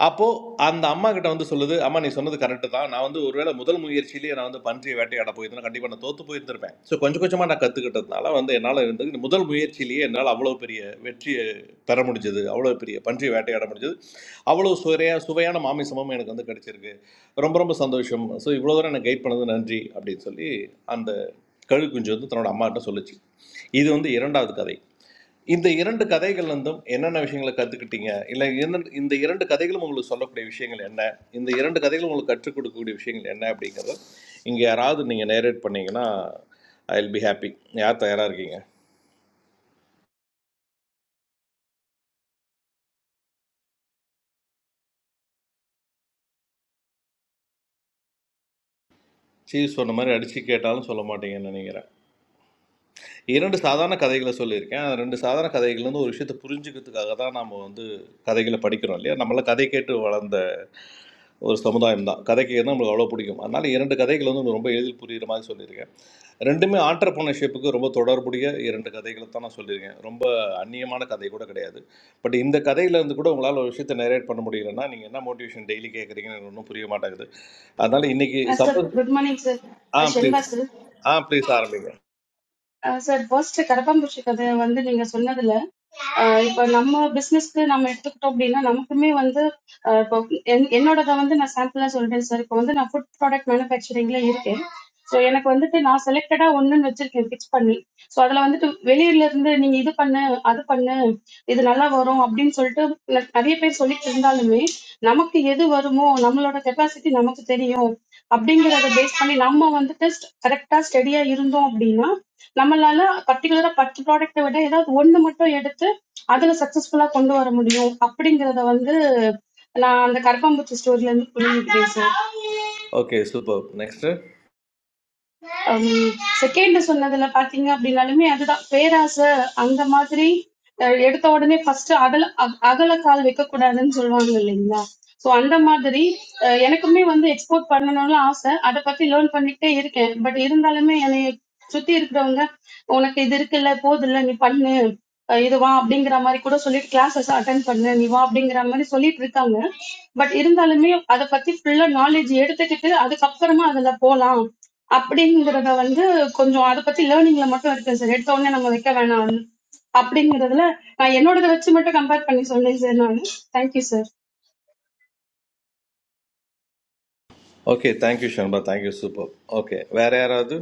அப்போது அந்த அம்மா கிட்ட வந்து சொல்லுது அம்மா நீ சொன்னது கரெக்டு தான் நான் வந்து ஒருவேளை முதல் முயற்சியிலேயே நான் வந்து பன்றியை வேட்டையாட போயிருந்தேன் கண்டிப்பாக நான் தோற்று போயிருந்திருப்பேன் ஸோ கொஞ்சம் கொஞ்சமாக நான் கற்றுக்கிட்டதுனால வந்து என்னால் வந்து இந்த முதல் முயற்சியிலேயே என்னால் அவ்வளோ பெரிய வெற்றியை பெற முடிஞ்சது அவ்வளோ பெரிய பன்றியை வேட்டையாட முடிஞ்சது அவ்வளோ சுவையாக சுவையான மாமிசமும் எனக்கு வந்து கிடைச்சிருக்கு ரொம்ப ரொம்ப சந்தோஷம் ஸோ இவ்வளோ தூரம் எனக்கு கைட் பண்ணது நன்றி அப்படின்னு சொல்லி அந்த கழுகுஞ்சு வந்து தன்னோட அம்மாட்ட சொல்லுச்சு இது வந்து இரண்டாவது கதை இந்த இரண்டு கதைகள் வந்தும் என்னென்ன விஷயங்களை கற்றுக்கிட்டீங்க இல்லை என்ன இந்த இரண்டு கதைகளும் உங்களுக்கு சொல்லக்கூடிய விஷயங்கள் என்ன இந்த இரண்டு கதைகளும் உங்களுக்கு கற்றுக் கொடுக்கக்கூடிய விஷயங்கள் என்ன அப்படிங்கிறத இங்கே யாராவது நீங்கள் நேரேட் பண்ணீங்கன்னா ஐ வில் பி ஹாப்பி யார் தயாராக இருக்கீங்க சீஸ் சொன்ன மாதிரி அடித்து கேட்டாலும் சொல்ல மாட்டீங்கன்னு நினைக்கிறேன் இரண்டு சாதாரண கதைகளை சொல்லியிருக்கேன் அந்த ரெண்டு சாதாரண கதைகள் வந்து ஒரு விஷயத்தை புரிஞ்சுக்கிறதுக்காக தான் நம்ம வந்து கதைகளை படிக்கிறோம் இல்லையா நம்மளாம் கதை கேட்டு வளர்ந்த ஒரு சமுதாயம் தான் கதை கேட்க நம்மளுக்கு அவ்வளோ பிடிக்கும் அதனால் இரண்டு கதைகள் வந்து ரொம்ப எளிதில் புரிகிற மாதிரி சொல்லியிருக்கேன் ரெண்டுமே ஆண்டர்போனர்ஷிப்புக்கு ரொம்ப தொடர்புடைய இரண்டு கதைகளை தான் நான் சொல்லியிருக்கேன் ரொம்ப அந்நியமான கதை கூட கிடையாது பட் இந்த கதையிலேருந்து கூட உங்களால் ஒரு விஷயத்தை நரேட் பண்ண முடியலன்னா நீங்கள் என்ன மோட்டிவேஷன் டெய்லி கேட்குறீங்கன்னு எனக்கு ஒன்றும் புரிய மாட்டேங்குது அதனால் இன்னைக்கு sir suppose good morning sir ஆ ஷென்பா ப்ளீஸ் சார் ஆ ப்ளீஸ் ஆரம்பிங்க சார் ஃபர்ஸ்ட் கரப்பாம்பூச்சி கதை வந்து நீங்க சொன்னதுல ஆஹ் இப்ப நம்ம பிசினஸ்க்கு நம்ம எடுத்துக்கிட்டோம் அப்படின்னா நமக்குமே வந்து ஆஹ் இப்போ என்- என்னோடத வந்து நான் சாம்பிளா சொல்றேன் சார் இப்போ வந்து நான் ஃபுட் ப்ராடக்ட் மேனுஃபேக்சரிங்ல இருக்கேன் ஸோ எனக்கு வந்துட்டு நான் செலக்டடா ஒண்ணுன்னு வச்சிருக்கேன் பிக்ஸ் பண்ணி ஸோ அதுல வந்துட்டு வெளியில இருந்து நீங்க இது பண்ணு அது பண்ணு இது நல்லா வரும் அப்படின்னு சொல்லிட்டு ந- நிறைய பேர் சொல்லிட்டு இருந்தாலுமே நமக்கு எது வருமோ நம்மளோட கெப்பாசிட்டி நமக்கு தெரியும் அப்படிங்கறத பேஸ் பண்ணி நம்ம வந்துட்டு கரெக்டா ஸ்டெடியா இருந்தோம் அப்படின்னா நம்மளால பர்டிகுலரா பத்து ப்ராடக்ட்டை விட ஏதாவது ஒண்ணு மட்டும் எடுத்து அதுல successful ஆ கொண்டு வர முடியும் அப்படிங்கிறதை வந்து நான் அந்த கரப்பான்பூச்சி story ல இருந்து புரிஞ்சுக்கிட்டேன் sir okay super next second சொன்னதுல பாத்தீங்க அப்படின்னாலுமே அதுதான் பேராசை அந்த மாதிரி அஹ், எடுத்த உடனே ஃபர்ஸ்ட் அகல அக- அகல கால் வைக்க கூடாதுன்னு சொல்லுவாங்க இல்லைங்களா சோ அந்த மாதிரி அஹ், எனக்குமே வந்து எக்ஸ்போர்ட் பண்ணணும்னு ஆசை அதை பத்தி லேர்ன் பண்ணிக்கிட்டே இருக்கேன் பட் இருந்தாலுமே என்னை சுத்தி இருக்கிறவங்க உனக்கு இது இருக்குல்ல போதும் இல்ல நீ பண்ணு அஹ், இது வா அப்படிங்கிற மாதிரி கூட சொல்லிட்டு கிளாஸஸ் அட்டன் பண்ணு நீ வா அப்படிங்கிற மாதிரி சொல்லிட்டு இருக்காங்க பட் இருந்தாலுமே அதை பத்தி ஃபுல்லா நாலேஜ் எடுத்துக்கிட்டு அதுக்கப்புறமா அதுல போலாம் அப்படிங்கிறத வந்து கொஞ்சம் அதை பத்தி லேர்னிங்ல மட்டும் இருக்கு சார் எடுத்த உடனே நம்ம வைக்க வேணாம் அப்படிங்கிறதுல நான் என்னோடத வச்சு மட்டும் கம்பேர் பண்ணி சொன்னேன் சார் நான் thank you sir okay thank you Shanba thank you super okay வேறு யாராவது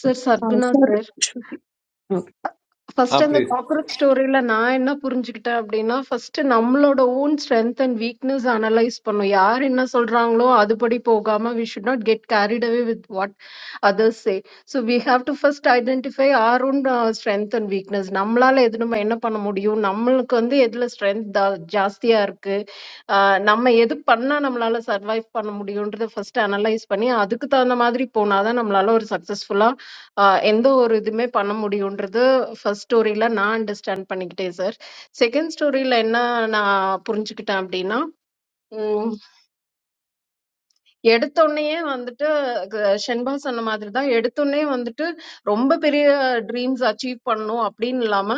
sir Sarguna sir sir Shruti okay ஆ ஃபர்ஸ்ட் அந்த ப்ளீஸ் காக்ரோச் ஸ்டோரியில நான் என்ன புரிஞ்சுக்கிட்டேன் அப்படின்னா ஃபர்ஸ்ட் நம்மளோட own strength and weakness analyse பண்ணும் யார் என்ன சொல்றாங்களோ அதுபடி போகாம we should not get carried away with what others say so we have to first identify our own strength and weakness நம்மளால எது நம்ம என்ன பண்ண முடியும் நம்மளுக்கு வந்து எதுல ஸ்ட்ரென்த் ஜாஸ்தியா இருக்கு ஆஹ் நம்ம எது பண்ணா நம்மளால சர்வைவ் பண்ண முடியும்ன்றத ஃபர்ஸ்ட் அனலைஸ் பண்ணி அதுக்கு தகுந்த மாதிரி போனாதான் நம்மளால ஒரு சக்சஸ்ஃபுல்லா ஆஹ் எந்த ஒரு இதுவுமே பண்ண முடியுன்றது ஃபர்ஸ்ட் ஸ்டோரியில நான் அண்டர்ஸ்டாண்ட் பண்ணிக்கிட்டேன் சார் செகண்ட் ஸ்டோரியில என்ன நான் புரிஞ்சுக்கிட்டேன் அப்படின்னா எடுத்த உடனேயே வந்துட்டு க- ஷென்பா சொன்ன மாதிரி தான் எடுத்த உடனே வந்துட்டு ரொம்ப பெரிய ட்ரீம்ஸ் அச்சீவ் பண்ணணும் அப்படின்னு இல்லாம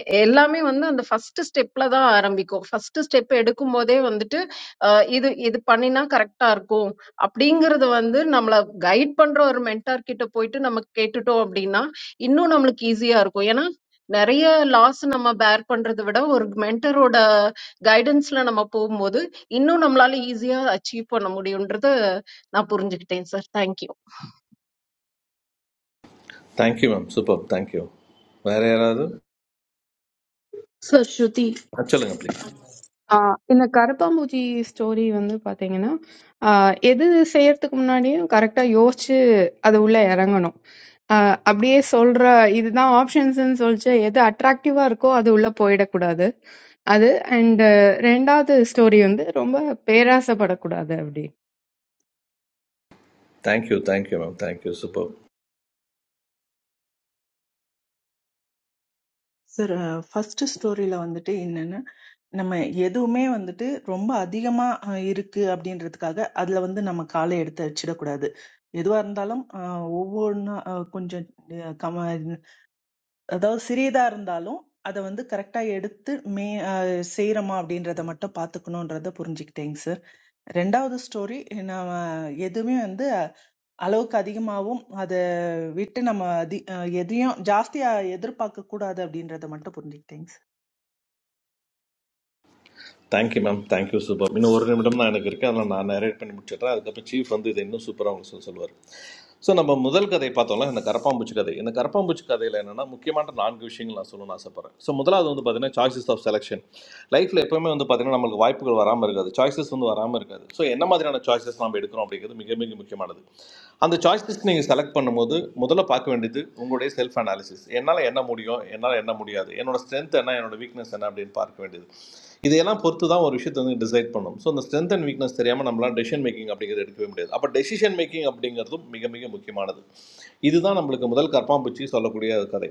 எ- எல்லாமே வந்து அந்த ஃபர்ஸ்ட் ஸ்டெப்ல தான் ஆரம்பிக்கும் ஃபர்ஸ்ட் ஸ்டெப் எடுக்கும் போதே வந்துட்டு அஹ், இது இது பண்ணினா கரெக்டா இருக்கும் அப்படிங்கறது வந்து நம்மள கைட் பண்ற ஒரு மென்டார் கிட்ட போயிட்டு நம்ம கேட்டுட்டோம் அப்படின்னா இன்னும் நம்மளுக்கு ஈஸியா இருக்கும் ஏன்னா நிறைய லாஸ் நம்ம பேர் பண்றதை விட ஒரு மென்டரோட கைடன்ஸ்ல நம்ம போகும்போது இன்னும் நம்மளால ஈஸியா அச்சீவ் பண்ண முடியும்ன்றது நான் புரிஞ்சுக்கிட்டேன் sir. Thank you. Thank you ma'am super thank you வேறு யாராவது சார் ஸ்ருதி ஆ, சொல்லுங்க ப்ளீஸ் ஆஹ் இந்த கருப்பாம்பூச்சி ஸ்டோரி வந்து பாத்தீங்கன்னா ஆஹ் எது செய்யறதுக்கு முன்னாடியும் கரெக்டா யோசிச்சு அது உள்ள இறங்கணும் ஆஹ் அப்படியே சொல்ற இதுதான் ஆப்ஷன்ஸ்னு சொல்லிச்சு எது அட்ராக்டிவா இருக்கோ அது உள்ள போயிடக்கூடாது அது அண்ட் ரெண்டாவது ஸ்டோரி வந்து ரொம்ப பேராசைப்படக்கூடாது அப்படி Thank you. Thank you, ma'am. Thank you. Superb. Sir first ஸ்டோரியில வந்துட்டு என்னன்னா நம்ம எதுவுமே வந்துட்டு ரொம்ப அதிகமா அஹ், இருக்கு அப்படின்றதுக்காக அதுல வந்து நம்ம காலை எடுத்து வச்சிடக்கூடாது எதுவா இருந்தாலும் ஒவ்வொன்றா கொஞ்சம் அஹ், கம அதாவது சிறியதா இருந்தாலும் அதை வந்து கரெக்டா எடுத்து மே அஹ், செய்றோமா அப்படின்றத மட்டும் பாத்துக்கணும்ன்றத புரிஞ்சுக்கிட்டேங்க சார் ரெண்டாவது ஸ்டோரி நம்ம எதுவுமே வந்து அளவுக்கு அதிகமாகவும் அதை விட்டு நம்ம அதி அஹ், எதையும் ஜாஸ்தியா எதிர்பார்க்க கூடாது அப்படின்றத மட்டும் புரிஞ்சுக்கிட்டேங்க தேங்க்யூ மேம் தேங்க்யூ சூப்பர் இன்னும் ஒரு நிமிடம் தான் எனக்கு இருக்குது அதெல்லாம் நான் நரேட் பண்ணி முடிச்சிடுறேன் அதுக்கப்புறம் சீஃப் வந்து இதை இன்னும் சூப்பராக உங்களுக்கு சொல்ல சொல்லுவார் ஸோ நம்ம முதல் கதை பார்த்தோம்ல இந்த கரப்பாம்பூச்சி கதை இந்த கரப்பாம்பூச்சி கதையில் என்னென்னா முக்கியமான நான்கு விஷயங்கள் நான் சொல்லணும்னு ஆசைப்பட்றேன் ஸோ முதலாவது வந்து பார்த்தீங்கன்னா சாய்ஸஸ் ஆஃப் செலெக்ஷன் லைஃப்பில் எப்போவுமே வந்து பார்த்தீங்கன்னா நம்மளுக்கு வாய்ப்புகள் வராமல் இருக்காது சாய்ஸஸ் வந்து வராமல் இருக்காது ஸோ என்ன மாதிரியான சாய்ஸஸ் நம்ம எடுக்கிறோம் அப்படிங்கிறது மிக மிக முக்கியமானது அந்த சாய்ஸஸ் நீங்கள் செலக்ட் பண்ணும்போது முதல்ல பார்க்க வேண்டியது உங்களுடைய செல்ஃப் அனாலிசிஸ் என்னால் என்ன முடியும் என்னால் என்ன முடியாது என்னோட ஸ்ட்ரென்த் என்ன என்னோட வீக்னஸ் என்ன அப்படின்னு பார்க்க வேண்டியது இதையெல்லாம் பொறுத்து தான் ஒரு விஷயத்தை வந்து டிசைட் பண்ணும் ஸோ அந்த ஸ்ட்ரென்த் அண்ட் வீக்னஸ் தெரியாமல் நம்மளால் டெசிஷன் மேக்கிங் அப்படிங்கிறது எடுக்கவே முடியாது அப்போ டெசிஷன் மேக்கிங் அப்படிங்கிறதும் மிக மிக முக்கியமானது இதுதான் நம்மளுக்கு முதல் கற்பாம்பூச்சி சொல்லக்கூடிய கதை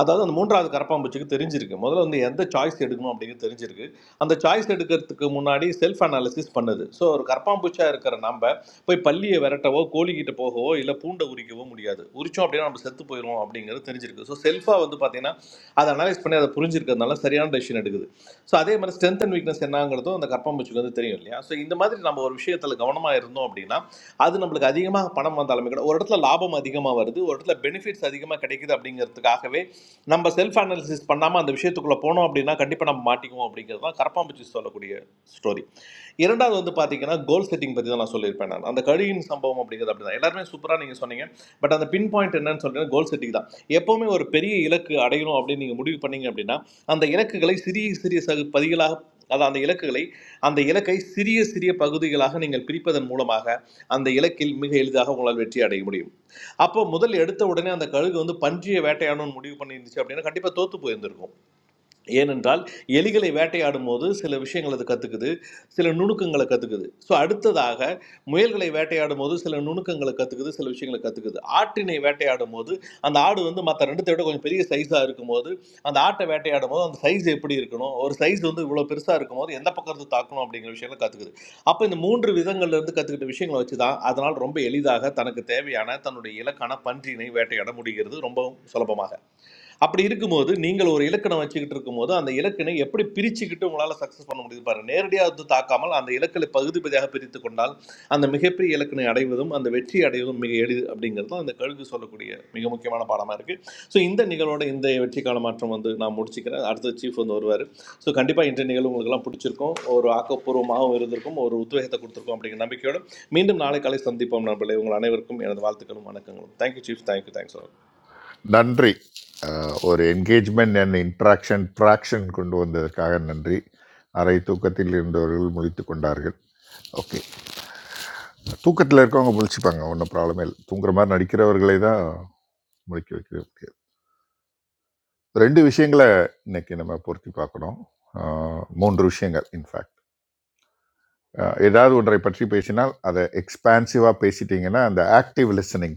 அதாவது அந்த மூன்றாவது கரப்பாம்பூச்சிக்கு தெரிஞ்சிருக்கு முதல்ல வந்து எந்த சாய்ஸ் எடுக்கணும் அப்படிங்கிறது தெரிஞ்சிருக்கு அந்த சாய்ஸ் எடுக்கிறதுக்கு முன்னாடி செல்ஃப் அனாலிசிஸ் பண்ணுது ஸோ ஒரு கரப்பாம்பூச்சியாக இருக்கிற நம்ம போய் பள்ளியை விரட்டவோ கோழிக்கிட்ட போகவோ இல்லை பூண்டை உரிக்கவோ முடியாது உரிச்சோம் அப்படின்னா நம்ம செத்து போயிடுவோம் அப்படிங்கிறது தெரிஞ்சிருக்கு ஸோ செல்ஃபாக வந்து பார்த்தீங்கன்னா அதை அனலைஸ் பண்ணி அதை புரிஞ்சிருக்கிறதுனால சரியான டெசிஷன் எடுக்குது ஸோ அதே மாதிரி ஸ்ட்ரென்த் அண்ட் வீக்னஸ் என்னங்கிறதும் அந்த கற்பம்பூச்சிக்கு வந்து தெரியும் இல்லையா ஸோ இந்த மாதிரி நம்ம ஒரு விஷயத்தில் கவனமாக இருந்தோம் அப்படின்னா அது நம்மளுக்கு அதிகமாக பணம் வந்தாலுமே கூட ஒரு இடத்துல லாபம் அதிகமாக வருது ஒரு இடத்துல பெனிஃபிட்ஸ் அதிகமாக கிடைக்குது அப்படிங்கிறதுக்காகவே நம்ம செல்ஃப் அனாலிசிஸ் பண்ணாமல் அந்த விஷயத்துக்குள்ளே போனோம் அப்படின்னா கண்டிப்பாக நம்ம மாட்டிக்குவோம் அப்படிங்கிறது தான் கரப்பாம்பூச்சி சொல்லக்கூடிய ஸ்டோரி இரண்டாவது வந்து பார்த்தீங்கன்னா கோல் செட்டிங் பற்றி தான் நான் சொல்லியிருப்பேன் நான் அந்த கழியின் சம்பவம் அப்படிங்கிறது அப்படி தான் எல்லாருமே சூப்பராக நீங்கள் சொன்னீங்க பட் அந்த பின் பாயிண்ட் என்னன்னு சொல்லிட்டு கோல் செட்டிங் தான் எப்போவுமே ஒரு பெரிய இலக்கு அடையணும் அப்படின்னு நீங்கள் முடிவு பண்ணீங்க அப்படின்னா அந்த இலக்குகளை சிறிய சிறிய சகு பதிகளாக அதான் அந்த இலக்குகளை அந்த இலக்கை சிறிய சிறிய பகுதிகளாக நீங்கள் பிரிப்பதன் மூலமாக அந்த இலக்கில் மிக எளிதாக உங்களால் வெற்றி அடைய முடியும் அப்போ முதல் எடுத்த உடனே அந்த கழுகு வந்து பன்றியை வேட்டையாடணும்னு முடிவு பண்ணியிருந்துச்சு அப்படின்னா கண்டிப்பாக தோத்து போயிருந்திருக்கும் ஏனென்றால் எலிகளை வேட்டையாடும் போது சில விஷயங்கள் அது கற்றுக்குது சில நுணுக்கங்களை கற்றுக்குது ஸோ அடுத்ததாக முயல்களை வேட்டையாடும் போது சில நுணுக்கங்களை கற்றுக்குது சில விஷயங்களை கற்றுக்குது ஆட்டினை வேட்டையாடும் போது அந்த ஆடு வந்து மற்ற ரெண்டுத்தை விட கொஞ்சம் பெரிய சைஸாக இருக்கும்போது அந்த ஆட்டை வேட்டையாடும் போது அந்த சைஸ் எப்படி இருக்கணும் ஒரு சைஸ் வந்து இவ்வளோ பெருசாக இருக்கும்போது எந்த பக்கம் இருந்து தாக்கணும் அப்படிங்கிற விஷயங்களை கற்றுக்குது அப்போ இந்த மூன்று விதங்கள்ல இருந்து கற்றுக்கிட்ட விஷயங்களை வச்சு தான் அதனால் ரொம்ப எளிதாக தனக்கு தேவையான தன்னுடைய இலக்கான பன்றியினை வேட்டையாட முடிகிறது ரொம்ப சுலபமாக அப்படி இருக்கும்போது நீங்கள் ஒரு இலக்கணம் வச்சுக்கிட்டு இருக்கும்போது அந்த இலக்கினை எப்படி பிரிச்சுக்கிட்டு உங்களால் சக்ஸஸ் பண்ண முடியுது பாருங்க நேரடியாக வந்து தாக்காமல் அந்த இலக்களை பகுதி பகுதியாக பிரித்து கொண்டால் அந்த மிகப்பெரிய இலக்கினை அடைவதும் அந்த வெற்றி அடைவதும் மிக எளிது அப்படிங்கிறது தான் அந்த கழுகு சொல்லக்கூடிய மிக முக்கியமான பாடமாக இருக்குது ஸோ இந்த நிகழ்வோட இந்த வெற்றிக்கான மாற்றம் வந்து நான் முடிச்சுக்கிறேன் அடுத்து சீஃப் வந்து வருவார் ஸோ கண்டிப்பாக இன்றைய நிகழ்வு உங்களுக்கெல்லாம் பிடிச்சிருக்கும் ஒரு ஆக்கப்பூர்வமாகவும் இருந்திருக்கும் ஒரு உத்வேகத்தை கொடுத்துருக்கும் அப்படிங்கிற நம்பிக்கையோடு மீண்டும் நாளை காலை சந்திப்போம் நண்பர்களே உங்கள் அனைவருக்கும் எனது வாழ்த்துக்களும் வணக்கங்களும் thank you chief thank you thanks all. நன்றி அஹ், ஒரு என்கேஜ்மெண்ட் அண்ட் இன்ட்ராக்ஷன் ட்ராக்ஷன் கொண்டு வந்ததற்காக நன்றி அரை தூக்கத்தில் இருந்தவர்கள் முழித்து கொண்டார்கள் ஓகே தூக்கத்தில் இருக்கவங்க முழிச்சுப்பாங்க ஒன்றும் ப்ராப்ளமே இல்லை தூங்குற மாதிரி நடிக்கிறவர்களை தான் முழிக்க வைக்கிறது ரெண்டு விஷயங்களை இன்னைக்கு நம்ம பொருத்தி பார்க்கணும் ஆஹ் மூன்று விஷயங்கள் இன்ஃபேக்ட் ஏதாவது ஒன்றை பற்றி பேசினால் அதை எக்ஸ்பான்சிவாக பேசிட்டீங்கன்னா அந்த ஆக்டிவ் லிசனிங்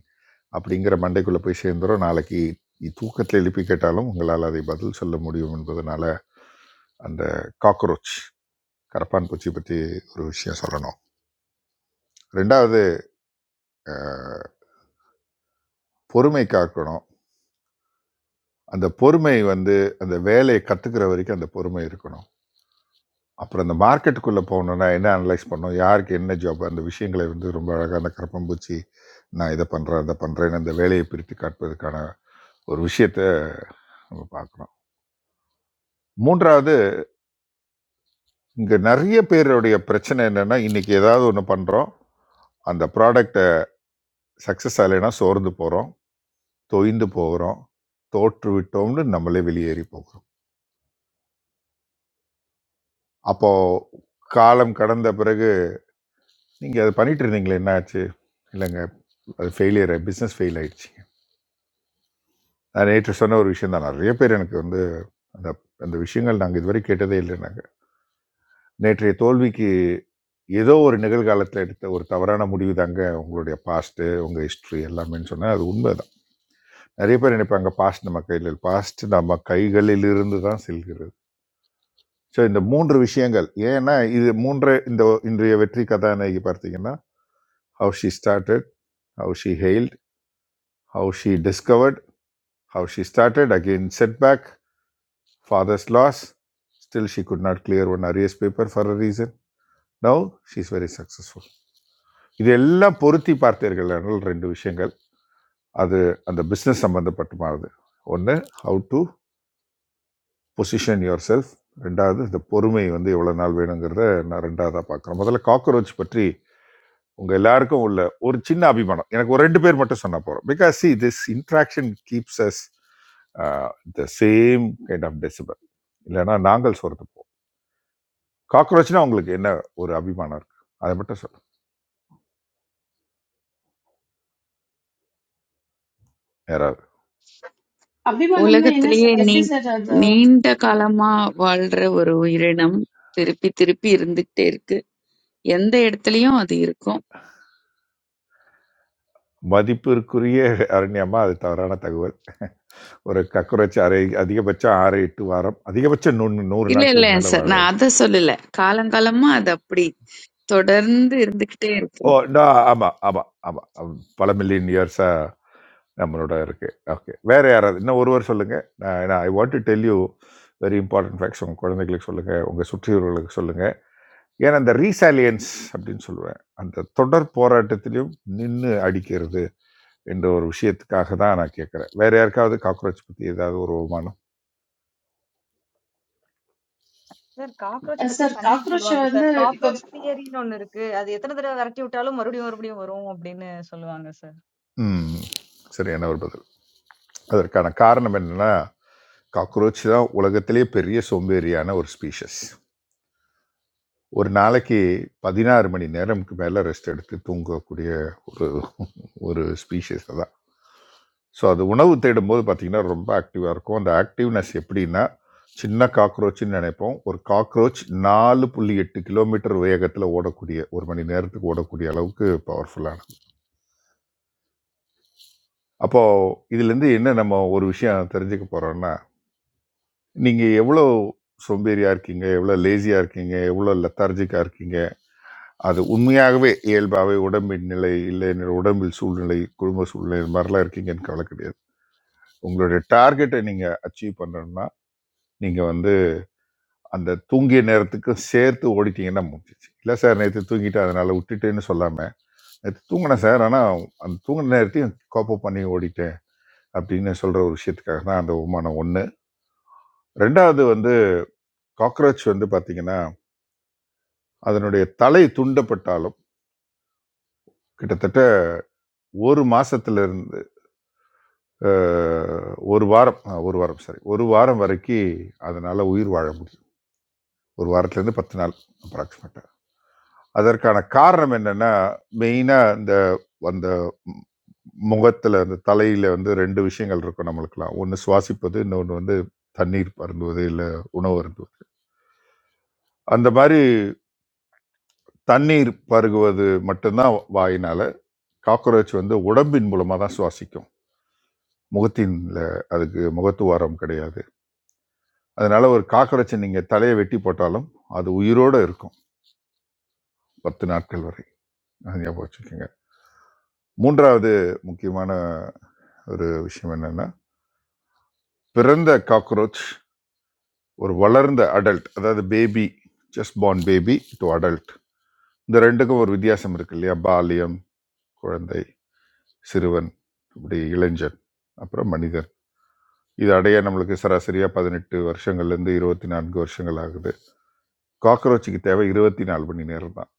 அப்படிங்கிற மண்டைக்குள்ளே போய் சேர்ந்துரும் நாளைக்கு தூக்கத்தில் எழுப்பி கேட்டாலும் உங்களால் அதை பதில் சொல்ல முடியும் என்பதனால அந்த காக்ரோச் கரப்பான் பூச்சி பற்றி ஒரு விஷயம் சொல்லணும் ரெண்டாவது ஆஹ் பொறுமை காக்கணும் அந்த பொறுமை வந்து அந்த வேலையை கற்றுக்கிற வரைக்கும் அந்த பொறுமை இருக்கணும் அப்புறம் இந்த மார்க்கெட்டுக்குள்ளே போகணுன்னா என்ன அனலைஸ் பண்ணணும் யாருக்கு என்ன ஜாப் அந்த விஷயங்களை வந்து ரொம்ப அழகாக அந்த கரப்பம்பூச்சி நான் இதை பண்ணுறேன் அதை பண்ணுறேன்னு அந்த வேலையை பிரித்து காட்டுவதற்கான ஒரு விஷயத்த நம்ம பார்க்குறோம் மூன்றாவது இங்கே நிறைய பேருடைய பிரச்சனை என்னென்னா இன்றைக்கி ஏதாவது ஒன்று பண்ணுறோம் அந்த ப்ராடக்டை சக்ஸஸ் ஆகலைன்னா சோர்ந்து போகிறோம் தொய்ந்து போகிறோம் தோற்று விட்டோம்னு நம்மளே வெளியேறி போகிறோம் அப்போது காலம் கடந்த பிறகு நீங்கள் அதை பண்ணிட்டு இருந்தீங்களே என்ன ஆச்சு இல்லைங்க அது ஃபெயிலியர் பிஸ்னஸ் ஃபெயில் ஆயிடுச்சு நான் நேற்று சொன்ன ஒரு விஷயம் தான் நிறைய பேர் எனக்கு வந்து அந்த அந்த விஷயங்கள் நாங்கள் இதுவரை கேட்டதே இல்லைனாங்க நேற்றைய தோல்விக்கு ஏதோ ஒரு நிகழ்காலத்தில் எடுத்த ஒரு தவறான முடிவு தாங்க உங்களுடைய பாஸ்ட்டு உங்கள் ஹிஸ்ட்ரி எல்லாமேன்னு சொன்னால் அது உண்மைதான் நிறைய பேர் நினைப்பாங்க பாஸ்ட் நம்ம கையில் பாஸ்ட் நம்ம கைகளிலிருந்து தான் செல்கிறது ஸோ இந்த மூன்று விஷயங்கள் ஏன்னா இது மூன்று இந்த இன்றைய வெற்றி கதாநாயகி பார்த்தீங்கன்னா how she started how she hailed how she discovered how she started again set back Father's loss, still she could not clear one arrears paper for a reason. Now she is very successful. இது எல்லாம் பொருத்தி பார்த்தீர்கள் என்றால் ரெண்டு விஷயங்கள் அது அந்த business சம்பந்தப்பட்டமானது ஒன்று how to position yourself ரெண்டாவது இந்த பொறுமை வந்து எவ்வளோ நாள் வேணுங்கிறத நான் ரெண்டாவதாக பார்க்குறேன் முதல்ல காக்ரோச் பற்றி உங்கள் எல்லாருக்கும் உள்ள ஒரு சின்ன அபிமானம் எனக்கு ஒரு ரெண்டு பேர் மட்டும் சொன்னால் போகிறோம் because see this interaction keeps us the same kind of decibel இல்லைன்னா நாங்கள் சோர்ந்து போவோம். காக்ரோச்னா உங்களுக்கு என்ன ஒரு அபிமானம் இருக்கு அதை மட்டும் சொல்லுங்க யாராவது அபிமானம்னா என்ன s- உலகத்திலேயே நீ எப்படி சார் அது நீண்ட காலமா வாழ்ற ஒரு உயிரினம் திருப்பி திருப்பி இருந்துகிட்டே இருக்கு எந்த இடத்துலயும் அது இருக்கும் மதிப்பிற்குரிய அரண்யமா அது தவறான தகவல் ஒரு கக்ரோச் அரை அதிகபட்சம் ஆறு எட்டு வாரம் அதிகபட்சம் நூறு நூறு இல்ல இல்ல நாட்களுக்கு மேலே சார். நான் வாழறது அத சொல்லல. காலங்காலமா அது அப்படி தொடர்ந்து இருந்துகிட்டே இருக்கு. ஓ no, ஆமா ஆமா ஆமா ஆம், பல மில்லியன் இயர்ஸா நம்மளோட இருக்கு ஓகே வேற யாராவது இன்னும் ஒருவர் சொல்லுங்க நான் நான் I want to tell you very important facts உங்க குழந்தைகளுக்கு சொல்லுங்க உங்க சுற்றியுள்ளவர்களுக்கு சொல்லுங்க ஏன்னா அந்த ரீசாலியன்ஸ் அப்படின்னு சொல்லுவேன் அந்த தொடர் போராட்டத்திலையும் நின்று அடிக்கிறது என்ற ஒரு விஷயத்துக்காக தான் நான் கேட்குறேன் வேற யாருக்காவது காக்ரோச் பற்றி ஏதாவது ஒரு அவமானம் சார் காக்ரோச் பத்தி சார் ஃபன்னியா காக்ரோச் சொல்லுவாங்க வந்து சார். இப்போ காக்ரோச் தியரின்னு ஒண்ணு இருக்கு. அது எத்தன தடவ வெரட்டி விட்டாலும் மறுபடியும் மறுபடியும் வரும் அப்படின்னு சொல்லுவாங்க சார். ம் சரியான ஒரு பதில் அதற்கான காரணம் என்னன்னா காக்ரோச் தான் உலகத்திலேயே பெரிய சோம்பேறியான ஒரு ஸ்பீஷஸ் ஒரு நாளைக்கு பதினாறு மணி நேரம்க்கு மேலே ரெஸ்ட் எடுத்து தூங்கக்கூடிய ஒரு ஒரு ஸ்பீஷஸ் தான் ஸோ அது உணவு தேடும்போது பார்த்தீங்கன்னா ரொம்ப ஆக்டிவாக இருக்கும் அந்த ஆக்டிவ்னஸ் எப்படின்னா சின்ன காக்ரோச்னு நினைப்போம் ஒரு காக்ரோச் நாலு புள்ளி எட்டு கிலோமீட்டர் வேகத்தில் ஓடக்கூடிய ஒரு மணி நேரத்துக்கு ஓடக்கூடிய அளவுக்கு பவர்ஃபுல்லானது அப்போது இதுலேருந்து என்ன நம்ம ஒரு விஷயம் தெரிஞ்சுக்க போகிறோம்னா நீங்கள் எவ்வளோ சோம்பேறியாக இருக்கீங்க எவ்வளோ லேசியாக இருக்கீங்க எவ்வளோ லெத்தார்ஜிக்காக இருக்கீங்க அது உண்மையாகவே இயல்பாகவே உடம்பின் நிலை இல்லை என்னோட உடம்பில் சூழ்நிலை குடும்ப சூழ்நிலை இது மாதிரிலாம் இருக்கீங்கன்னு கவலை கிடையாது உங்களுடைய டார்கெட்டை நீங்கள் அச்சீவ் பண்ணணும்னா நீங்கள் வந்து அந்த தூங்கிய நேரத்துக்கு சேர்த்து ஓடிட்டீங்கன்னா முடிஞ்சிச்சு இல்லை சார் நேற்று தூங்கிட்டு அதனால் விட்டுட்டேன்னு சொல்லாமல் நேற்று தூங்கினேன் சார் ஆனால் அந்த தூங்கின நேரத்தையும் கோப்பப் பண்ணி ஓடிட்டேன் அப்படின்னு சொல்கிற ஒரு விஷயத்துக்காக தான் அந்த உமானம் ஒன்று ரெண்டாவது வந்து காக்ரோச் வந்து பார்த்தீங்கன்னா அதனுடைய தலை துண்டப்பட்டாலும் கிட்டத்தட்ட ஒரு மாசத்துல இருந்து அஹ், ஒரு வாரம் அஹ், ஒரு வாரம் சரி ஒரு வாரம் வரைக்கும் அதனால உயிர் வாழ முடியும் ஒரு வாரத்துல இருந்து பத்து நாள் அப்ராக்சிமேட்டா அதற்கான காரணம் என்னன்னா மெயினா இந்த அந்த ம், முகத்துல அந்த தலையில வந்து ரெண்டு விஷயங்கள் இருக்கும் நம்மளுக்குலாம் ஒன்று சுவாசிப்பது இன்னொன்று வந்து தண்ணீர் பருந்துவது இல்லை உணவு அருந்துவது அந்த மாதிரி தண்ணீர் பருகுவது மட்டும்தான் வாயினால காக்ரோச் வந்து உடம்பின் மூலமா தான் சுவாசிக்கும் முகத்தின்ல அதுக்கு முகத்துவாரம் கிடையாது அதனால ஒரு காக்கரட்சி நீங்க தலையை வெட்டி போட்டாலும் அது உயிரோட இருக்கும் பத்து நாட்கள் வரை அது ஞாபகம் வச்சுக்கோங்க மூன்றாவது முக்கியமான ஒரு விஷயம் என்னன்னா பிறந்த காக்ரோச் ஒரு வளர்ந்த அடல்ட் அதாவது baby just born baby to adult இந்த ரெண்டுக்கும் ஒரு வித்தியாசம் இருக்கு இல்லையா பாலியம் குழந்தை சிறுவன் இப்படி இளைஞன் அப்புறம் மனிதன் இது அடைய நம்மளுக்கு சராசரியாக பதினெட்டு வருஷங்கள்லேருந்து இருபத்தி நான்கு வருஷங்கள் ஆகுது காக்ரோச்சுக்கு தேவை இருபத்தி நாலு மணி நேரம் தான்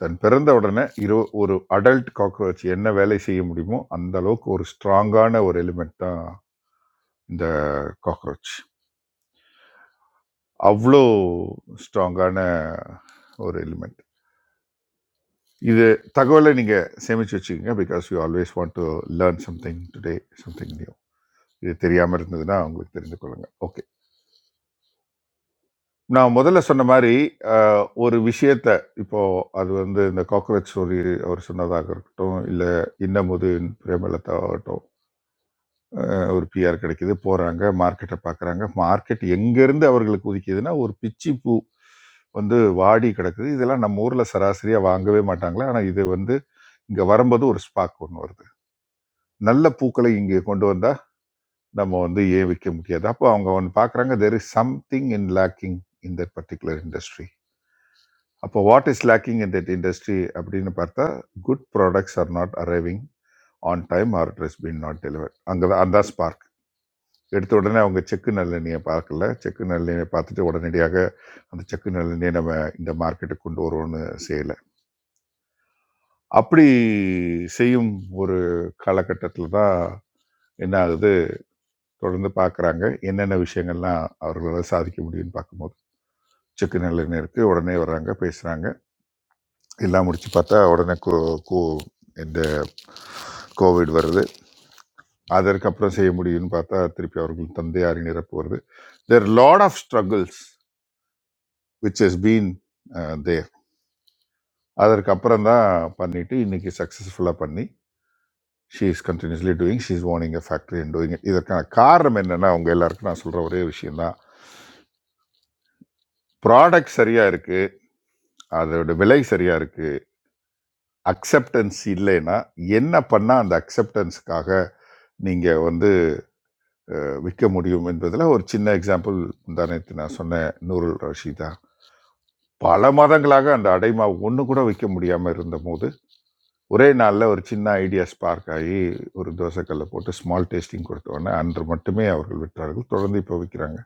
தன் பிறந்த உடனே இரு ஒரு அடல்ட் காக்ரோச் என்ன வேலை செய்ய முடியுமோ அந்த அளவுக்கு ஒரு ஸ்ட்ராங்கான ஒரு எலிமெண்ட் தான் இந்த காக்ரோச் அவ்வளோ ஸ்ட்ராங்கான ஒரு எலிமெண்ட் இது தகவலை நீங்கள் சேமிச்சு வச்சுக்கோங்க because you always want to learn something today something new இது தெரியாமல் இருந்ததுன்னா உங்களுக்கு தெரிந்து கொள்ளுங்கள் ஓகே நான் முதல்ல சொன்ன மாதிரி அஹ், ஒரு விஷயத்த இப்போ அது வந்து இந்த காக்ரோச் ஸ்டோரி அவர் சொன்னதாக இருக்கட்டும் இல்லை இன்னமுதின் பிரேமலதா ஆகட்டும் அஹ், ஒரு பிஆர் கிடைக்குது போகிறாங்க மார்க்கெட்டை பார்க்குறாங்க மார்க்கெட் எங்கேருந்து அவர்களுக்கு உதிக்குதுன்னா ஒரு பிச்சி பூ வந்து வாடி கிடக்குது இதெல்லாம் நம்ம ஊரில் சராசரியாக வாங்கவே மாட்டாங்களே ஆனால் இது வந்து இங்கே வரும்போது ஒரு ஸ்பாக் ஒன்று வருது நல்ல பூக்களை இங்கே கொண்டு வந்தால் நம்ம வந்து ஏன் விற்க முடியாது அப்போ அவங்க ஒன்று பார்க்குறாங்க there is something in lacking in that particular industry அப்போ what is lacking in that industry அப்படின்னு பார்த்தா good products are not arriving on time or it is been not deliver அங்கே தான் அந்த ஸ்பார்க் எடுத்த உடனே அவங்க செக்கு நல்லெண்ணியை பார்க்கல செக்கு நல்லெண்ணியை பார்த்துட்டு உடனடியாக அந்த செக்கு நல்லெண்ணியை நம்ம இந்த மார்க்கெட்டுக்கு கொண்டு வருவோம்னு செய்யலை அப்படி செய்யும் ஒரு காலகட்டத்தில் தான் என்ன ஆகுது தொடர்ந்து பார்க்குறாங்க என்னென்ன விஷயங்கள்லாம் அவர்களால் சாதிக்க முடியும்னு பார்க்கும்போது செக்கு நல்லெண்ணெய் இருக்குது உடனே வர்றாங்க பேசுகிறாங்க எல்லாம் முடிச்சு பார்த்தா உடனே கோ கோ இந்த கோவிட் வருது அதற்கப்புறம் செய்ய முடியும்னு பார்த்தா திருப்பி அவர்கள் தந்தையாரின் இறப்பு வருது there lot of struggles which has been there அதற்கப்புறம் தான் பண்ணிட்டு இன்னைக்கு சக்ஸஸ்ஃபுல்லாக பண்ணி she is continuously doing she is owning a factory and doing இதற்கான காரணம் என்னன்னா அவங்க எல்லாருக்கும் நான் சொல்கிற ஒரே விஷயம்தான் ப்ராடக்ட் சரியாக இருக்குது அதோட விலை சரியாக இருக்குது அக்செப்டன்ஸ் இல்லைன்னா என்ன பண்ணால் அந்த அக்செப்டன்ஸுக்காக நீங்கள் வந்து அஹ், விற்க முடியும் என்பதில் ஒரு சின்ன எக்ஸாம்பிள் முந்தா நேற்று நான் சொன்ன நூருல் ரஷீதா பல மாதங்களாக அந்த அடைமாவு ஒன்று கூட விற்க முடியாமல் இருந்தபோது ஒரே நாளில் ஒரு சின்ன ஐடியா ஸ்பார்க் ஆகி ஒரு தோசைக்கல்லை போட்டு ஸ்மால் டேஸ்டிங் கொடுத்தோன்னே அன்று மட்டுமே அவர்கள் விற்றார்கள் தொடர்ந்து இப்போ விற்கிறாங்க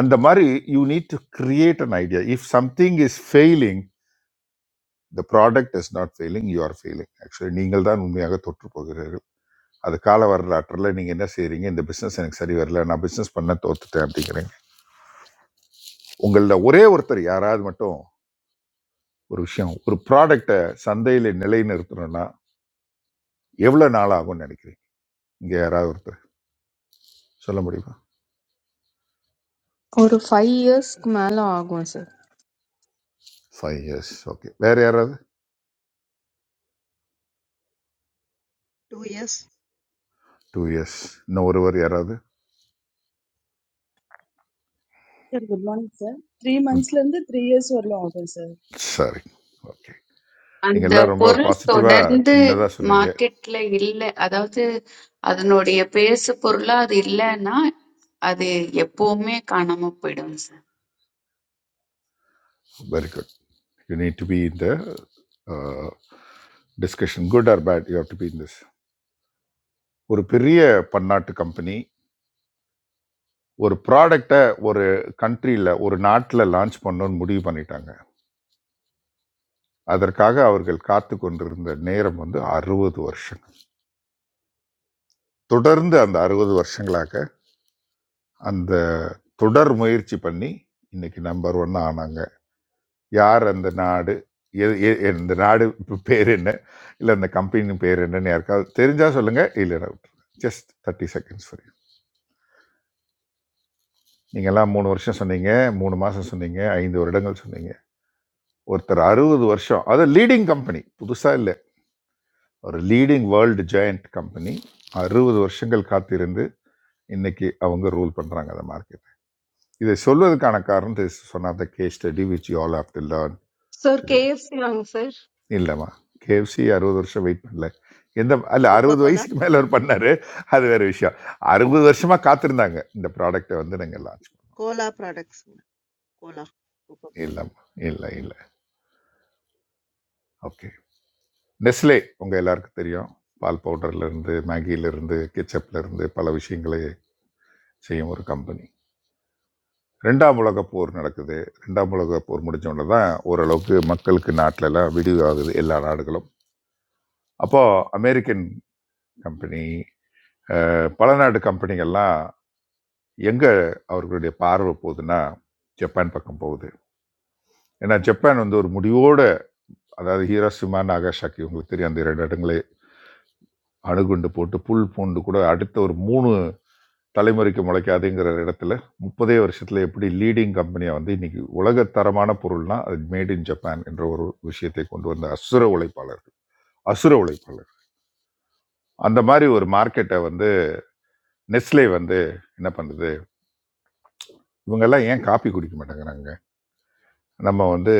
அந்த மாதிரி you need to create an idea if something is failing the product is not failing you are failing actually நீங்கள் தான் உண்மையாக தோற்று போகிறீர்கள் அது கால வரலாற்றில் நீங்கள் என்ன செய்கிறீங்க இந்த பிஸ்னஸ் எனக்கு சரி வரல நான் பிஸ்னஸ் பண்ண தோத்துட்டேன் அப்படிங்கிறீங்க உங்களில் ஒரே ஒருத்தர் யாராவது மட்டும் ஒரு விஷயம் ஒரு ப்ராடக்டை சந்தையில் நிலைநிறுத்தணும்னா எவ்வளோ நாள் ஆகும்னு நினைக்கிறீங்க இங்கே யாராவது ஒருத்தர் சொல்ல முடியுமா ஒரு ஃபைவ் இயர்ஸ்க்கு மேல ஆகும் சார் ஃபைவ் இயர்ஸ் ஓகே வேறு யாராவது 2 இயர்ஸ் டூ இயர்ஸ் இன்னும் ஒருவர் யாராவது Sir, good morning, sir. Three months, ம், lantde three years or longer, sir. சரி ஓகே நீங்கள் அந்த எல்லாம் ரொம்ப பொருள் பாசிட்டிவாக தொடர்ந்து சின்னதாக சொன்னீங்க மார்க்கெட்ல இல்ல அதாவது அதனுடைய பேசு பொருளா அது இல்லைன்னா அது எப்பவுமே காணாம போயிடும் very good you need to be இந்த discussion good or bad you have to be in this ஒரு பெரிய பன்னாட்டு கம்பெனி ஒரு ப்ராடக்டை ஒரு கண்ட்ரியில் ஒரு நாட்டில் லான்ச் பண்ணணும்னு முடிவு பண்ணிட்டாங்க அதற்காக அவர்கள் காத்து கொண்டிருந்த நேரம் வந்து அறுபது வருஷங்கள் தொடர்ந்து அந்த அறுபது வருஷங்களாக அந்த தொடர் முயற்சி பண்ணி இன்னைக்கு நம்பர் ஒன் ஆனாங்க யார் அந்த நாடு எ- எ- இந்த நாடு பேர் என்ன இல்லை அந்த கம்பெனி பேர் என்னன்னு யாருக்காவது தெரிஞ்சா சொல்லுங்க இல்லைன்னா விட்டுருங்க ஜஸ்ட் தேர்ட்டி செகண்ட்ஸ் ஃபார் நீங்கள்லாம் மூணு வருஷம் சொன்னீங்க மூணு மாதம் சொன்னீங்க ஐந்து வருடங்கள் சொன்னீங்க ஒருத்தர் அறுபது வருஷம் அது லீடிங் கம்பெனி புதுசாக இல்லை ஒரு லீடிங் வேர்ல்டு ஜாயிண்ட் கம்பெனி அறுபது வருஷங்கள் காத்திருந்து இன்னைக்கு அவங்க ரூல் பண்ணுறாங்க அந்த மார்க்கெட் இதை சொல்வதற்கான காரணம் this is one of the case study which you all have to learn sir today KFC வாங்க சார். இல்லைம்மா கேஎஃப்சி அறுபது வருஷம் வெயிட் பண்ணல எந்த அல்ல கோகோ அறுபது கோலா வயசுக்கு மேலே அவர் பண்ணார் அது வேறு விஷயம் அறுபது வருஷமாக காத்திருந்தாங்க இந்த ப்ராடக்ட்டை வந்து நாங்கள் லான்ச் பண்ணோம் cola products cola coca cola இல்லைம்மா இல்லை இல்லை ஓகே நெஸ்லே உங்கள் எல்லாருக்கும் தெரியும் பால் பவுடர்லேருந்து மேகியிலேருந்து இருந்து ketchup ல இருந்து பல விஷயங்களை செய்யும் ஒரு கம்பெனி ரெண்டாம் உலகப் போர் நடக்குது ரெண்டாம் உலகப் போர் முடிஞ்ச உடனே தான் ஓரளவுக்கு மக்களுக்கு நாட்டிலலாம் விடிவு ஆகுது எல்லா நாடுகளும் அப்போது அமெரிக்கன் கம்பெனி அஹ், பல நாடு கம்பெனிகள்லாம் எங்கே அவர்களுடைய பார்வை போகுதுன்னா ஜப்பான் பக்கம் போகுது ஏன்னா ஜப்பான் வந்து ஒரு முடிவோடு அதாவது ஹீரோசிமா நாகசாக்கி உங்களுக்கு தெரியும் அந்த இரண்டு இடங்களை அணுகுண்டு போட்டு புல் பூண்டு கூட அடுத்த ஒரு மூணு தலைமுறைக்கு முளைக்காதுங்கிற இடத்துல முப்பதே வருஷத்தில் எப்படி லீடிங் கம்பெனியாக வந்து இன்னைக்கு உலகத்தரமான பொருள்னா அது மேட் இன் ஜப்பான் என்ற ஒரு விஷயத்தை கொண்டு வந்த அசுர உழைப்பாளர்கள் அசுர உழைப்பாளர் அந்த மாதிரி ஒரு மார்க்கெட்டை வந்து நெஸ்லே வந்து என்ன பண்ணுது இவங்கெல்லாம் ஏன் காபி குடிக்க மாட்டேங்கிறாங்க நம்ம வந்து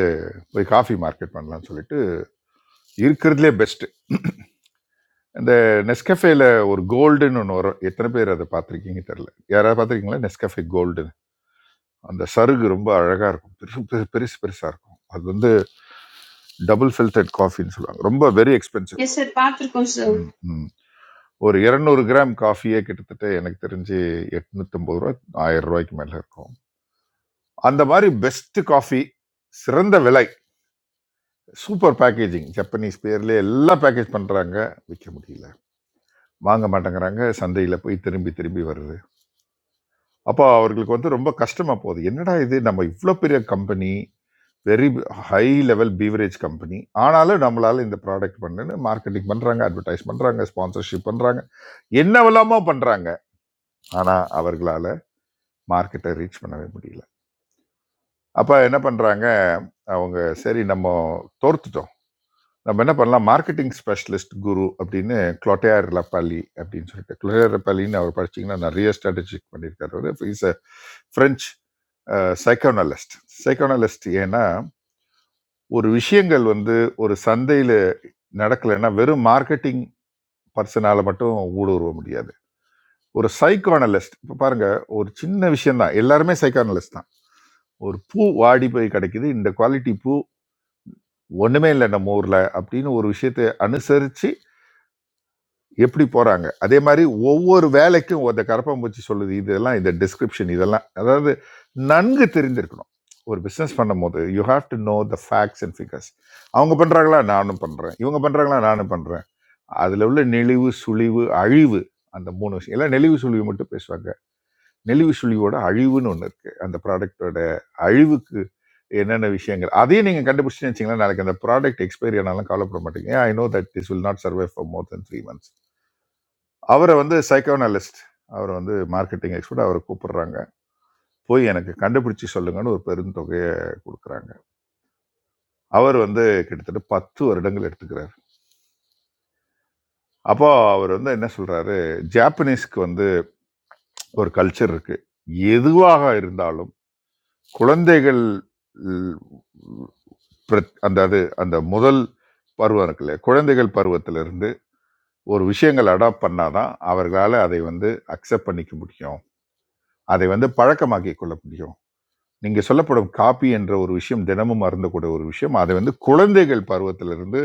போய் காஃபி மார்க்கெட் பண்ணலாம்னு சொல்லிட்டு இருக்கிறதுலே பெஸ்ட் இந்த நெஸ்கஃபேல ஒரு கோல்டுன்னு ஒன்று வரும் எத்தனை பேர் அதை பார்த்துருக்கீங்க தெரியல யாராவது பார்த்துருக்கீங்களா நெஸ்கஃபே கோல்டு அந்த சருகு ரொம்ப அழகாக இருக்கும் பெருசு பெரு- பெருசு பெருசாக இருக்கும் அது வந்து டபுள் ஃபில்டர்ட் காஃபின்னு சொல்லுவாங்க ரொம்ப வெரி எக்ஸ்பென்சிவ் எஸ் சார் பார்த்துருக்கோம் சார் ம் ஒரு இரநூறு கிராம் காஃபியே கிட்டத்தட்ட எனக்கு தெரிஞ்சு எட்நூத்தம்பது ரூபா ஆயிரம் ரூபாய்க்கு மேலே இருக்கும் அந்த மாதிரி பெஸ்ட் காஃபி சிறந்த விலை சூப்பர் பேக்கேஜிங் ஜப்பனீஸ் பேர்லேயே எல்லாம் பேக்கேஜ் பண்ணுறாங்க விற்க முடியல வாங்க மாட்டேங்கிறாங்க சந்தையில் போய் திரும்பி திரும்பி வருது அப்போ அவர்களுக்கு வந்து ரொம்ப கஷ்டமாக போகுது என்னடா இது நம்ம இவ்வளோ பெரிய company very high level beverage company ஆனாலும் நம்மளால இந்த ப்ராடக்ட் பண்ணுன்னு மார்க்கெட்டிங் பண்றாங்க அட்வர்டைஸ் பண்றாங்க ஸ்பான்சர்ஷிப் பண்றாங்க என்னவெல்லாமோ பண்றாங்க ஆனா அவர்களால மார்க்கெட்டை ரீச் பண்ணவே முடியல அப்ப என்ன பண்றாங்க அவங்க சரி நம்ம தோர்த்துட்டோம் நம்ம என்ன பண்ணலாம் மார்க்கெட்டிங் ஸ்பெஷலிஸ்ட் குரு அப்படின்னு குளோட்டையார் லப்பாலி அப்படின்னு சொல்லிட்டு குளோட்டையார் லப்பாலின்னு அவர் படிச்சீங்கன்னா நிறைய ஸ்ட்ராட்டஜிக் பண்ணியிருக்காரு is a French psychoanalyst psychoanalyst ஏன்னா ஒரு விஷயங்கள் வந்து ஒரு சந்தையில் நடக்கலைன்னா வெறும் மார்க்கெட்டிங் பர்சனால் மட்டும் ஊடுருவ முடியாது ஒரு சைக்கானலிஸ்ட் இப்போ பாருங்க ஒரு சின்ன விஷயம்தான் எல்லாருமே சைக்கானலிஸ்ட் தான் ஒரு பூ வாடி போய் கிடைக்குது இந்த குவாலிட்டி பூ ஒன்றுமே இல்லை நம்ம ஊரில் அப்படின்னு ஒரு விஷயத்தை அனுசரித்து எப்படி போகிறாங்க அதே மாதிரி ஒவ்வொரு வேலைக்கும் ஒருத்த கரப்பாம்பூச்சி சொல்லுது இதெல்லாம் இந்த டிஸ்கிரிப்ஷன் இதெல்லாம் அதாவது நன்கு தெரிந்திருக்கணும் ஒரு பிஸ்னஸ் பண்ணும்போது you have to know the facts and figures அவங்க பண்ணுறாங்களா நானும் பண்ணுறேன் இவங்க பண்ணுறாங்களா நானும் பண்ணுறேன் அதில் உள்ள நெளிவு சுழிவு அழிவு அந்த மூணு விஷயம் எல்லாம் நெளிவு சுழிவு மட்டும் பேசுவாங்க நெளிவு சுழிவோட அழிவுன்னு ஒன்று இருக்குது அந்த ப்ராடக்ட்டோட அழிவுக்கு என்னென்ன விஷயங்கள் அதையும் நீங்கள் கண்டுபிடிச்சுன்னு வச்சிங்களா நாளைக்கு அந்த ப்ராடக்ட் எக்ஸ்பைரி ஆனாலும் கவலைப்பட மாட்டீங்க I know that this will not survive for more then three months அவரை வந்து சைக்கோனலிஸ்ட் அவர் வந்து மார்க்கெட்டிங் எக்ஸ்பர்ட் அவரை கூப்பிடுறாங்க போய் எனக்கு கண்டுபிடிச்சு சொல்லுங்கன்னு ஒரு பெருந்தொகையை கொடுக்குறாங்க அவர் வந்து கிட்டத்தட்ட பத்து வருடங்கள் எடுத்துக்கிறார் அப்போ அவர் வந்து என்ன சொல்றாரு ஜாப்பனீஸ்க்கு வந்து ஒரு கல்ச்சர் இருக்கு எதுவாக இருந்தாலும் குழந்தைகள் ல், பிர- அந்த அது அந்த முதல் பருவம் இருக்குல்ல குழந்தைகள் பருவத்திலிருந்து ஒரு விஷயங்கள் அடாப்ட் பண்ணாதான் அவர்களால் அதை வந்து அக்செப்ட் பண்ணிக்க முடியும் அதை வந்து பழக்கமாக்கி கொள்ள முடியும் நீங்கள் சொல்லப்படும் காப்பி என்ற ஒரு விஷயம் தினமும் அருந்தக்கூடிய ஒரு விஷயம் அதை வந்து குழந்தைகள் பருவத்திலிருந்து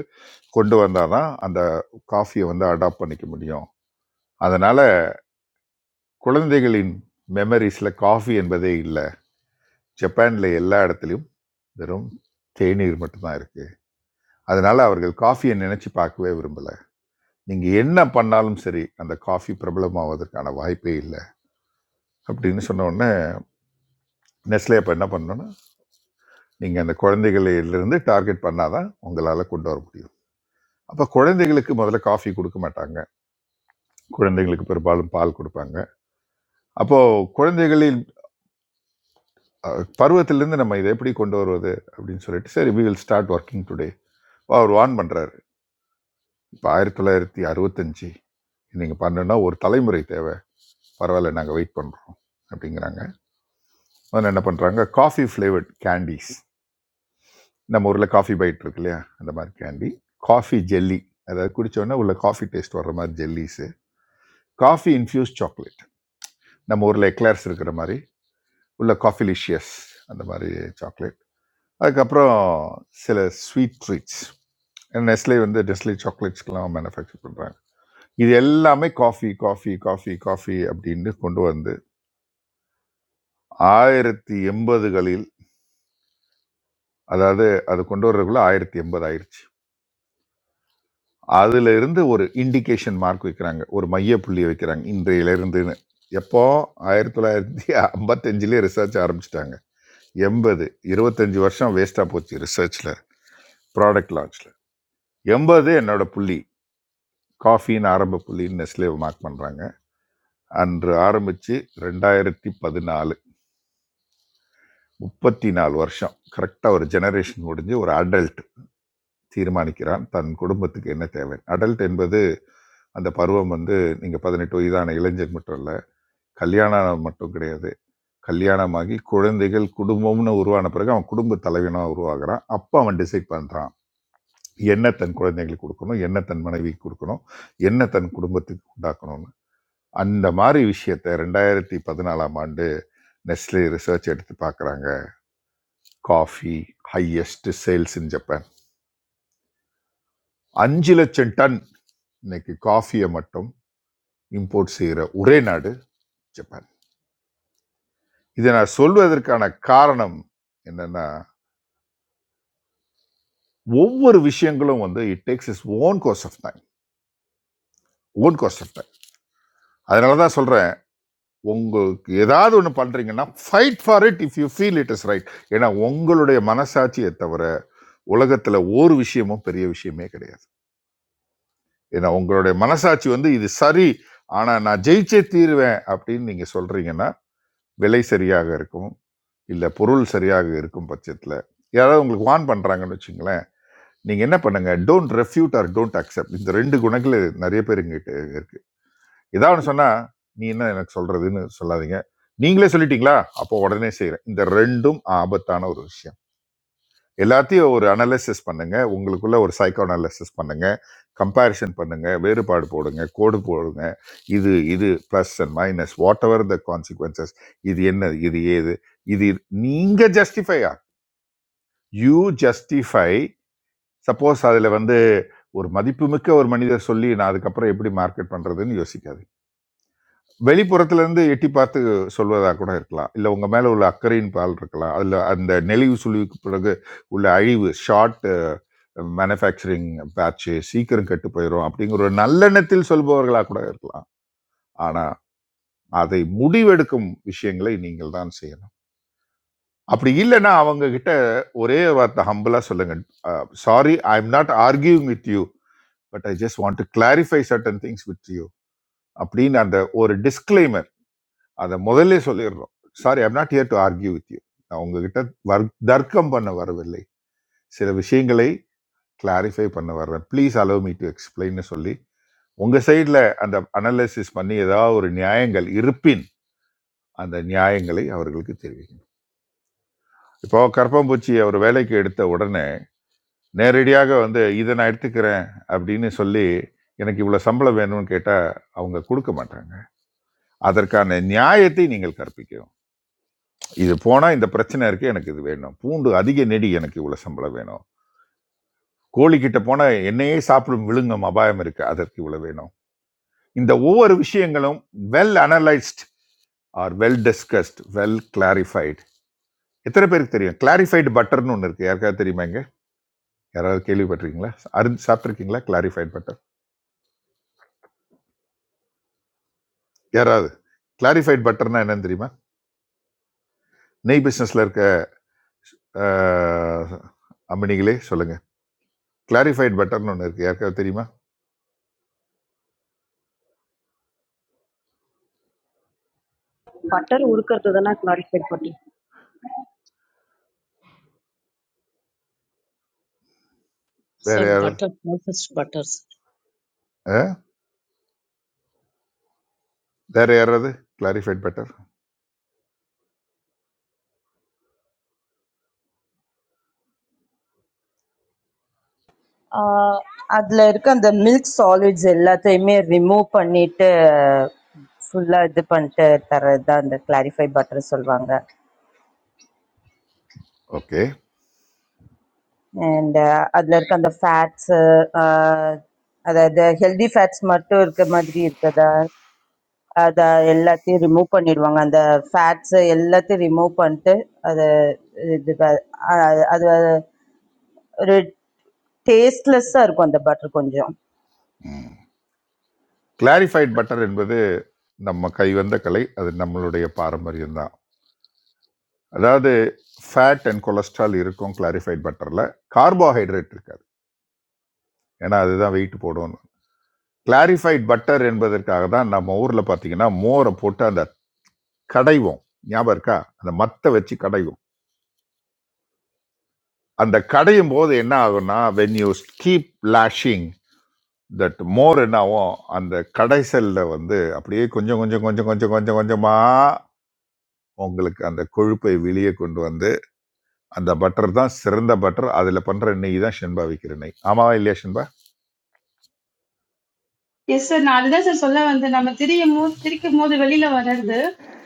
கொண்டு வந்தால் தான் அந்த காஃபியை வந்து அடாப்ட் பண்ணிக்க முடியும் அதனால் குழந்தைகளின் மெமரிஸில் காஃபி என்பதே இல்லை ஜப்பானில் எல்லா இடத்துலையும் வெறும் தேநீர் மட்டும்தான் இருக்குது அதனால் அவர்கள் காஃபியை நினச்சி பார்க்கவே விரும்பலை நீங்கள் என்ன பண்ணாலும் சரி அந்த காஃபி பிரபலமாவதற்கான வாய்ப்பே இல்லை அப்படின்னு சொன்ன உடனே நெஸ்லே அப்போ என்ன பண்ணணும்னா நீங்கள் அந்த குழந்தைகளிலிருந்து டார்கெட் பண்ணாதான் உங்களால் கொண்டு வர முடியும் அப்போ குழந்தைகளுக்கு முதல்ல காஃபி கொடுக்க மாட்டாங்க குழந்தைங்களுக்கு பெரும்பாலும் பால் கொடுப்பாங்க அப்போ குழந்தைகளின் அஹ், பருவத்திலிருந்து நம்ம இதை எப்படி கொண்டு வருவது அப்படின்னு சொல்லிட்டு சரி we will start working today அவர் வான் பண்ணுறாரு இப்போ ஆயிரத்தி தொள்ளாயிரத்தி அறுபத்தஞ்சு நீங்கள் பண்ணணும்னா ஒரு தலைமுறை தேவை பரவாயில்ல நாங்கள் வெயிட் பண்ணுறோம் அப்படிங்கிறாங்க முதல்ல என்ன பண்ணுறாங்க காஃபி ஃப்ளேவர்ட் கேண்டீஸ் நம்ம ஊரில் காஃபி பைட் இருக்கு இல்லையா அந்த மாதிரி கேண்டி காஃபி ஜெல்லி அதாவது குடிச்ச உடனே உள்ள காஃபி டேஸ்ட் வர்ற மாதிரி ஜெல்லிஸு காஃபி இன்ஃப்யூஸ் சாக்லேட் நம்ம ஊரில் எக்லர்ஸ் இருக்கிற மாதிரி உள்ள காஃபிலிஷியஸ் அந்த மாதிரி சாக்லேட் அதுக்கப்புறம் சில ஸ்வீட் ட்ரீட்ஸ் நெஸ்லே வந்து நெஸ்லே சாக்லேட்ஸ்க்கெலாம் மேனுஃபேக்சர் பண்ணுறாங்க இது எல்லாமே காஃபி காஃபி காஃபி காஃபி அப்படின்னு கொண்டு வந்து ஆயிரத்தி எண்பதுகளில் அதாவது அது கொண்டு வர்றதுக்குள்ள ஆயிரத்தி எண்பது ஆயிடுச்சு அதுல இருந்து ஒரு இண்டிகேஷன் மார்க் வைக்கிறாங்க ஒரு மைய புள்ளியை வைக்கிறாங்க இன்றையிலிருந்துன்னு எப்போ ஆயிரத்தி தொள்ளாயிரத்தி ஐம்பத்தஞ்சிலே ரிசர்ச் ஆரம்பிச்சிட்டாங்க எண்பது இருபத்தஞ்சு வருஷம் வேஸ்டா போச்சு ரிசர்ச்ல ப்ராடக்ட் லான்ச்ல எண்பது என்னோட புள்ளி காஃபின்னு ஆரம்ப புள்ளின்னு நெஸ்லே மார்க் பண்றாங்க அன்று ஆரம்பிச்சு ரெண்டாயிரத்தி பதினாலு முப்பத்தி நாலு வருஷம் கரெக்டாக ஒரு ஜெனரேஷன் முடிஞ்சு ஒரு அடல்ட் தீர்மானிக்கிறான் தன் குடும்பத்துக்கு என்ன தேவை அடல்ட் என்பது அந்த பருவம் வந்து நீங்கள் பதினெட்டு வயதான இளைஞர் மட்டும் இல்லை கல்யாணம் மட்டும் கிடையாது கல்யாணமாகி குழந்தைகள் குடும்பம்னு உருவான பிறகு அவன் குடும்ப தலைவனாக உருவாகிறான் அப்போ அவன் டிசைட் பண்ணுறான் என்ன தன் குழந்தைகளுக்கு கொடுக்கணும் என்ன தன் மனைவிக்கு கொடுக்கணும் என்ன தன் குடும்பத்துக்கு உண்டாக்கணும்னு அந்த மாதிரி விஷயத்த ரெண்டாயிரத்தி பதினாலாம் ஆண்டு நெஸ்லே ரிசர்ச் எடுத்து பார்க்குறாங்க coffee highest sales in Japan அஞ்சு லட்சம் டன் இன்னைக்கு காஃபியை மட்டும் இம்போர்ட் செய்கிற ஒரே நாடு ஜப்பான் இதை நான் சொல்வதற்கான காரணம் என்னன்னா ஒவ்வொரு விஷயங்களும் வந்து it takes is own course of time own course of time அதனால தான் சொல்கிறேன் உங்களுக்கு ஏதாவது ஒன்று பண்ணுறீங்கன்னா fight for it if you feel it is right ஏன்னா உங்களுடைய மனசாட்சியை தவிர உலகத்தில் ஒரு விஷயமும் பெரிய விஷயமே கிடையாது ஏன்னா உங்களுடைய மனசாட்சி வந்து இது சரி ஆனால் நான் ஜெயிச்சே தீருவேன் அப்படின்னு நீங்கள் சொல்கிறீங்கன்னா விலை சரியாக இருக்கும் இல்லை பொருள் சரியாக இருக்கும் பட்சத்தில் யாராவது உங்களுக்கு வான் பண்ணுறாங்கன்னு வச்சுங்களேன் நீங்கள் என்ன பண்ணுங்க don't refute or don't accept இந்த ரெண்டு குணங்கள் நிறைய பேர் எங்கிட்ட இருக்கு ஏதாவது ஒன்று சொன்னால் நீ என்ன எனக்கு சொல்கிறதுன்னு சொல்லாதீங்க நீங்களே சொல்லிட்டீங்களா அப்போ உடனே செய்கிறேன் இந்த ரெண்டும் ஆபத்தான ஒரு விஷயம் எல்லாத்தையும் ஒரு அனலைசிஸ் பண்ணுங்க உங்களுக்குள்ள ஒரு சைக்கோ அனலைசிஸ் பண்ணுங்க கம்பேரிசன் பண்ணுங்க வேறுபாடு போடுங்க கோடு போடுங்க இது இது plus and minus whatever the consequences இது என்ன இது ஏது இது நீங்க ஜஸ்டிஃபை யூ ஜஸ்டிஃபை சப்போஸ் அதில் வந்து ஒரு மதிப்புமிக்க ஒரு மனிதர் சொல்லி நான் அதுக்கப்புறம் எப்படி மார்க்கெட் பண்ணுறதுன்னு யோசிக்காது வெளிப்புறத்துல இருந்து எட்டி பார்த்து சொல்வதாக கூட இருக்கலாம் இல்லை உங்கள் மேலே உள்ள அக்கறையின் பால் இருக்கலாம் அதில் அந்த நெளிவு சுழிவுக்கு பிறகு உள்ள அழிவு ஷார்ட் மேனுஃபேக்சரிங் பேட்ச் சீக்கிரம் கெட்டு போயிடும் அப்படிங்கிற ஒரு நல்லெண்ணத்தில் சொல்பவர்களாக கூட இருக்கலாம் ஆனால் அதை முடிவெடுக்கும் விஷயங்களை நீங்கள் தான் செய்யணும் அப்படி இல்லைன்னா அவங்க கிட்ட ஒரே ஒரு வார்த்தை ஹம்பிளா சொல்லுங்க sorry I am not arguing with you but I just want to clarify certain things with you அப்படின்னு அந்த ஒரு டிஸ்க்ளைமர் அதை முதல்ல சொல்லிடுறோம் sorry I'm not here to argue with you நான் உங்ககிட்ட வர் தர்க்கம் பண்ண வரவில்லை சில விஷயங்களை கிளாரிஃபை பண்ண வரேன் ப்ளீஸ் அலோவ் மீ டு எக்ஸ்பிளைன்னு சொல்லி உங்கள் சைடில் அந்த அனலைசிஸ் பண்ணி ஏதாவது ஒரு நியாயங்கள் இருப்பின் அந்த நியாயங்களை அவர்களுக்கு தெரிவிக்கணும் இப்போ கற்பம்பூச்சி அவர் வேலைக்கு எடுத்த உடனே நேரடியாக வந்து இதை நான் எடுத்துக்கிறேன் அப்படின்னு சொல்லி எனக்கு இவ்வளோ சம்பளம் வேணும்னு கேட்டால் அவங்க கொடுக்க மாட்டாங்க அதற்கான நியாயத்தை நீங்கள் கற்பிக்கணும் இது போனால் இந்த பிரச்சனை இருக்குது எனக்கு இது வேணும் பூண்டு அதிக நெடி எனக்கு இவ்வளோ சம்பளம் வேணும் கோழிக்கிட்ட போனால் என்னையே சாப்பிடும் விழுங்கும் அபாயம் இருக்குது அதற்கு இவ்வளோ வேணும் இந்த ஒவ்வொரு விஷயங்களும் well analysed or well discussed well clarified எத்தனை பேருக்கு தெரியும் கிளாரிஃபைடு பட்டர்னு ஒன்று இருக்குது யாருக்காவது தெரியுமா இங்க? யாராவது கேள்விப்பட்டிருக்கீங்களா அருந்து சாப்பிட்ருக்கீங்களா கிளாரிஃபைடு பட்டர் யாராவது கிளாரிஃபைட் பட்டர்னா என்னன்னு தெரியுமா நெய் பிஸ்னஸில் இருக்க அஹ், அம்பனிகளே சொல்லுங்கள் கிளாரிஃபைட் பட்டர்னு ஒன்று இருக்குது யாருக்காவது தெரியுமா பட்டர் உருக்கிறது தானே கிளாரிஃபைட் பண்ணி வேறு Sir, யாராவது butter, no such butters. அஹ்? வேறு யாராவது கிளாரிஃபைட் பட்டர் ஆஹ் அதுல இருக்க அந்த மில்க் சாலிட்ஸ் எல்லாத்தையுமே ரிமூவ் பண்ணிட்டு ஃபுல்லா இது பண்ணிட்டு தர்றதுதான் அந்த கிளாரிஃபை பட்டர் சொல்லுவாங்க ஓகே அண்ட் அதுல இருக்க அந்த ஃபேட்ஸ் அதாவது ஹெல்தி ஃபேட்ஸ் மட்டும் இருக்க மாதிரி இருக்கதா அதை எல்லாத்தையும் ரிமூவ் பண்ணிடுவாங்க அந்த ஃபேட்ஸ் எல்லாத்தையும் ரிமூவ் பண்ணிட்டு அதை இது ப- அஹ் அது டேஸ்ட்லெஸ்ஸாக இருக்கும் அந்த பட்டர் கொஞ்சம் கிளாரிஃபைட் பட்டர் என்பது நம்ம கைவந்த கலை அது நம்மளுடைய பாரம்பரியம் தான் அதாவது ஃபேட் அண்ட் கொலஸ்ட்ரால் இருக்கும் கிளாரிஃபைட் பட்டரில் கார்போஹைட்ரேட் இருக்காது ஏன்னா அதுதான் வெயிட் போடும் கிளாரிஃபைட் பட்டர் என்பதற்காக தான் நம்ம ஊரில் பார்த்தீங்கன்னா மோரை போட்டு அந்த கடைவோம் ஞாபகம் இருக்கா அந்த மத்தை வச்சு கடைவோம் அந்த கடையும் போது என்ன ஆகும்னா when you keep lashing that மோர் என்னாகும் அந்த கடைசல்ல வந்து அப்படியே கொஞ்சம் கொஞ்சம் கொஞ்சம் கொஞ்சம் கொஞ்சம் கொஞ்சமா உங்களுக்கு அந்த கொழுப்பை வெளியே கொண்டு வந்து அந்த பட்டர் தான் சிறந்த பட்டர் அதில் பண்ற நெய் தான் ஷென்பா விற்கிற நெய் ஆமாவா இல்லையா ஷென்பா எஸ் சார் நான் அதுதான் சார் சொல்ல வந்து நம்ம திரியும் போது திரிக்கும் போது வெளியில வர்றது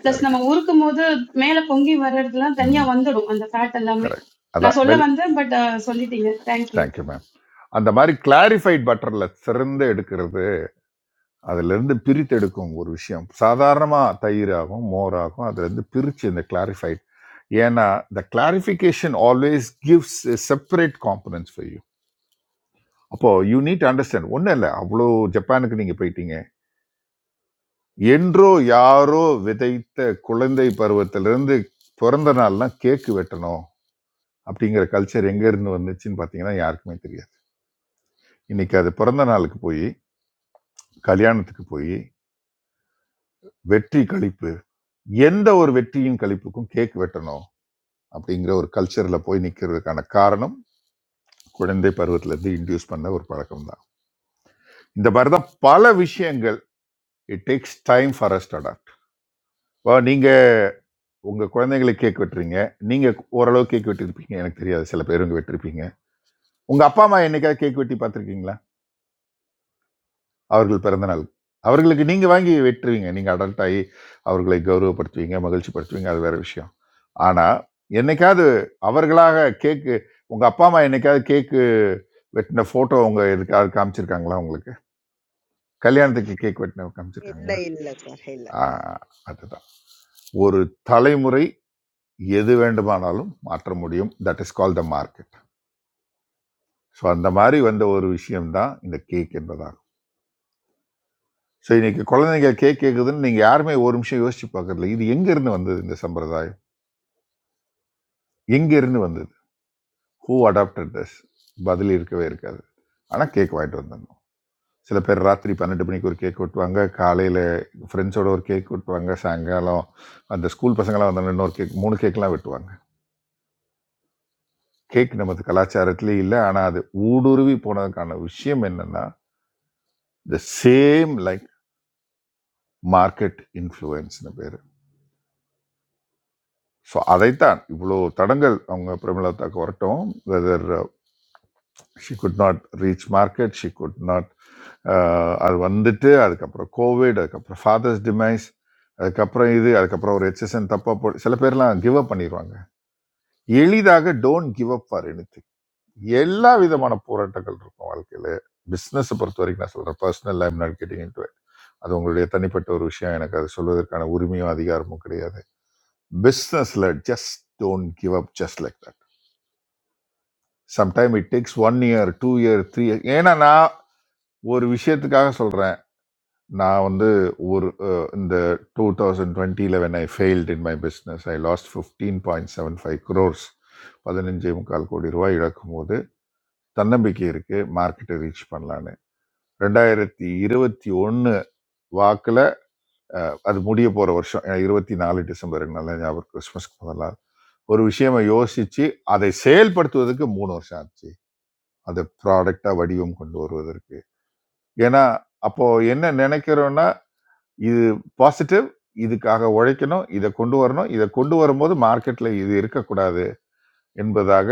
பிளஸ் சரிங்க நம்ம உருக்கும் போது மேல பொங்கி வர்றதுலாம் தனியா ம் வந்துடும் அந்த ஃபேட் எல்லாமே கரெக்ட் அதான் நான் சொல்ல வெல் வந்தேன் பட் சொல்லிட்டீங்க தேங்க்யூ தேங்க்யூ மேம் அந்த மாதிரி கிளாரிஃபைட் பட்டரில் சிறந்து எடுக்கிறது அதிலிருந்து பிரித்தெடுக்கும் ஒரு விஷயம் சாதாரணமாக தயிராகும் மோராகும் அதுலேருந்து பிரித்து இந்த கிளாரிஃபைட் ஏன்னா the clarification always gives a separate components for you அப்போ யூ நீட் அண்டர்ஸ்டாண்ட் ஒன்றும் இல்லை அவ்வளோ ஜப்பானுக்கு நீங்கள் போயிட்டீங்க என்றோ யாரோ விதைத்த குழந்தை பருவத்திலிருந்து பிறந்த நாள்லாம் கேக்கு வெட்டணும் அப்படிங்கிற கல்ச்சர் எங்கேருந்து வந்துச்சுன்னு பார்த்தீங்கன்னா யாருக்குமே தெரியாது இன்னைக்கு அது பிறந்த நாளுக்கு போய் கல்யாணத்துக்கு போய் வெற்றி கழிப்பு எந்த ஒரு வெற்றியின் கழிப்புக்கும் கேக் வெட்டணும் அப்படிங்கிற ஒரு கல்ச்சரில் போய் நிற்கிறதுக்கான காரணம் குழந்தை பருவத்திலேருந்து இன்டியூஸ் பண்ண ஒரு பழக்கம் தான் இந்த மாதிரி தான் பல விஷயங்கள் it takes time for us to adapt இப்போ நீங்கள் உங்கள் குழந்தைங்களுக்கு கேக் வெட்டுறீங்க நீங்கள் ஓரளவு கேக் வெட்டியிருப்பீங்க எனக்கு தெரியாது சில பேர் இங்கே வெட்டிருப்பீங்க உங்கள் அப்பா அம்மா என்னைக்காவது கேக் வெட்டி பார்த்துருக்கீங்களா அவர்கள் பிறந்த நாள் அவர்களுக்கு நீங்கள் வாங்கி வெட்டுருவீங்க நீங்கள் அடல்ட் ஆகி அவர்களை கௌரவப்படுத்துவீங்க மகிழ்ச்சிப்படுத்துவீங்க அது வேற விஷயம் ஆனால் என்னைக்காவது அவர்களாக கேக்கு உங்கள் அப்பா அம்மா என்னைக்காவது கேக்கு வெட்டின ஃபோட்டோ உங்க எதுக்காவது காமிச்சிருக்காங்களா உங்களுக்கு கல்யாணத்துக்கு கேக் வெட்டின இல்ல காமிச்சிருக்காங்களா இல்ல சார் ஆ, இல்ல. அதுதான் ஒரு தலைமுறை எது வேண்டுமானாலும் மாற்ற முடியும் that is call the market so அந்த மாதிரி வந்த ஒரு விஷயம்தான் இந்த கேக் என்பதாக ஸோ இன்னைக்கு குழந்தைங்க கேக் கேட்குதுன்னு நீங்கள் யாருமே ஒரு நிமிஷம் யோசிச்சு பார்க்கறதில்ல இது எங்கேருந்து வந்தது இந்த சம்பிரதாயம் எங்கேருந்து வந்தது ஹூ அடாப்டட் this பதில் இருக்கவே இருக்காது ஆனால் கேக் வாங்கிட்டு வந்தாங்க சில பேர் ராத்திரி பன்னெண்டு மணிக்கு ஒரு கேக் வெட்டுவாங்க காலையில் ஃப்ரெண்ட்ஸோட ஒரு கேக் வெட்டுவாங்க சாயங்காலம் அந்த ஸ்கூல் பசங்களாம் வந்தாங்க இன்னொரு கேக் மூணு கேக்லாம் வெட்டுவாங்க கேக் நமது கலாச்சாரத்திலே இல்லை ஆனால் அது ஊடுருவி போனதுக்கான விஷயம் என்னன்னா த சேம் லைக் மார்க்கெட் இன்ஃப்ளூயன்ஸ்னு பேர் ஸோ அதைத்தான் இவ்வளோ தடங்கள் அவங்க பிரமிளதாக்கு வரட்டும் whether she could not reach market she could not அது வந்துட்டு அதுக்கப்புறம் கோவிட் அதுக்கப்புறம் ஃபாதர்ஸ் டிமைஸ் அதுக்கப்புறம் இது அதுக்கப்புறம் ஒரு ஹெச்எஸ்என் தப்பாக போ சில பேர்லாம் கிவ் அப் பண்ணிடுவாங்க எளிதாக don't give up for anything. எல்லா விதமான போராட்டங்கள் இருக்கும் வாழ்க்கையில் பிஸ்னஸை பொறுத்த வரைக்கும் நான் சொல்கிறேன் personal I'm not getting in அது உங்களுடைய தனிப்பட்ட ஒரு விஷயம் எனக்கு அது சொல்வதற்கான உரிமையும் அதிகாரமும் கிடையாது business led just don't give up just like that sometime it takes one year two year three year ஏன்னா நான் ஒரு விஷயத்துக்காக சொல்றேன் நான் வந்து ஒரு அஹ், இந்த டூ தௌசண்ட் டுவெண்ட்டியில் when I failed in my business I lost fifteen point seven five crores பதினஞ்சே முக்கால் கோடி ரூபாய் இழக்கும் போது தன்னம்பிக்கை இருக்கு மார்க்கெட்டை ரீச் பண்ணலான்னு ரெண்டாயிரத்தி இருபத்தி ஒன்று வாக்கில் அது முடிய போகிற வருஷம் ஏன்னா, இருபத்தி நாலு டிசம்பர் நல்ல ஞாபகம் கிறிஸ்மஸ்க்கு முதல்ல ஒரு விஷயமா யோசிச்சு அதை செயல்படுத்துவதற்கு மூணு வருஷம் ஆச்சு அதை ப்ராடக்டா வடிவம் கொண்டு வருவதற்கு ஏன்னா அப்போ என்ன நினைக்கிறோம்னா இது பாசிட்டிவ் இதுக்காக உழைக்கணும் இதை கொண்டு வரணும் இதை கொண்டு வரும்போது மார்க்கெட்ல இது இருக்கக்கூடாது என்பதாக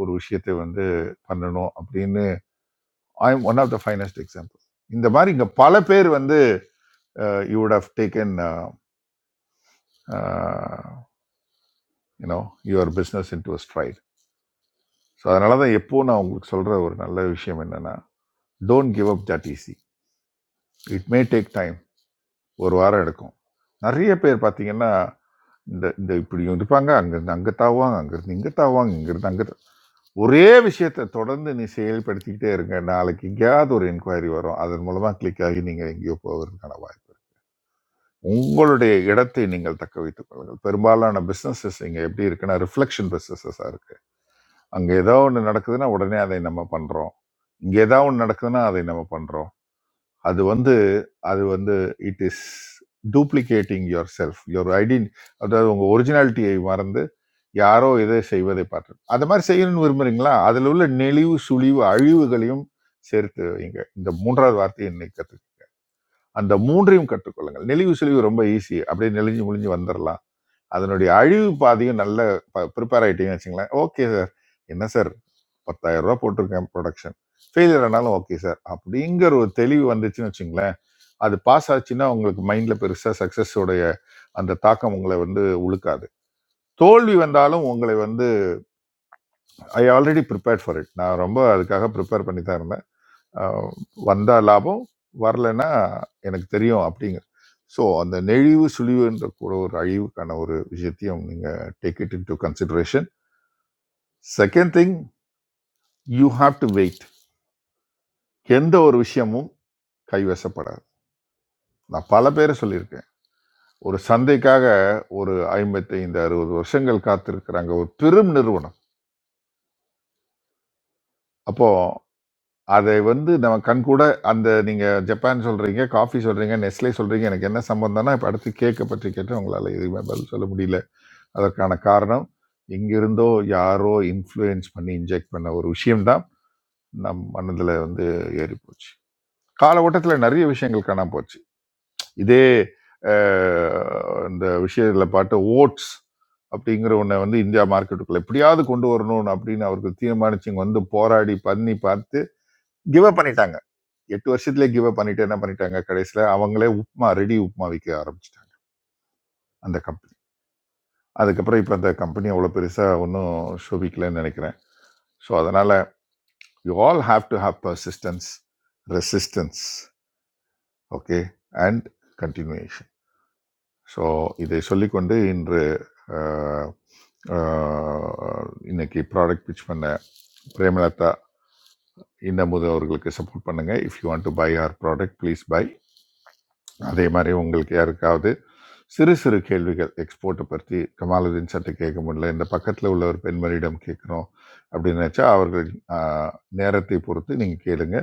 ஒரு விஷயத்தை வந்து பண்ணணும் அப்படின்னு I am one of the finest example இந்த மாதிரி இங்க பல பேர் வந்து you would have taken you know your business into straight so அதனால தான் எப்போ நான் உங்களுக்கு சொல்ற ஒரு நல்ல விஷயம் என்னன்னா don't give up that easy it may take time ஒரு வாரம் எடுக்கும் நிறைய பேர் பார்த்தீங்கன்னா இந்த இந்த இப்படியும் இருப்பாங்க அங்கேருந்து அங்கே தாவாங்க அங்கேருந்து இங்கே தாவாங்க இங்கேருந்து அங்கே ஒரே விஷயத்தை தொடர்ந்து நீ செயல்படுத்திக்கிட்டே இருங்க நாளைக்கு எங்கேயாவது ஒரு என்கொயரி வரும் அதன் மூலமாக கிளிக் ஆகி நீங்கள் எங்கேயோ போவதற்கான வாய்ப்பு இருக்கு. உங்களுடைய இடத்தை நீங்கள் தக்க வைத்துக் கொள்ளுங்கள் பெரும்பாலான பிஸ்னஸஸ் இங்கே எப்படி இருக்குன்னா ரிஃப்ளெக்ஷன் பிஸ்னஸஸாக இருக்குது அங்கே ஏதோ ஒன்று நடக்குதுன்னா உடனே அதை நம்ம பண்ணுறோம் இங்கே ஏதாவது ஒன்று நடக்குதுன்னா அதை நம்ம பண்ணுறோம் அது வந்து அது வந்து it is duplicating yourself your identity அதாவது உங்கள் ஒரிஜினாலிட்டியை மறந்து யாரோ இதை செய்வதை பார்த்து அந்த மாதிரி செய்யணும்னு விரும்புறீங்களா அதில் உள்ள நெளிவு சுழிவு அழிவுகளையும் சேர்த்து வைங்க இந்த மூன்றாவது வார்த்தையை இன்னைக்கு கற்று அந்த மூன்றையும் கற்றுக்கொள்ளுங்கள் நெளிவு சுழிவு ரொம்ப ஈஸி அப்படியே நெளிஞ்சு முழிஞ்சு வந்துடலாம் அதனுடைய அழிவு பாதையும் நல்ல ப்ரிப்பேர் ஆகிட்டீங்கன்னு வச்சுங்களேன் ஓகே சார் என்ன சார் பத்தாயிரம் ரூபா போட்டிருக்கேன் ப்ரொடக்ஷன் ஃபெயிலியர் ஆனாலும் ஓகே சார் அப்படிங்கிற ஒரு தெளிவு வந்துச்சுன்னு வச்சுங்களேன் அது பாஸ் ஆச்சுன்னா உங்களுக்கு மைண்டில் பெருசாக சக்ஸஸோடைய அந்த தாக்கம் உங்களை வந்து உழுக்காது தோல்வி வந்தாலும் உங்களை வந்து I already prepared for it நான் ரொம்ப அதுக்காக ப்ரிப்பேர் பண்ணி தான் இருந்தேன் அஹ் வந்தா லாபம் வரலைன்னா எனக்கு தெரியும் அப்படிங்க ஸோ அந்த நெழிவு சுழிவுன்ற கூட ஒரு அழிவுக்கான ஒரு விஷயத்தையும் நீங்கள் take it into consideration second thing you have to wait எந்த ஒரு விஷயமும் கைவசப்படாது நான் பல பேரை சொல்லியிருக்கேன் ஒரு சந்தைக்காக ஒரு ஐம்பத்தைந்து அறுபது வருஷங்கள் காத்திருக்கிறாங்க ஒரு பெரும் நிறுவனம் அப்போ அதை வந்து நம்ம கண் கூட அந்த நீங்க ஜப்பான் சொல்றீங்க காஃபி சொல்றீங்க நெஸ்லே சொல்றீங்க எனக்கு என்ன சம்பந்தம்னா இப்போ அடுத்து கேக்கை பற்றி கேட்டு உங்களால் எதுவுமே பதில் சொல்ல முடியல அதற்கான காரணம் எங்கிருந்தோ யாரோ இன்ஃப்ளூயன்ஸ் பண்ணி இன்ஜெக்ட் பண்ண ஒரு விஷயம்தான் நம் மனதில் வந்து ஏறி போச்சு கால ஓட்டத்தில் நிறைய விஷயங்கள் காணாம போச்சு இதே அஹ், இந்த விஷயத்தில் பார்த்த ஓட்ஸ் அப்படிங்கிற ஒன்றை வந்து இந்தியா மார்க்கெட்டுக்குள்ள எப்படியாவது கொண்டு வரணும் அப்படின்னு அவர்கள் தீர்மானிச்சு இங்க வந்து போராடி பண்ணி பார்த்து கிவ் அப் பண்ணிட்டாங்க எட்டு வருஷத்துலேயே கிவ் அப் பண்ணிட்டு என்ன பண்ணிட்டாங்க கடைசியில் அவங்களே உப்புமா ரெடி உப்புமா விற்க ஆரம்பிச்சிட்டாங்க அந்த கம்பெனி அதுக்கப்புறம் இப்போ அந்த கம்பெனி அவ்வளோ பெருசாக ஒன்றும் சோபிக்கலன்னு நினைக்கிறேன் ஸோ அதனால் you all have to have persistence resistance okay and continuation so இதை சொல்லிக்கொண்டு இன்று அஹ், அஹ், இன்னைக்கு ப்ராடக்ட் பிச் பண்ண பிரேமலதா இன்னமுது அவர்களுக்கு சப்போர்ட் பண்ணுங்க if you want to buy our product please buy அதே மாதிரி உங்களுக்கு யாருக்காவது சிறு சிறு கேள்விகள் எக்ஸ்போர்ட்டை பற்றி கமாலுதீன் சட்டை கேட்க முடியல இந்த பக்கத்தில் உள்ள ஒரு பெண்மணியிடம் கேட்கணும் அப்படின்னு நினச்சா அவர்கள் அஹ், நேரத்தை பொறுத்து நீங்கள் கேளுங்க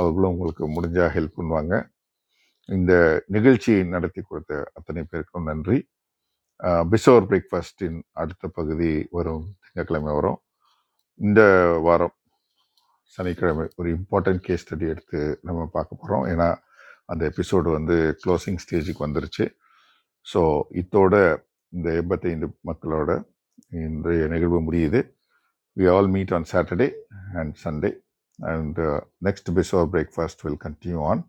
அவர்களும் உங்களுக்கு முடிஞ்சா ஹெல்ப் பண்ணுவாங்க இந்த நிகழ்ச்சியை நடத்தி கொடுத்த அத்தனை பேருக்கும் நன்றி பிசோர் பிரேக்ஃபாஸ்டின் அடுத்த பகுதி வரும் திங்கட்கிழமை வரும் இந்த வாரம் சனிக்கிழமை ஒரு இம்பார்ட்டன்ட் கேஸ் ஸ்டடி எடுத்து நம்ம பார்க்க போகிறோம் ஏன்னா அந்த எபிசோடு வந்து க்ளோசிங் ஸ்டேஜுக்கு வந்துருச்சு ஸோ இத்தோட இந்த எண்பத்தைந்து மக்களோட இன்றைய நிகழ்வு முடியுது we all meet on Saturday and Sunday and next before breakfast will continue on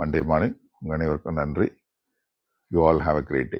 Monday morning உங்கள் அனைவருக்கும் நன்றி you all have a great day